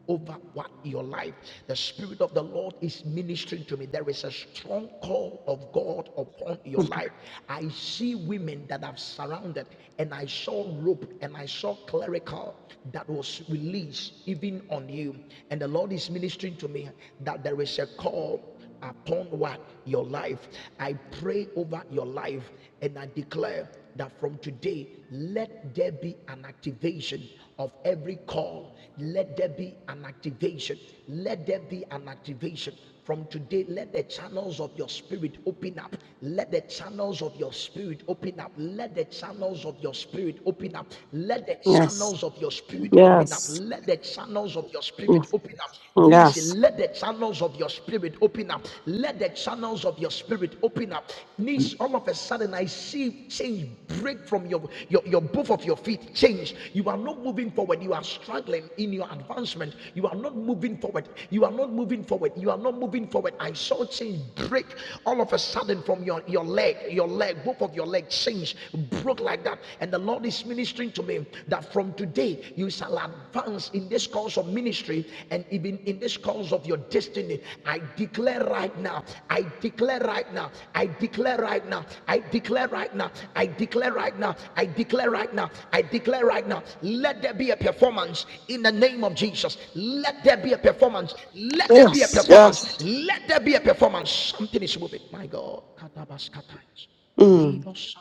S4: over what your life. The Spirit of the Lord is ministering to me. There is a strong call of God upon your life. I see women that have surrounded, and I saw rope and I saw clerical that was released even on you. And the Lord is ministering to me that there is a call upon what your life. I pray over your life and I declare that from today, let there be an activation of every call. Let there be an activation. Let there be an activation. From today, let the channels of your spirit open up. Let the channels of your spirit open up. Let the channels of your spirit open up. Let the
S10: Yes.
S4: channels of your spirit open up.
S10: Yes.
S4: Let the channels of your spirit
S10: Mm,
S4: spirit open up. Nisi,
S10: Yes.
S4: let the channels of your spirit open up. Let the channels of your spirit open up. Nisi, all of a sudden I see change break from your, your, your both of your feet. Change. You are not moving forward. You are struggling in your advancement. You are not moving forward. You are not moving forward. You are not moving forward. I saw change break all of a sudden from your, your leg, your leg, both of your legs change, broke like that. And the Lord is ministering to me him that from today you shall advance in this course of ministry and even in this course of your destiny. I declare right now, I declare right now, I declare right now, I declare right now, I declare right now, I declare right now, I declare right now. Let there be a performance in the name of Jesus. Let there be a performance. Let there be a
S10: Yes. Yes.
S4: performance. Let there be a performance. Something is moving. My God. Katabaskatais.
S10: Mm.
S4: Libos.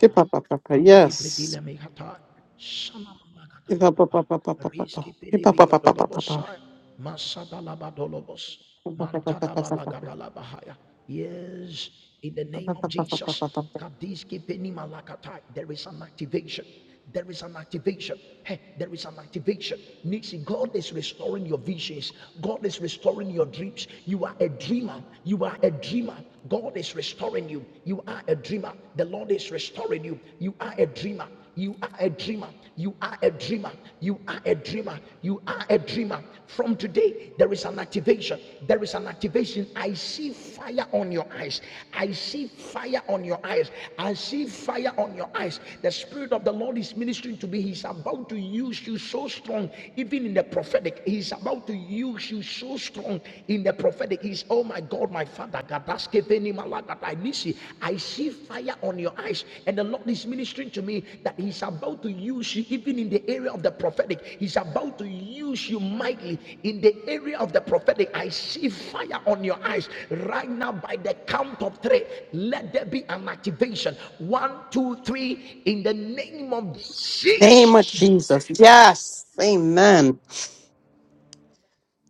S10: Ipa pa pa pa.
S4: Riski
S10: Yes.
S4: predile mekata. Shana mama kata la
S10: Ipa pa
S4: baba.
S10: pa pa pa pa pa pa.
S4: Riski
S10: Ipa
S4: pedibi
S10: pa pa pa pa pa pa.
S4: katolobosai. Masada la badolobos.
S10: Ipa pa pa pa
S4: Mantada
S10: pa
S4: bala
S10: pa pa.
S4: gada la bahaya. Yes, in the
S10: Ipa pa
S4: name of
S10: pa pa pa pa pa
S4: Jesus.
S10: pa.
S4: Kadiski penima lakatai. There is an activation. There is an activation. Hey, there is an activation. Nixie, God is restoring your visions. God is restoring your dreams. You are a dreamer. You are a dreamer. God is restoring you. You are a dreamer. The Lord is restoring you. You are a dreamer. You are a dreamer. You are a dreamer. You are a dreamer. You are a dreamer. From today, pray, there is an activation. There is an activation. I see fire on your eyes. I see fire on your eyes. I see fire on your eyes. The Spirit of the Lord is ministering to me. He's about to use you so strong, even in the prophetic. He's about to use you so strong in the prophetic. He's, oh my God, my Father. God, that's given him a lot that I malagadai, I see fire on your eyes, and the Lord is ministering to me that He's about to use you, even in the area of the prophetic. He's about to use you mightily in the area of the prophetic. I see fire on your eyes right now by the count of three. Let there be an activation. One, two, three, in the name of Jesus.
S10: Name of Jesus. Yes. Amen.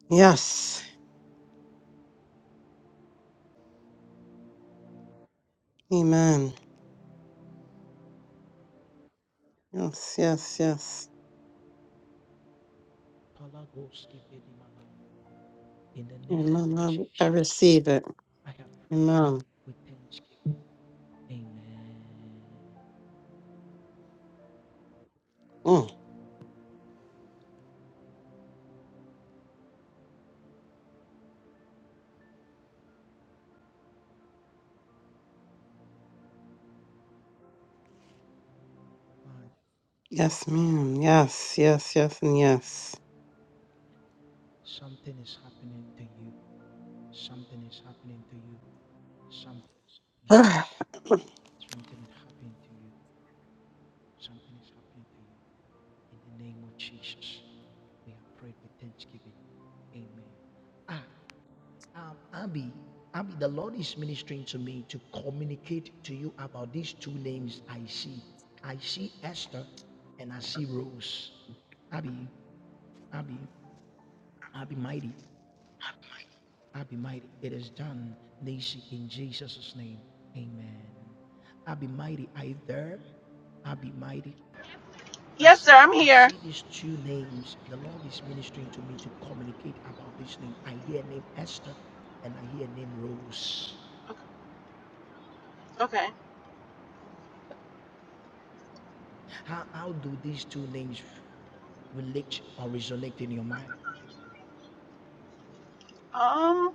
S10: Yes. Amen. Yes. Yes. Yes. Amen. I I receive it.
S4: I have
S10: Amen.
S4: prayed with thanksgiving.
S10: Mm. Yes, ma'am. Yes. Yes. Yes. And yes.
S4: Something is happening to you. Something is happening to you. Something is happening to you. Something is happening to you. Something is happening to you. In the name of Jesus, we have prayed with thanksgiving. Amen. Ah, um, Abby, Abby, the Lord is ministering to me to communicate to you about these two names I see. I see Esther and I see Rose. Abby, Abby, Abby mighty, Abby mighty. It is done, Nancy, in Jesus' name. Amen. Abby mighty, are you there? Abby mighty, I
S3: Yes, sir,
S4: see.
S3: I'm
S4: I
S3: here.
S4: see these two names, the Lord is ministering to me to communicate about this name. I hear name Esther and I hear name Rose.
S3: Okay.
S4: How, how do these two names relate or resonate in your mind?
S3: Um,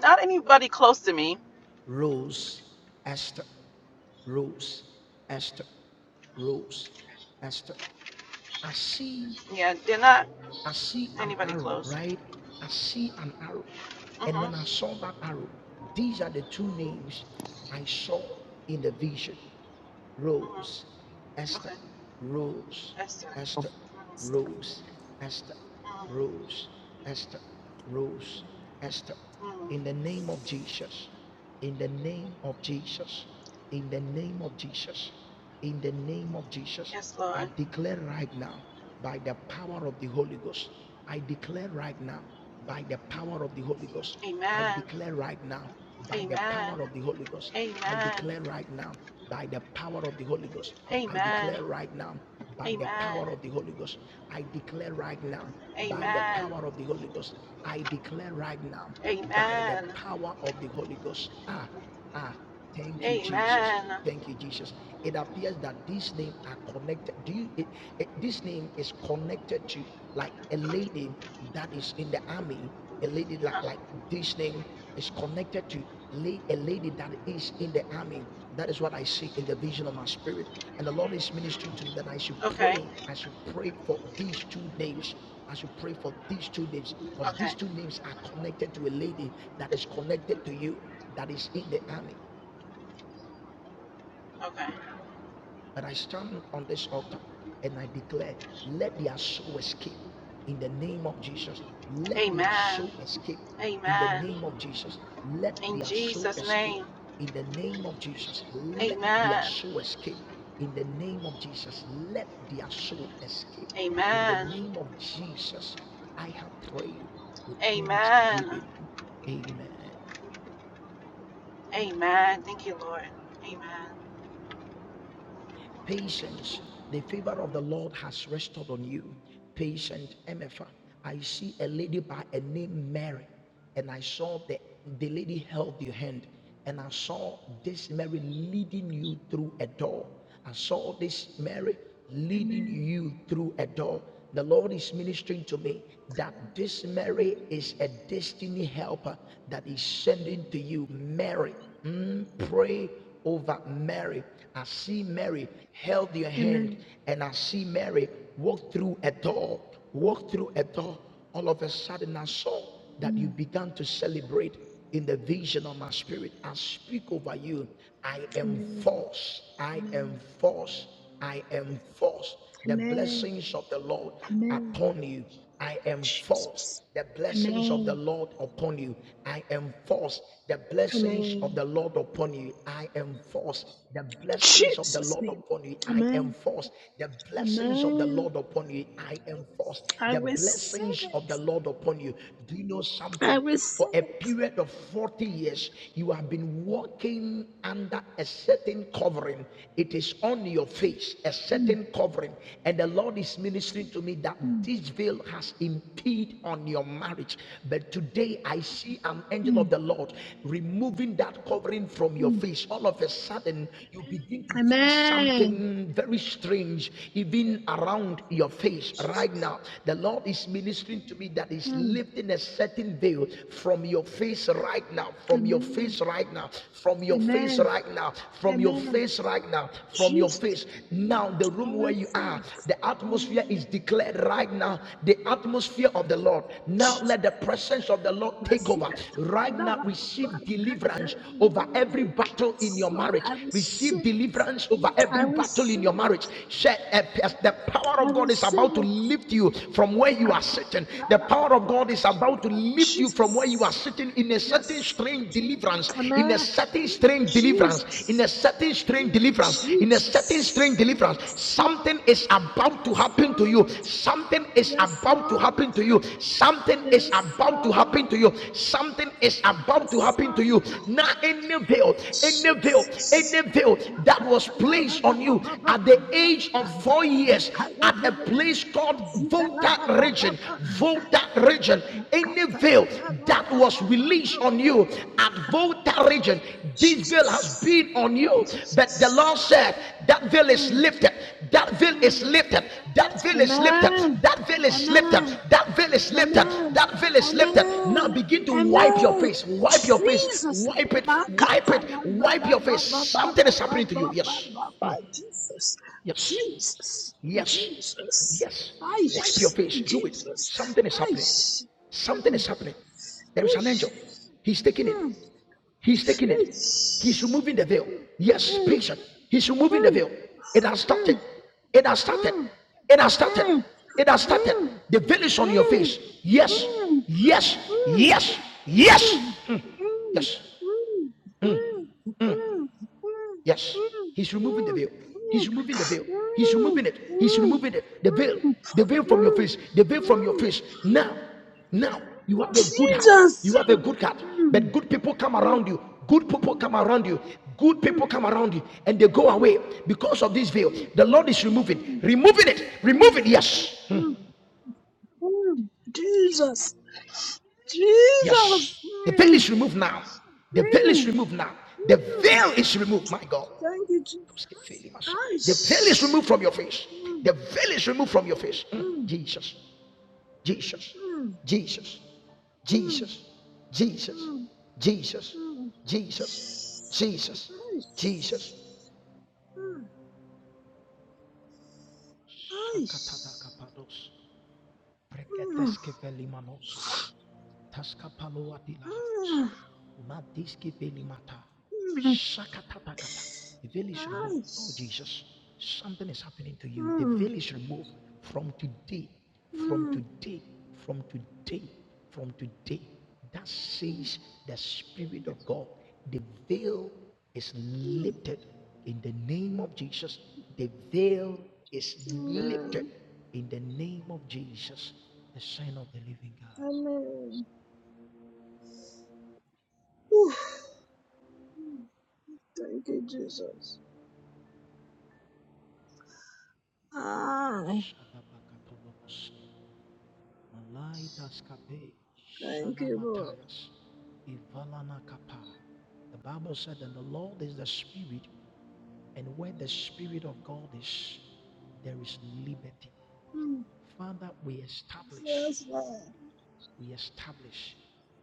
S3: not anybody close to me.
S4: Rose, Esther, Rose, Esther, Rose, Esther. I see
S3: Yeah, they're not
S4: I see an
S3: anybody
S4: arrow,
S3: close.
S4: right? I see an arrow. And
S3: Mhm.
S4: when I saw that arrow, these are the two names I saw in the vision
S3: Mhm.
S4: Rose, Esther,
S3: Okay.
S4: Rose,
S3: Yes, sir.
S4: Esther,
S3: Mhm.
S4: Rose, Esther,
S3: Mhm.
S4: Rose, Esther, Rose, Esther.
S3: Mhm.
S4: In the name of Jesus, in the name of Jesus, in the name of Jesus, in the name of Jesus,
S3: Yes,
S4: I
S3: Lord.
S4: declare right now by the power of the Holy Ghost. I declare right now by the power of the Holy Ghost. I
S3: Amen.
S4: declare right now by the
S3: Amen.
S4: power of the Holy Ghost. I
S3: Amen.
S4: declare right now by the power of the Holy Ghost. I
S3: Amen.
S4: declare right now by the
S3: Amen.
S4: power of the Holy Ghost. I declare right now by the
S3: Amen.
S4: power of the Holy Ghost. I declare right now by the
S3: Amen.
S4: power of the Holy Ghost. Ah, Ah, thank you, Jesus.
S3: Amen.
S4: Thank you, Jesus. It appears that these names are connected. Do you? It, it- this name is connected to like a lady that is in the army. A lady like, like this name is connected to a lady that is in the army. That is what I see in the vision of my spirit. And the Lord is ministering to me that I should
S3: Okay.
S4: pray. I should pray for these two names. I should pray for these two names because
S3: Okay.
S4: these two names are connected to a lady that is connected to you that is in the army.
S3: Okay.
S4: But I stand on this altar and I declare, let their soul escape in the name of Jesus. Let their
S3: Amen.
S4: soul escape in the
S3: Amen.
S4: name of Jesus. Let
S3: In
S4: their soul
S3: Jesus'
S4: escape
S3: name.
S4: in the name of Jesus. Let their
S3: Amen.
S4: soul escape in the name of Jesus. Let their soul escape in the
S3: Amen.
S4: name of Jesus. I have prayed with
S3: Amen.
S4: thanksgiving. Amen.
S3: Amen. Thank you, Lord. Amen.
S4: Patience, the favor of the Lord has rested on you. Patient, MFA. I see a lady by a name Mary, and I saw the, the lady held your hand, and I saw this Mary leading you through a door. I saw this Mary leading
S11: Amen.
S4: you through a door. The Lord is ministering to me that this Mary is a destiny helper that is sending to you. Mary, mm, pray over Mary. I see Mary held your hand,
S11: Amen.
S4: and I see Mary walk through a door, walk through a door. All of a sudden, I saw that you
S11: Mm.
S4: began to celebrate in the vision of my spirit. I speak over you. I
S11: Amen.
S4: enforce, I
S11: Amen.
S4: enforce I enforce the
S11: Amen.
S4: blessings of the Lord
S11: Amen.
S4: upon you. I enforce
S11: Jesus.
S4: the blessings of the
S11: Amen.
S4: Lord upon you. I enforce the blessings of
S11: Amen.
S4: the Lord upon you. I enforce the blessings of the
S11: Jesus
S4: Lord
S11: name.
S4: upon you. I
S11: Amen.
S4: enforce the blessings of the
S11: Amen.
S4: Lord upon you. I enforce
S11: I
S4: the
S11: receive
S4: blessings of
S11: it.
S4: the Lord upon you. Do you know
S11: I
S4: something? for
S11: receive
S4: a
S11: it.
S4: period of 40 years, you have been walking under a certain covering. It is on your face, a
S11: Mm,
S4: certain covering. And the Lord is ministering to me that
S11: mm,
S4: this veil has impeded on your marriage. But today I see an angel of
S11: mm,
S4: the Lord removing that covering from your
S11: mm.
S4: face. All of a sudden, you begin to feel
S11: Amen.
S4: something very strange, even around your face right
S11: Jesus.
S4: now. The Lord is ministering to me that that is
S11: Mm.
S4: lifting a certain veil from your face right now, from your
S11: Amen.
S4: face right now, from your face
S11: Amen.
S4: right now, from your
S11: Amen.
S4: face right now, from your
S11: Jesus.
S4: face. Now, the
S11: I
S4: room where you are,
S11: receive it.
S4: the atmosphere is
S11: Amen.
S4: declared right now, the atmosphere of the Lord. Now, let the presence of the Lord take over.
S11: Mazikata.
S4: Right now, receive deliverance over every battle in
S11: Yes,
S4: your
S11: Lord,
S4: marriage,
S11: I
S4: receive
S11: receive it.
S4: deliverance over
S11: I
S4: every battle in your
S11: receive
S4: marriage. eh, The power
S11: it. I
S4: of God is
S11: receive
S4: about to
S11: it.
S4: lift lift you from where you are
S11: Kata.
S4: sitting. The power of
S11: Narapapa.
S4: God is about to lift you from where you are
S11: Jesus.
S4: sitting in a certain
S11: Yes, Lord.
S4: strange deliverance, in a
S11: Amen.
S4: certain strange deliverance, in
S11: Jesus.
S4: a certain strange deliverance, in a certain strange
S11: Jesus.
S4: deliverance.
S11: Yes, Lord.
S4: Something is about to
S11: Yes,
S4: happen to you.
S11: Lord.
S4: Something is
S11: Yes,
S4: about to
S11: Lord.
S4: happen to you. Something is
S11: Yes,
S4: about to happen
S11: Lord.
S4: to you. Something is about to
S11: Yes,
S4: happen to you.
S11: Lord.
S4: Now, any veil, any veil, any
S11: Jesus.
S4: veil that was
S11: Makataya na
S4: placed
S11: na
S4: on
S11: ba
S4: you
S11: ba ba ba
S4: at
S11: ba
S4: the
S11: ba
S4: age of
S11: ba.
S4: four years
S11: Makaya
S4: at
S11: de
S4: a
S11: de de de
S4: place
S11: de de
S4: called
S11: ziga la
S4: Voda
S11: ba ba ba
S4: region,
S11: ba.
S4: Voda region, any
S11: Makataya
S4: veil
S11: na na
S4: that
S11: ba
S4: was
S11: ba ba ba
S4: released
S11: ba.
S4: on you at
S11: Makaya
S4: Voda region, this veil has
S11: Jesus.
S4: been on you. But the Lord
S11: Jesus.
S4: said, That veil is
S11: Mm,
S4: lifted, that veil is
S11: mm.
S4: lifted, that veil is lifted,
S11: Amen.
S4: that veil is lifted,
S11: Amen.
S4: that veil is lifted,
S11: Amen.
S4: that veil is lifted. Now
S11: Amen.
S4: begin to wipe your
S11: Amen.
S4: face, wipe your face,
S11: Jesus.
S4: wipe it, wipe it, wipe your face. Something is happening to you. Yes,
S11: Makatayandalababababababababa. Jesus.
S4: yes.
S11: Jesus.
S4: Yes.
S11: Jesus.
S4: Yes.
S11: I
S4: Wipe your face. Do it.
S11: Jesus.
S4: Something is
S11: I
S4: happening. Something
S11: mm,
S4: is happening. There is an
S11: whoosh,
S4: angel. He's taking it.
S11: mm,
S4: He's taking it. He's
S11: whoosh,
S4: removing the veil. Yes,
S11: mm,
S4: patient. He's removing the
S11: mm,
S4: veil. It has started. It has
S11: mm,
S4: started.
S11: mm,
S4: It has started.
S11: mm,
S4: It has started. The veil is on your
S11: mm,
S4: face. Yes.
S11: mm, mm,
S4: Yes.
S11: mm.
S4: Yes. Yes. Yes. Yes, he's removing the veil. He's removing the veil. He's removing it. He's removing it. The veil. The veil from your face. The veil from your face. Now, now you have a good heart. You have a good heart. But good people come around you. Good people come around you. Good people come around you and they go away because of this veil. The Lord is removing, removing it, removing. Yes,
S11: Jesus. Jesus. Jesus.
S4: yes. The veil is removed now. The veil is removed now. The veil is removed, my God.
S11: Thank you, Jesus.
S4: The veil is
S11: Christ.
S4: removed from your face. The veil is removed from your face. Mm. Jesus, Jesus, Jesus, Jesus, Jesus, Jesus,
S11: Mm.
S4: Jesus,
S11: Nice.
S4: Jesus, Jesus.
S11: Mm. Nice. Mm.
S4: Taskapaloatilahats.
S11: Mm.
S4: Madiski velimata.
S11: Mm.
S4: Shakatatakata. The veil is removed. Oh,
S11: Nice.
S4: Jesus, something is happening to you. The
S11: Mm.
S4: veil is removed from today, from
S11: Mm.
S4: today, from today, from today. That says the Spirit of God. The veil is
S11: Mm.
S4: lifted in the name of Jesus. The veil is lifted
S11: Amen.
S4: in the name of Jesus, the Son of the living God.
S11: Amen. Whew. Mm. Thank you, Jesus. Ah, thank you, Lord.
S4: The Bible said that the Lord is the Spirit, and where the Spirit of God is, there is liberty.
S11: Mm.
S4: Father, we establish,
S11: Yes, Lord.
S4: we establish,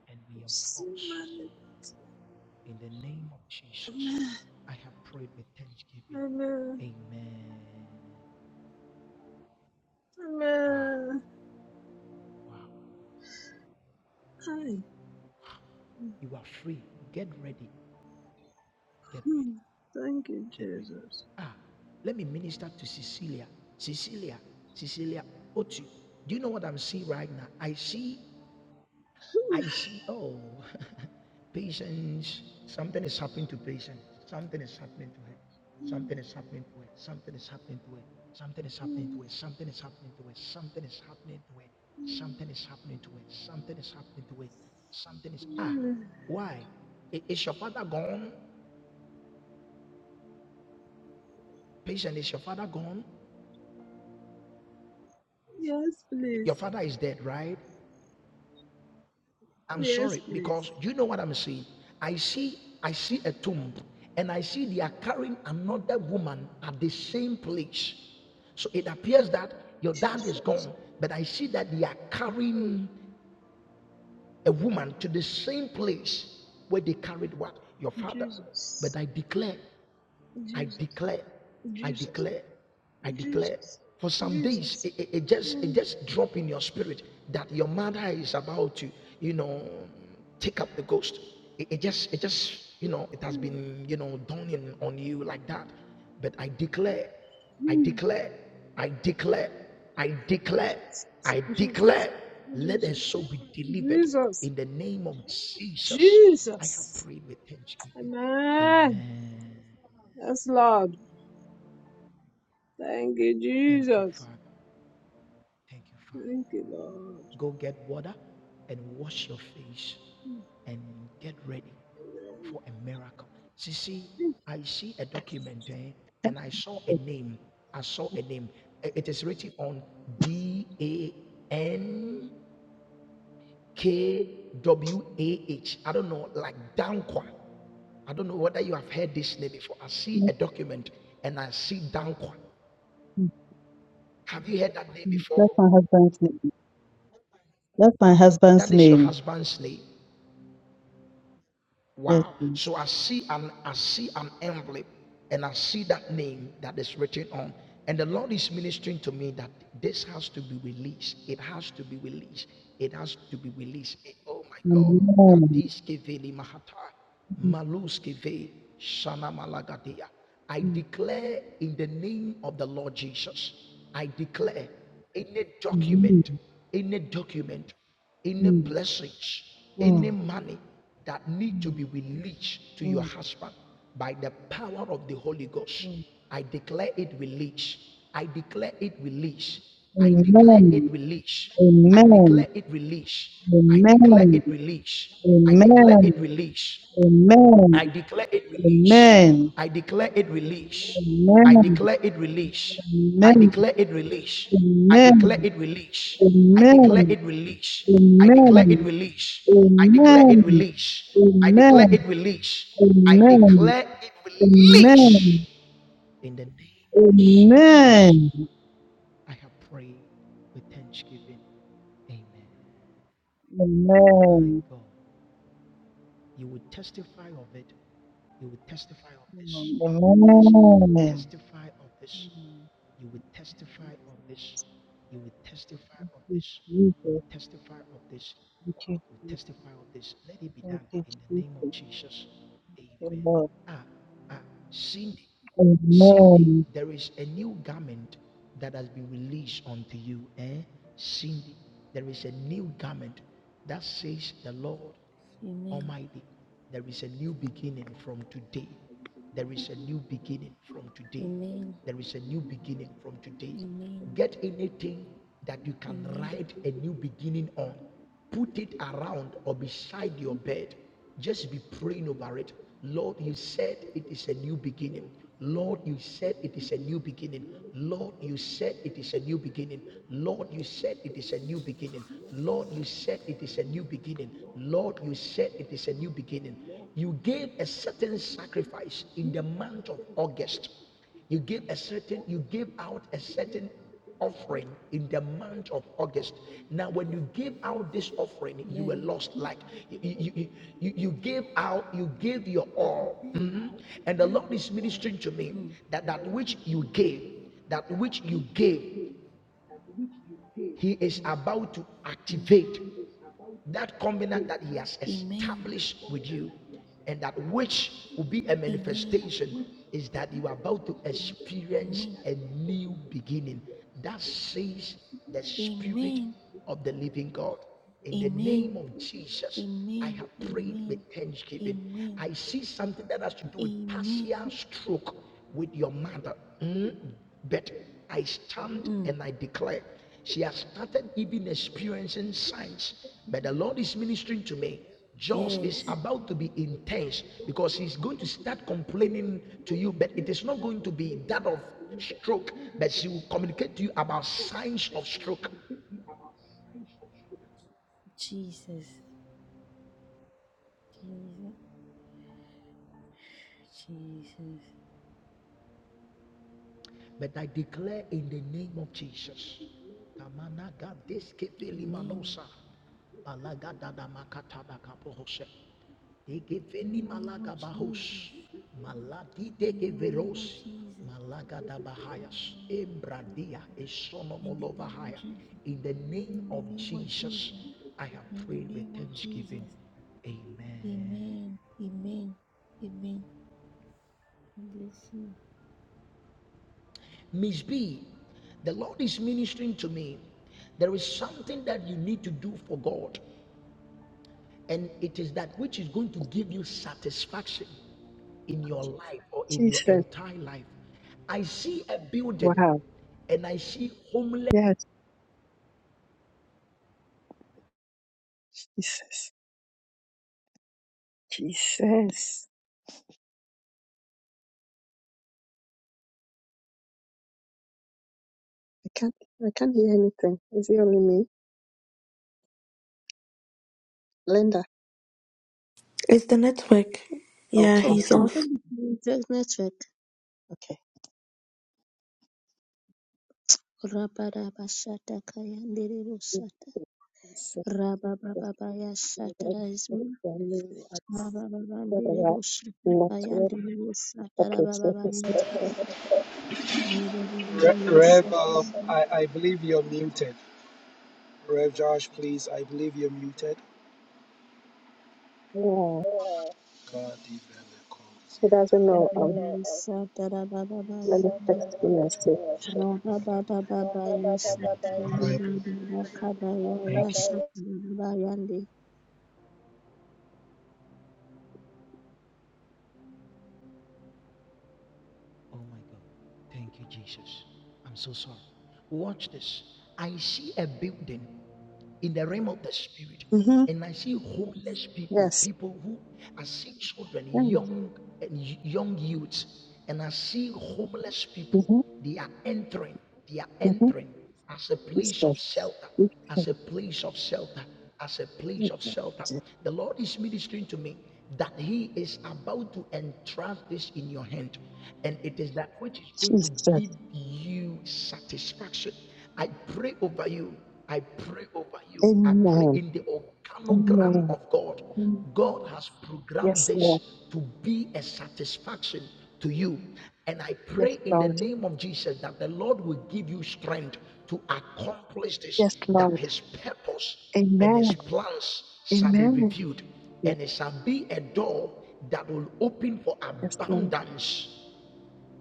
S4: and we
S11: So
S4: enforce
S11: many-
S4: in the name of Jesus.
S11: Amen.
S4: I have prayed with thanksgiving.
S11: Amen.
S4: Amen. Wow.
S11: Amen. Hi.
S4: You are free. Get ready. Get ready.
S11: Mm. Thank you,
S4: Get ready.
S11: Jesus.
S4: Ah, let me minister to Cecilia. Cecilia, Cecilia, Otu. Do you know what I'm seeing right now? I see, I see, oh, patience. Something is happening to patience. Something is happening to her. Something is happening to her. Something is happening to her. Something is happening
S11: Mm,
S4: to her. Something is happening to her. Something is happening to her.
S11: mm,
S4: Something is happening to her. Something is happening to her. Something is ah,
S11: mm.
S4: why? I- Is your father gone? Patient, is your father gone?
S11: Yes, please.
S4: Your father is dead, right? I'm
S11: Yes,
S4: sorry
S11: please.
S4: because you know what I'm saying. I see, I see a tomb, and I see they are carrying another woman at the same place. So it appears that your dad is
S11: Jesus,
S4: gone, but I see that they are carrying a woman to the same place where they carried what your father. But
S11: Jesus,
S4: I declare I
S11: Jesus,
S4: declare, I
S11: Jesus,
S4: declare, I declare.
S11: Jesus,
S4: For some days,
S11: Jesus.
S4: it, it- it just it
S11: Mm,
S4: just drop in your spirit that your mother is about to, you know, take up the ghost. It, it just it just you know it has
S11: mm,
S4: been you know dawning on you like that. But I declare, I
S11: mm.
S4: declare, I declare, I declare,
S11: Jesus,
S4: I
S11: Jesus,
S4: declare. Let her
S11: Jesus,
S4: soul be delivered
S11: Jesus.
S4: in the name of Jesus. I have
S11: Jesus.
S4: prayed with thanksgiving.
S11: Amen.
S4: Amen.
S11: Yes, Lord. Thank you,
S4: Thank you,
S11: Jesus.
S4: Father. Thank you, Father.
S11: Thank you, Lord.
S4: Go get water and wash your face and get ready
S11: Amen.
S4: for a miracle. See, see, I see a document eh, and I saw a name. I saw a name. It is written on D A N K W A H. I don't know, like Dankwa. I don't know whether you have heard this name before. I see
S12: Yes,
S4: a document and I see Dankwa.
S12: please,
S4: Have you heard that name
S12: please. That's
S4: before?
S12: my husband's name. That's my
S4: That
S12: husband's
S4: is your
S12: name.
S4: husband's name.
S12: Yes,
S4: Wow.
S12: please.
S4: So I see an I see an envelope and I see that name that is written on. And the Lord is ministering to me that this has to be released. It has to be released. It has to be released. Eh, oh my God.
S12: Amen. Mm,
S4: I
S12: mm,
S4: declare in the name of the Lord Jesus. I declare any document,
S12: mm,
S4: any document any
S12: mm,
S4: blessings, any
S12: mm, mm,
S4: money that need to be released to your
S12: mm,
S4: husband by the power of the Holy Ghost,
S12: mm.
S4: I declare it released. I declare it released. I declare it
S12: Amen.
S4: released. I declare it released. I declare it released. I declare it released.
S12: Amen. Amen.
S4: I declare it release. I declare it release. I declare it release. I declare it release. I declare
S12: Amen.
S4: it
S12: Amen. Amen. Amen. Amen. Amen.
S4: release. I declare
S12: Amen.
S4: it release. I declare it
S12: Amen.
S4: release. I declare it release. I declare it release. I
S12: Amen. Amen.
S4: declare it release.
S12: Amen.
S4: In the name of Jesus,
S12: Amen. Amen.
S4: I have prayed with thanksgiving. Amen. My
S12: Amen.
S4: God. You will testify of it. You will testify of this. Yes, you will
S12: Amen. Amen.
S4: testify of this.
S12: Thank
S4: You will testify of this. You will testify of this.
S12: you,
S4: You
S12: Jesus.
S4: will testify of this.
S12: Thank you,
S4: You will
S12: Jesus.
S4: testify of this. Let it be
S12: Thank
S4: done
S12: you,
S4: in the name of
S12: Jesus.
S4: Jesus. Amen.
S12: Thank you, Lord.
S4: Ah, ah, Cindy, Cindy,
S12: Amen.
S4: there is a new garment that has been released unto you. Eh? Cindy, there is a new garment that says the Lord
S6: Amen.
S4: Almighty. There is a new beginning from today. There is a new beginning from today.
S6: Amen.
S4: There is a new beginning from today.
S6: Amen.
S4: Get anything that you can write a new beginning on. Put it around or beside your bed. Just be praying over it. Lord, you said it is a new beginning. Lord, you said it is a new beginning. Lord, you said it is a new beginning. Lord, you said it is a new beginning. Lord, you said it is a new beginning. Lord, you said it is a new beginning. You gave a certain sacrifice in the month of August. You gave a certain, you gave out a certain offering in the month of August. Now, when you gave out this offering,
S6: Amen.
S4: you were
S6: Yeah.
S4: lost. Like you, you, you, you gave out, you gave your all. Mhm. And the Lord is ministering to me
S6: Mm,
S4: that that which you gave, that which you gave he is about to
S6: mm.
S4: activate that covenant that he has
S6: Amen.
S4: established with you, and that which will be a
S6: Amen.
S4: manifestation is that you are about to experience
S6: Amen.
S4: a new beginning. That says the Spirit
S6: Amen.
S4: of the living God. In the
S6: Amen.
S4: name of Jesus, I
S6: Amen.
S4: have prayed with
S6: Amen.
S4: thanksgiving.
S6: Amen.
S4: I see something that has to do with
S6: Amen.
S4: partial stroke with your mother. Mm, But I stand
S6: Mm.
S4: and I declare she has started even experiencing signs. But the Lord is ministering to me.
S6: Yeah.
S4: Jaws is about to be intense because he's going to start complaining to you, but it is not going to be that of stroke, but she will communicate to you about signs of stroke.
S6: Jesus. Jesus. Jesus.
S4: But I declare in the name of Jesus. Tamanaga deskefeli
S6: Amen.
S4: manosa. Balaga dada makata da kapohose.
S6: In the name of
S4: malaga
S6: Jesus.
S4: bahos. Maladi
S6: In the name of
S4: veros.
S6: Jesus.
S4: Malaga da
S6: In the
S4: bahayas.
S6: name of
S4: Embradia
S6: Jesus. In the name of
S4: esonomolovahaya.
S6: Jesus.
S4: In the name
S6: In
S4: of Jesus, I have prayed
S6: the
S4: with
S6: name of
S4: thanksgiving.
S6: Jesus.
S4: Amen.
S6: Amen. Amen. Amen. God Bless you.
S4: Miss B, the Lord is ministering to me. There is something that you need to do for God, and it is that which is going to give you satisfaction in your life or in your
S13: Jesus,
S4: entire life. I see a building
S13: wow,
S4: and I see homeless
S13: yes, Jesus, Jesus. I can't, I can't hear anything. Is it only me? Linda.
S14: It's the network. Yeah,
S13: Okay,
S14: he's
S5: Oh,
S14: off.
S5: thank you, Jesus. Network.
S13: okay.
S5: Rabaraba shata kaya nderebo shata.
S13: Jesus, yes,
S5: Rabababa ya shata
S13: Lord, I
S5: raismi.
S13: thank you. I
S5: Rabababa
S13: swear to
S5: nderebo shata
S13: God, Not yet. Okay, so he's not yet.
S5: Thank
S2: Rev,
S5: you.
S2: um, I, I believe you're muted. Rev Josh, please, I believe you're muted.
S13: Yeah,
S2: Kadi bele
S13: he
S2: koziata.
S13: doesn't know. Um, let me text him and see.
S4: Oh my God.
S2: Thank you.
S4: Oh my God. Thank you, Jesus. I'm so sorry. Watch this. I see a building in the realm of the spirit,
S13: Mm-hmm.
S4: and I see homeless people,
S13: Yes.
S4: people who I see children, young and young youths, and I see homeless people.
S13: Mm-hmm.
S4: They are entering. They are
S13: Mm-hmm.
S4: entering as a place of shelter,
S13: Jesus.
S4: as a place of shelter, as a place of shelter. The Lord is ministering to me that He is about to entrust this in your hand, and it is that which is going to
S13: Jesus.
S4: give you satisfaction. I pray over you I pray over you. I pray
S13: Amen.
S4: in the organogram
S13: Amen.
S4: of God.
S13: Amen.
S4: God has programmed
S13: Yes,
S4: this
S13: Lord.
S4: to be a satisfaction to you. And I
S13: Yes,
S4: pray in the
S13: Lord.
S4: name of Jesus that the Lord will give you strength to accomplish this,
S13: Yes,
S4: that
S13: Lord.
S4: his purpose and
S13: Amen.
S4: his plans shall be
S13: Amen.
S4: revealed,
S13: Yes,
S4: and it shall be a door that will open for
S13: yes, Lord.
S4: abundance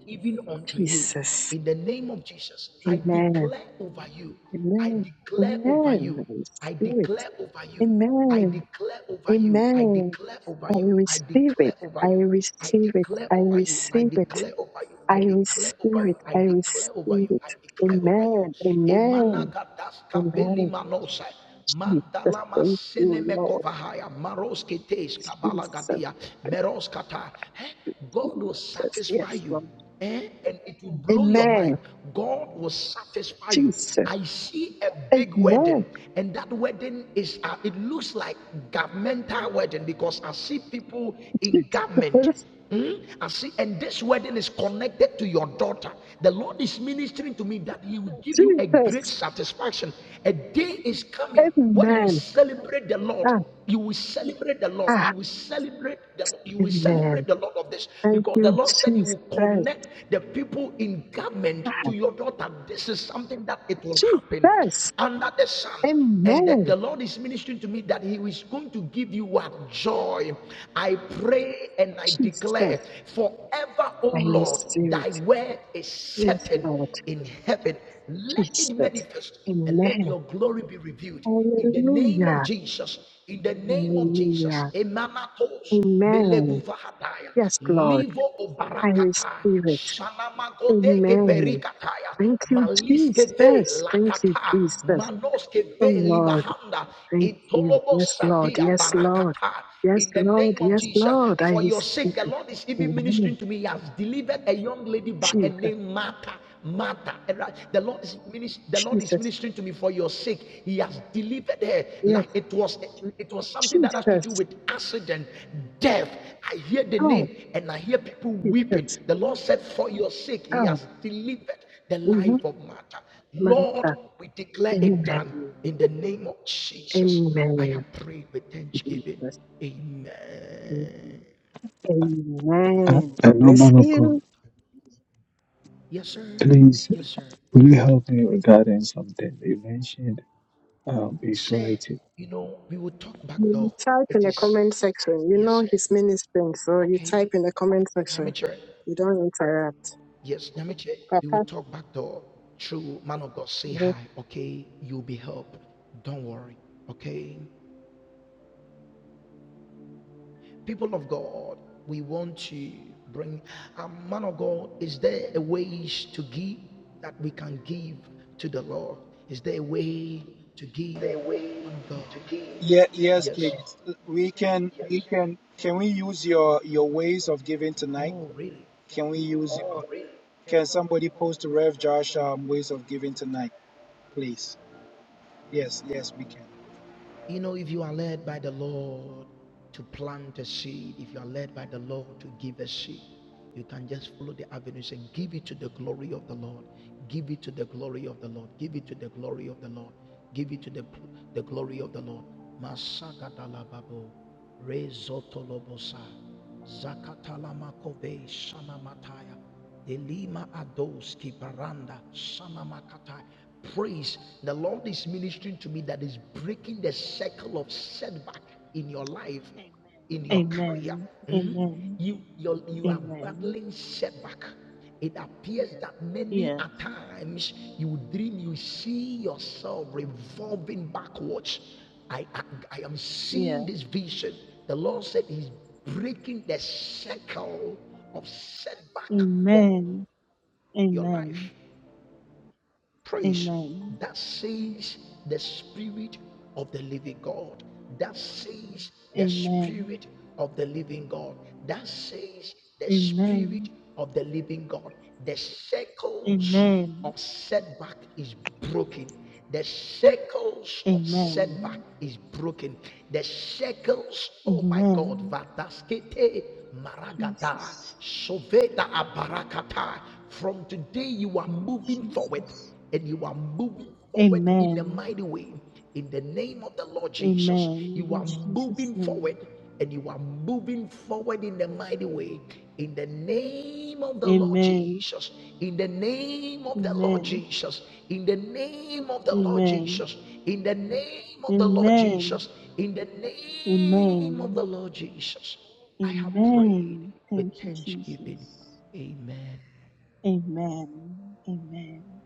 S4: even unto you.
S13: Jesus.
S4: In the name of Jesus, I
S13: Amen.
S4: declare over you, I
S13: Amen.
S4: declare over
S13: Amen.
S4: you,
S13: I
S4: I
S13: receive it.
S4: declare over you, I
S13: Amen.
S4: declare over you, I
S13: Amen.
S4: declare over
S13: I
S4: you, I
S13: receive it.
S4: declare over
S13: I
S4: you, I
S13: receive it.
S4: declare
S13: I
S4: over you, I
S13: receive it.
S4: declare over you, I
S13: I
S4: declare over
S13: receive
S4: you,
S13: it.
S4: I
S13: I
S4: declare over you,
S13: receive it.
S4: I declare over you.
S13: Amen. Amen.
S4: Emanagatas kapeli
S13: Amen.
S4: manosai.
S13: Jesus.
S4: Mandalama
S13: Thank you, Lord.
S4: senemekovahaya maroske tes
S13: Jesus.
S4: kabalagadia meroskata. Eh? God will
S13: Jesus,
S4: satisfy
S13: yes,
S4: you.
S13: Lord.
S4: Eh? And it will blow your
S13: Amen.
S4: mind. God will satisfy you.
S13: Jesus.
S4: I see a big
S13: Amen.
S4: wedding, and that wedding is, uh, it looks like governmental wedding because I see people in government.
S13: Jesus.
S4: Hmm? I see, and this wedding is connected to your daughter. The Lord is ministering to me that He will give you a
S13: Jesus.
S4: great satisfaction. A day is coming what you will
S13: Amen.
S4: celebrate the Lord.
S13: Ah,
S4: You will celebrate the Lord.
S13: ah,
S4: You will celebrate the you will
S13: amen.
S4: celebrate the Lord of this
S13: Thank
S4: because the
S13: you,
S4: Lord said He will
S13: Jesus.
S4: connect the people in government to your daughter. This is something that it will happen
S13: Jesus.
S4: under the sun. And the,
S13: Amen.
S4: the Lord is ministering to me that He is going to give you what joy. I pray and I declare
S13: Jesus.
S4: forever, O
S13: I
S4: Lord,
S13: receive
S4: thy
S13: it.
S4: word is
S13: Yes,
S4: certain
S13: Lord.
S4: in heaven. Let it
S13: Jesus.
S4: manifest and let
S13: Amen.
S4: your glory be revealed in the name of
S13: Hallelujah.
S4: Jesus, in the name of Jesus,
S13: Hallelujah.
S4: Emanatos,
S13: Amen.
S4: Meleguvahataya,
S13: Yes, Lord.
S4: Livo
S13: I receive
S4: Obarakata,
S13: it.
S4: Shanamagoteke
S13: Amen.
S4: Berikataya,
S13: Thank you,
S4: Maliske Ve
S13: Jesus. Thank you,
S4: Lakata,
S13: Jesus.
S4: Manoske
S13: Oh
S4: Ve
S13: Lord,
S4: Libahanda,
S13: thank you.
S4: Itolobo
S13: Yes, Lord.
S4: Sadia
S13: Yes, Lord.
S4: Barakata,
S13: Yes,
S4: in the
S13: Lord.
S4: name of
S13: Yes,
S4: Jesus.
S13: Lord. I
S4: For
S13: receive
S4: your sake, the
S13: it.
S4: Lord is even
S13: Amen.
S4: ministering to me. He has delivered a young lady by a
S13: Jesus.
S4: name Martha. Martha. right, The Lord is ministering. the Lord is
S13: Jesus.
S4: ministering to me for your sake. He has delivered her
S13: Yes.
S4: like it was it was something that has to
S13: Jesus.
S4: do with accident, death. I hear the
S13: Oh,
S4: name and I hear people weeping.
S13: Jesus.
S4: The Lord said, For your sake, He
S13: Oh,
S4: has delivered the
S13: mm-hmm.
S4: life of Martha.
S13: Amen.
S4: Lord, we declare it done in the name of Jesus. I have
S13: Amen.
S4: prayed with thanksgiving.
S13: Jesus. Amen.
S4: Amen.
S9: I,
S13: Amen.
S9: I
S13: God bless
S9: man of
S13: you.
S9: God,
S4: Yes, sir.
S9: please,
S4: Yes, sir.
S9: will you help me regarding something you mentioned? Um,
S4: Say,
S9: is
S4: you know, we will talk back
S13: You
S4: though.
S13: type in
S4: It
S13: the
S4: is
S13: comment section. You
S4: yes,
S13: know
S4: sir.
S13: he's ministering, so you type
S4: Okay.
S13: in the comment section.
S4: Nyamiche.
S13: You don't interrupt.
S4: Yes, Nyamiche. We will
S13: Papa,
S4: talk back though. True man of God, say
S13: mhm.
S4: hi. Okay. You'll be helped. Don't worry. Okay. People of God, we want to bring a man of God. Is there a ways to give that we can give to the Lord? Is there a way to give, man of God?
S2: Yeah, yes,
S4: Yes.
S2: please. We can, we can, can we use your your ways of giving tonight?
S4: Oh, really?
S2: Can we use? Can somebody post Rev Josh um, ways of giving tonight, please? Yes, yes, we can.
S4: You know, if you are led by the Lord to plant a seed, if you are led by the Lord to give a seed, you can just follow the avenues and give it to the glory of the Lord. Give it to the glory of the Lord. Give it to the glory of the Lord. Give it to the, the glory of the Lord. Masakatalababo, Rezotolobosa, Zakatalamakove, Shanamataya. Elima Adoski Paranda Sanamakata. Praise. The Lord is ministering to me that is breaking the circle of setback in your life, in your career.
S15: Amen.
S4: Hmm?
S15: Amen.
S4: You, you're, you are
S15: Amen.
S4: battling setback. It appears that many
S15: Yes.
S4: a times you dream, you see yourself revolving backwards. I, I, I am
S15: Yes.
S4: seeing this vision. The Lord said He's breaking the circle of setback for
S15: Amen.
S4: your
S15: Amen.
S4: life praise
S15: Amen.
S4: that says the spirit of the living god that says the
S15: Amen.
S4: spirit of the living god that says the
S15: Amen.
S4: spirit of the living god the circles
S15: Amen.
S4: of setback is broken the circles of setback
S15: Amen.
S4: is broken the circles oh my god
S15: Amen.
S4: vataskete maragada
S15: Jesus.
S4: soveda abarakata from today you are moving forward
S15: Jesus.
S4: and you are moving forward in a
S15: Amen.
S4: mighty way in the name of the Lord Jesus.
S15: Amen.
S4: You
S15: In
S4: are
S15: Jesus'
S4: moving forward
S15: name.
S4: and you are moving forward in a mighty way in the name of the Lord
S15: Amen.
S4: Jesus. In the name of the Lord
S15: Amen.
S4: Jesus. In the name of the Lord
S15: Amen.
S4: Jesus. In the name of the Lord
S15: Amen.
S4: Jesus. In the name of
S15: Amen.
S4: the Lord Jesus. I have prayed
S15: Amen.
S4: with
S15: Thank you,
S4: thanksgiving.
S15: Jesus.
S4: Amen.
S15: Amen. Amen.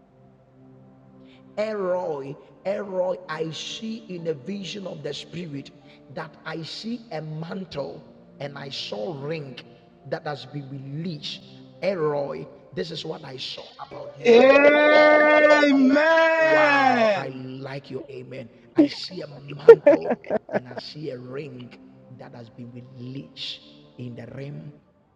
S4: Elroy, Elroy, I see in a vision of the spirit that I see a mantle and I saw ring that has been released. Elroy, this is what I saw about you. Wow, I
S2: Amen.
S4: like your amen. I see a mantle and I see a ring that has been released in the realm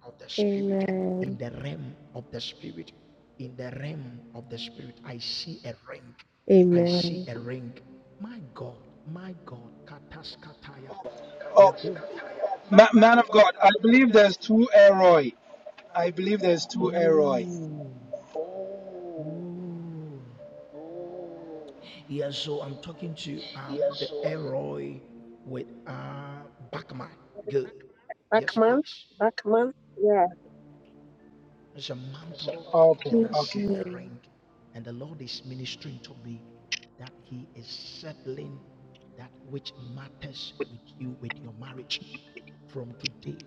S4: of the spirit, in
S7: Amen.
S4: the realm of the spirit, in the realm of the spirit. I see a ring. I see
S7: Amen.
S4: a ring. My God, my God, kataskataya.
S2: Oh,
S4: Togovega.
S2: ma- man of God, I believe there's two Elroy. I believe there's two Elroy.
S4: Oh, oh. Yeah, so I'm talking to um
S2: Yes,
S4: the
S2: oh, and
S4: Elroy with uh Bachman. Good. Yes,
S13: Backman,
S4: please.
S13: Backman. Yeah.
S4: There's a mantle, and I see a ring. And the Lord is ministering to me that He is settling that which matters with you, with your marriage. From today,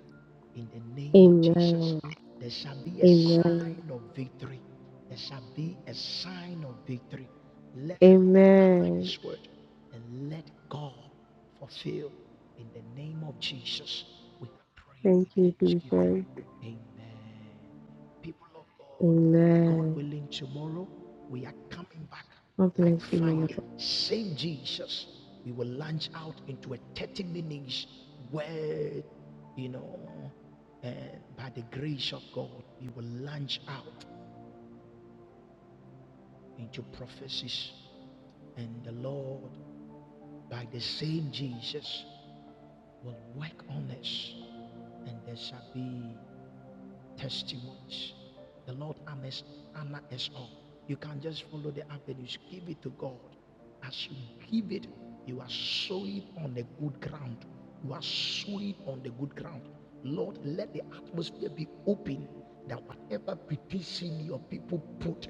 S4: in the name of Jesus,
S7: Amen.
S4: there shall be a
S7: Amen.
S4: sign of victory. There shall be a sign of victory. Let the Lord honor
S7: Amen.
S4: His word and let God fulfill in the name of Jesus. We pray Pray in
S7: Thank you,
S4: thanksgiving.
S7: Jesus.
S4: Amen. People of God, God
S7: Amen.
S4: willing, tomorrow we are coming back
S7: God
S4: like
S7: bless you,
S4: fire.
S7: Lord.
S4: Same Jesus. We will launch out into a 30 minutes word, you know, and by the grace of God, we will launch out into prophecies. And the Lord, by the same Jesus, will work on us and there shall be testimonies. The Lord honors, honor us all. You can not just follow the avenues. Give it to God. As you give it, you are sowing on the good ground. You are sowing on the good ground. Lord, let the atmosphere be open that whatever petition your people put,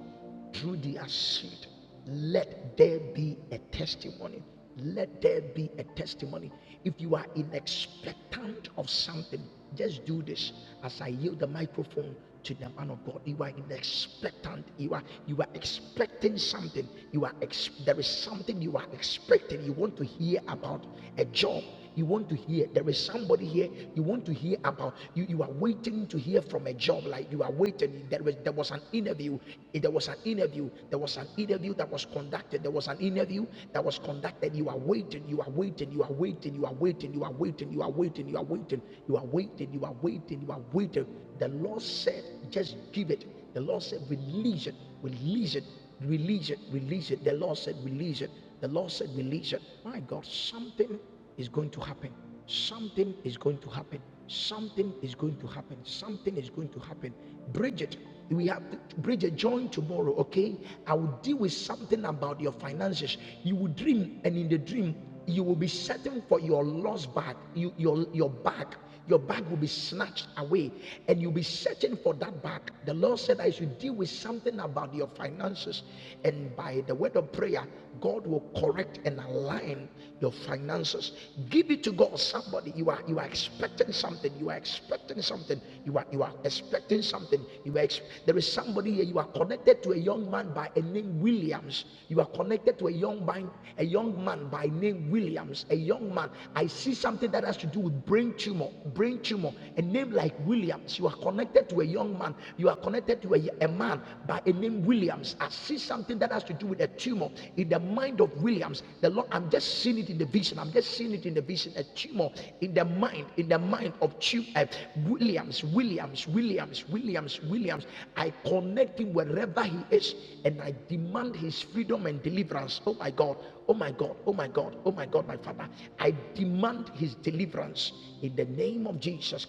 S4: through their seed. Let there be a testimony. Let there be a testimony. If you are in expectant of something, just do this. As I yield the microphone to the man of God, you are in expectant. You are you are expecting something. You are ex- there is something you are expecting. You want to hear about a job. You want to hear there is somebody here you want to hear about. You you are waiting to hear from a job. Like you are waiting. There was there was an inability interview. there was an interview, there was an interview that was conducted. There was an interview that was conducted. You are waiting, you are waiting, you are waiting, you are waiting, you are waiting, you are waiting, you are waiting, you are waiting, you are waiting, you are waiting. The Lord said, just give it. The Lord said, release it, release it, release it, release it. The Lord said, release it. The Lord said, release it. My God, something is going to happen. Something is going to happen. Something is going to happen. Something is going to happen. Bridget, we have to, Bridget join tomorrow, okay? I will deal with something about your finances. You will dream, and in the dream, you will be setting for your lost bag, you, your your bag your bag will be snatched away and you'll be searching for that bag. The Lord said, I should deal with something about your finances. And by the word of prayer, God will correct and align your finances. Give it to God. Somebody, you are you are expecting something. You are expecting something. You are you are expecting something. You are ex- there is somebody here. You are connected to a young man by a name Williams. You are connected to a young man, a young man by name Williams. A young man, I see something that has to do with brain tumor, brain tumor, a name like Williams. You are connected to a young man, you are connected to a, a man by a name Williams. I see something that has to do with a tumor in the mind of Williams. The Lord, I'm just seeing it in the vision. I'm just seeing it in the vision. A tumor in the mind, in the mind of tu- uh, Williams, Williams, Williams, Williams, Williams. I connect him wherever he is, and I demand his freedom and deliverance Christ. Oh my God. Oh my God. Oh my God. Oh my God, my Father. I demand his deliverance in the name of Jesus.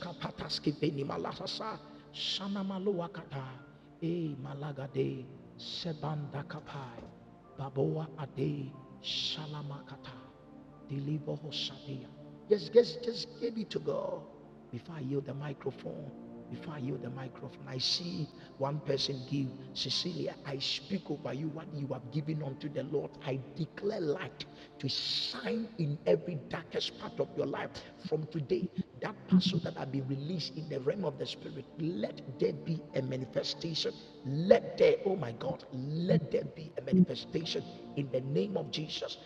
S4: E Deliver Hosea. Just, just, just give it to God. Before I yield the microphone, before I yield the microphone, I see one person give. Cecilia, I speak over you what you have given unto the Lord. I declare light to shine in every darkest part of your life. From today, that parcel that have been released in the realm of the spirit, let there be a manifestation. Let there, oh my God, let there be a manifestation in the name of Jesus.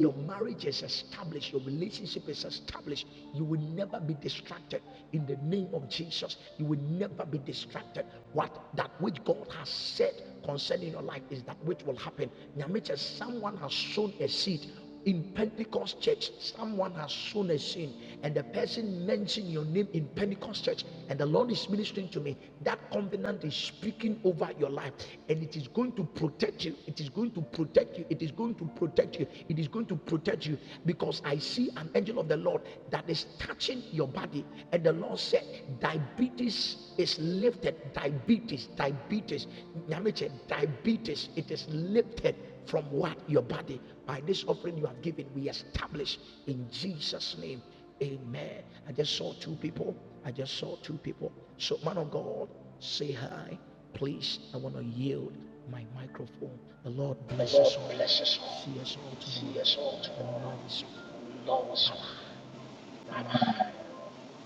S4: Your marriage is established, your relationship is established. You will never be distracted in the name of Jesus. You will never be distracted. What that which God has said concerning your life is that which will happen. Nyameche, Someone has sown a seed in Pentecost church, someone has sown a sin, and the person mentioned your name in Pentecost church, and the Lord is ministering to me. That covenant is speaking over your life, and it is going to protect you. It is going to protect you. It is going to protect you. It is going to protect you because I see an angel of the Lord that is touching your body, and the Lord said, Diabetes is lifted. Diabetes, diabetes, Nyameche, diabetes, it is lifted from what? Your body. By this offering you have given, we establish in Jesus' name. Amen. I just saw two people. I just saw two people. So, man of God, say hi. Please, I want to yield my microphone. The Lord bless
S2: Lord
S4: us all.
S2: bless us all.
S4: See us all tomorrow.
S2: See us all tomorrow.
S4: Love us all.
S2: Love us all.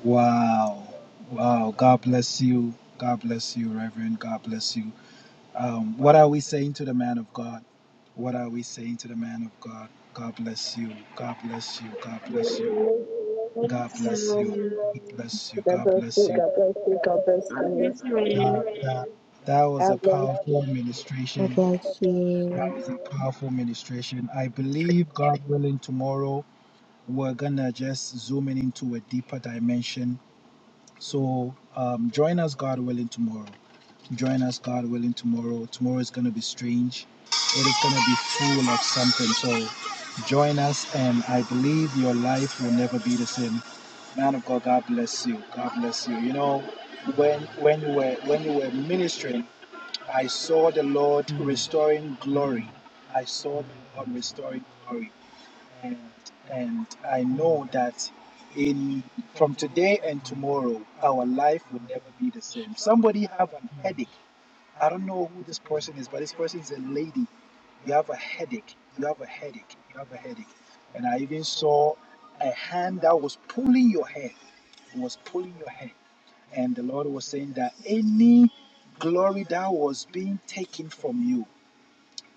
S2: Wow. Wow. God bless you. God bless you, Reverend. God bless you. Um, what are we saying to the man of God? What are we saying to the man of God? God bless you. God bless you. God bless you. God bless you. God bless you.
S13: God
S2: God
S13: bless
S2: bless
S13: you.
S2: you.
S13: God bless you. God bless
S5: God
S13: you.
S5: bless you.
S2: That, that, that was a
S13: God bless you.
S2: powerful
S7: God
S2: ministration.
S7: bless you.
S2: That was a powerful ministration. I believe, God willing, tomorrow we're gonna just zoom in into a deeper dimension. So um, join us, God willing, tomorrow. Join us, God willing, tomorrow. Tomorrow is going to be strange. It is going to be full of something. So join us, and I believe your life will never be the same. Man of God, God bless you. God bless you. You know, when when you were when you were ministering, I saw the Lord restoring glory. I saw the Lord restoring glory, and and I know that in from today and tomorrow, our life will never be the same. Somebody have an headache I don't know who this person is, but this person is a lady. You have a headache. You have a headache. You have a headache. And I even saw a hand that was pulling your hair. It was pulling your hair. And the Lord was saying that any glory that was being taken from you,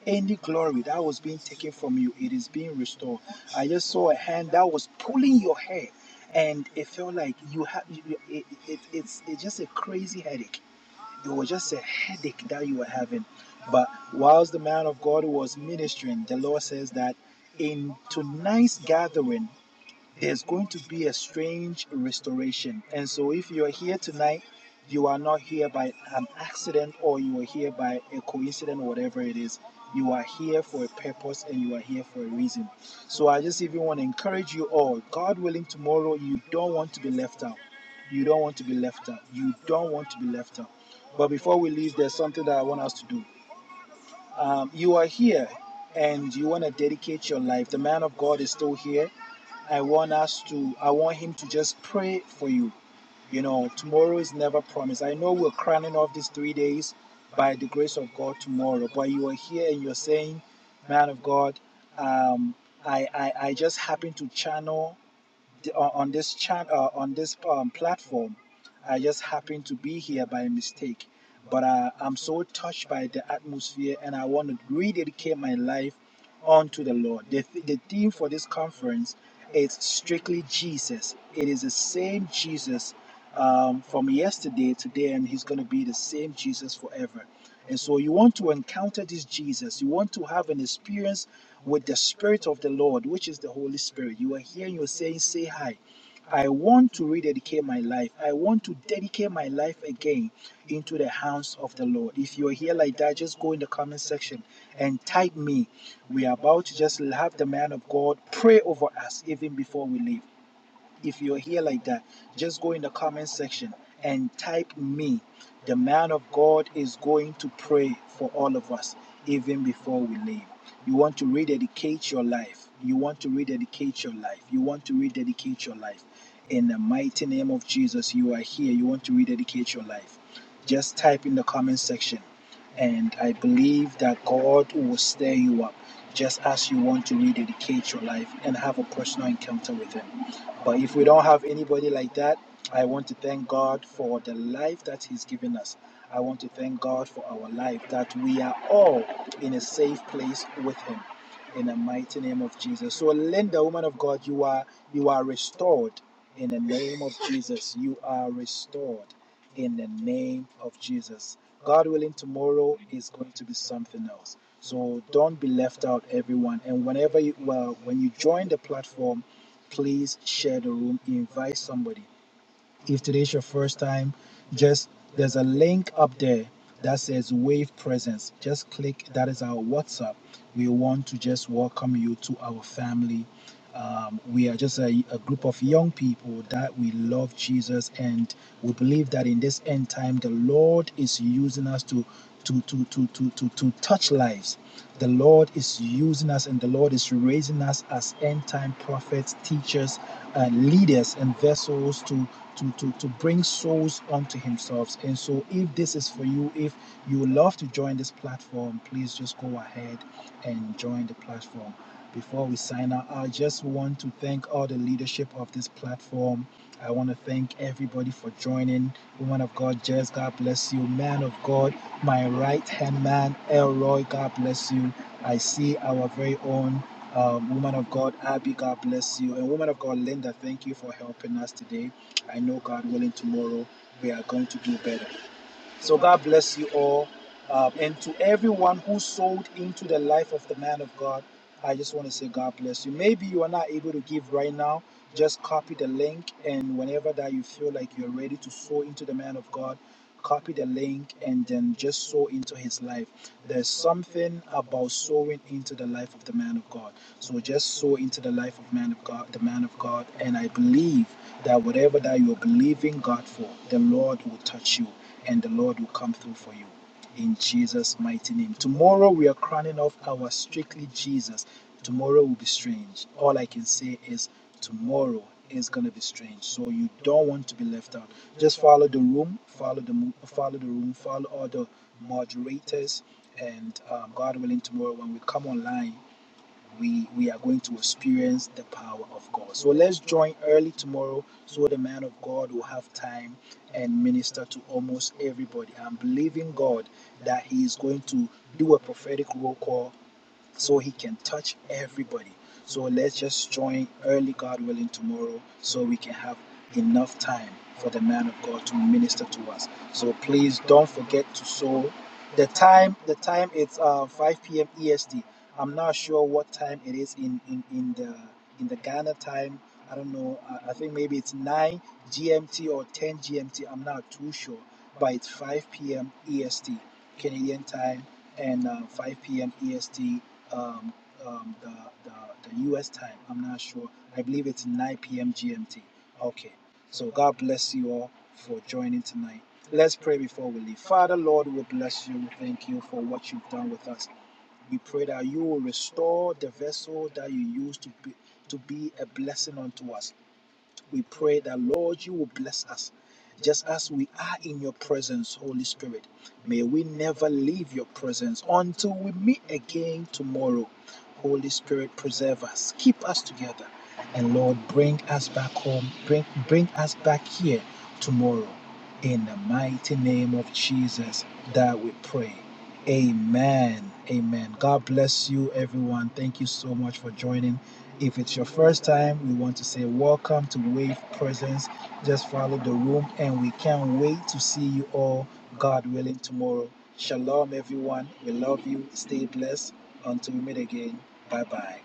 S2: any glory that was being taken from you, it is being restored. I just saw a hand that was pulling your hair. And it felt like you have, it, it, it, it's, it's just a crazy headache it was just a headache that you were having. But whilst the man of God was ministering, the Lord says that in tonight's gathering, there's going to be a strange restoration. And so, if you're here tonight, you are not here by an accident or you are here by a coincidence, or whatever it is. You are here for a purpose and you are here for a reason. So, I just even want to encourage you all God willing, tomorrow you don't want to be left out. You don't want to be left out. You don't want to be left out. But before we leave, there's something that I want us to do. Um, you are here and you want to dedicate your life. The man of God is still here I want us to, I want him to just pray for you. You know, tomorrow is never promised. I know we're crowning off these three days by the grace of God tomorrow, but you are here and you're saying, man of God, um, I, I, I just happen to channel the- on on this chat uh, on this um, platform i just happened to be here by mistake but uh, i'm so touched by the atmosphere and i want to rededicate my life unto the lord the, th- the theme for this conference is strictly jesus it is the same jesus um, from yesterday today and he's going to be the same jesus forever and so you want to encounter this Jesus. You want to have an experience with the Spirit of the Lord, which is the Holy Spirit. You are here and you're saying, Say hi. I want to rededicate my life. I want to dedicate my life again into the hands of the Lord. If you're here like that, just go in the comment section and type me. We are about to just have the man of God pray over us even before we leave if you're here like that, just go in the comment section and type me. The man of God is going to pray for all of us, even before we leave. You want to rededicate your life. You want to rededicate your life. You want to rededicate your life. In the mighty name of Jesus, you are here. You want to rededicate your life. Just type in the comment section. And I believe that God will stir you up just as you want to rededicate your life and have a personal encounter with Him. But if we don't have anybody like that, I want to thank God for the life that He's given us. I want to thank God for our life, that we are all in a safe place with Him. In the mighty name of Jesus. So Linda, woman of God, you are you are restored in the name of Jesus. You are restored in the name of Jesus. God willing, tomorrow is going to be something else. So don't be left out, everyone. And whenever you well, when you join the platform, please share the room, invite somebody. If today's your first time, just there's a link up there that says Wave Presence. Just click that is our WhatsApp. We want to just welcome you to our family um, we are just a, a group of young people that we love Jesus and we believe that in this end time, the Lord is using us to, to, to, to, to, to, to touch lives. The Lord is using us and the Lord is raising us as end time prophets, teachers, uh, leaders, and vessels to, to, to, to bring souls unto Himself. And so, if this is for you, if you would love to join this platform, please just go ahead and join the platform. Before we sign out, I just want to thank all the leadership of this platform. I want to thank everybody for joining. Woman of God, Jess, God bless you. Man of God, my right hand man, Elroy, God bless you. I see our very own um, woman of God, Abby, God bless you. And woman of God, Linda, thank you for helping us today. I know God willing, tomorrow we are going to do better. So God bless you all. Um, and to everyone who sold into the life of the man of God, I just want to say God bless you. Maybe you are not able to give right now. Just copy the link, and whenever that you feel like you're ready to sow into the man of God, copy the link and then just sow into his life. There's something about sowing into the life of the man of God. So just sow into the life of man of God, the man of God, and I believe that whatever that you're believing God for, the Lord will touch you and the Lord will come through for you. In Jesus' mighty name. Tomorrow we are crowning off our strictly Jesus. Tomorrow will be strange. All I can say is Tomorrow is gonna be strange, so you don't want to be left out. Just follow the room, follow the mo- follow the room, follow all the moderators, and um, God willing, tomorrow when we come online, we we are going to experience the power of God. So let's join early tomorrow, so the man of God will have time and minister to almost everybody. I'm believing God that He is going to do a prophetic roll call so he can touch everybody. So let's just join early, God willing, tomorrow so we can have enough time for the man of God to minister to us. So please don't forget to sow. The time, the time it's uh, 5 p.m. EST. I'm not sure what time it is in in, in the in the Ghana time. I don't know. I, I think maybe it's 9 GMT or 10 GMT. I'm not too sure, but it's 5 p.m. EST, Canadian time, and uh, 5 p.m. EST um, um, the, the, the US time. I'm not sure. I believe it's 9 p.m. GMT. Okay. So God bless you all for joining tonight. Let's pray before we leave. Father, Lord, we bless you. We Thank you for what you've done with us. We pray that you will restore the vessel that you used to be, to be a blessing unto us. We pray that, Lord, you will bless us just as we are in your presence, Holy Spirit. May we never leave your presence until we meet again tomorrow. Holy Spirit, preserve us, keep us together, and Lord, bring us back home, bring, bring us back here tomorrow. In the mighty name of Jesus, that we pray. Amen. Amen. God bless you, everyone. Thank you so much for joining. If it's your first time, we want to say welcome to Wave Presence. Just follow the room, and we can't wait to see you all, God willing, tomorrow. Shalom, everyone. We love you. Stay blessed. Until we meet again. Bye bye.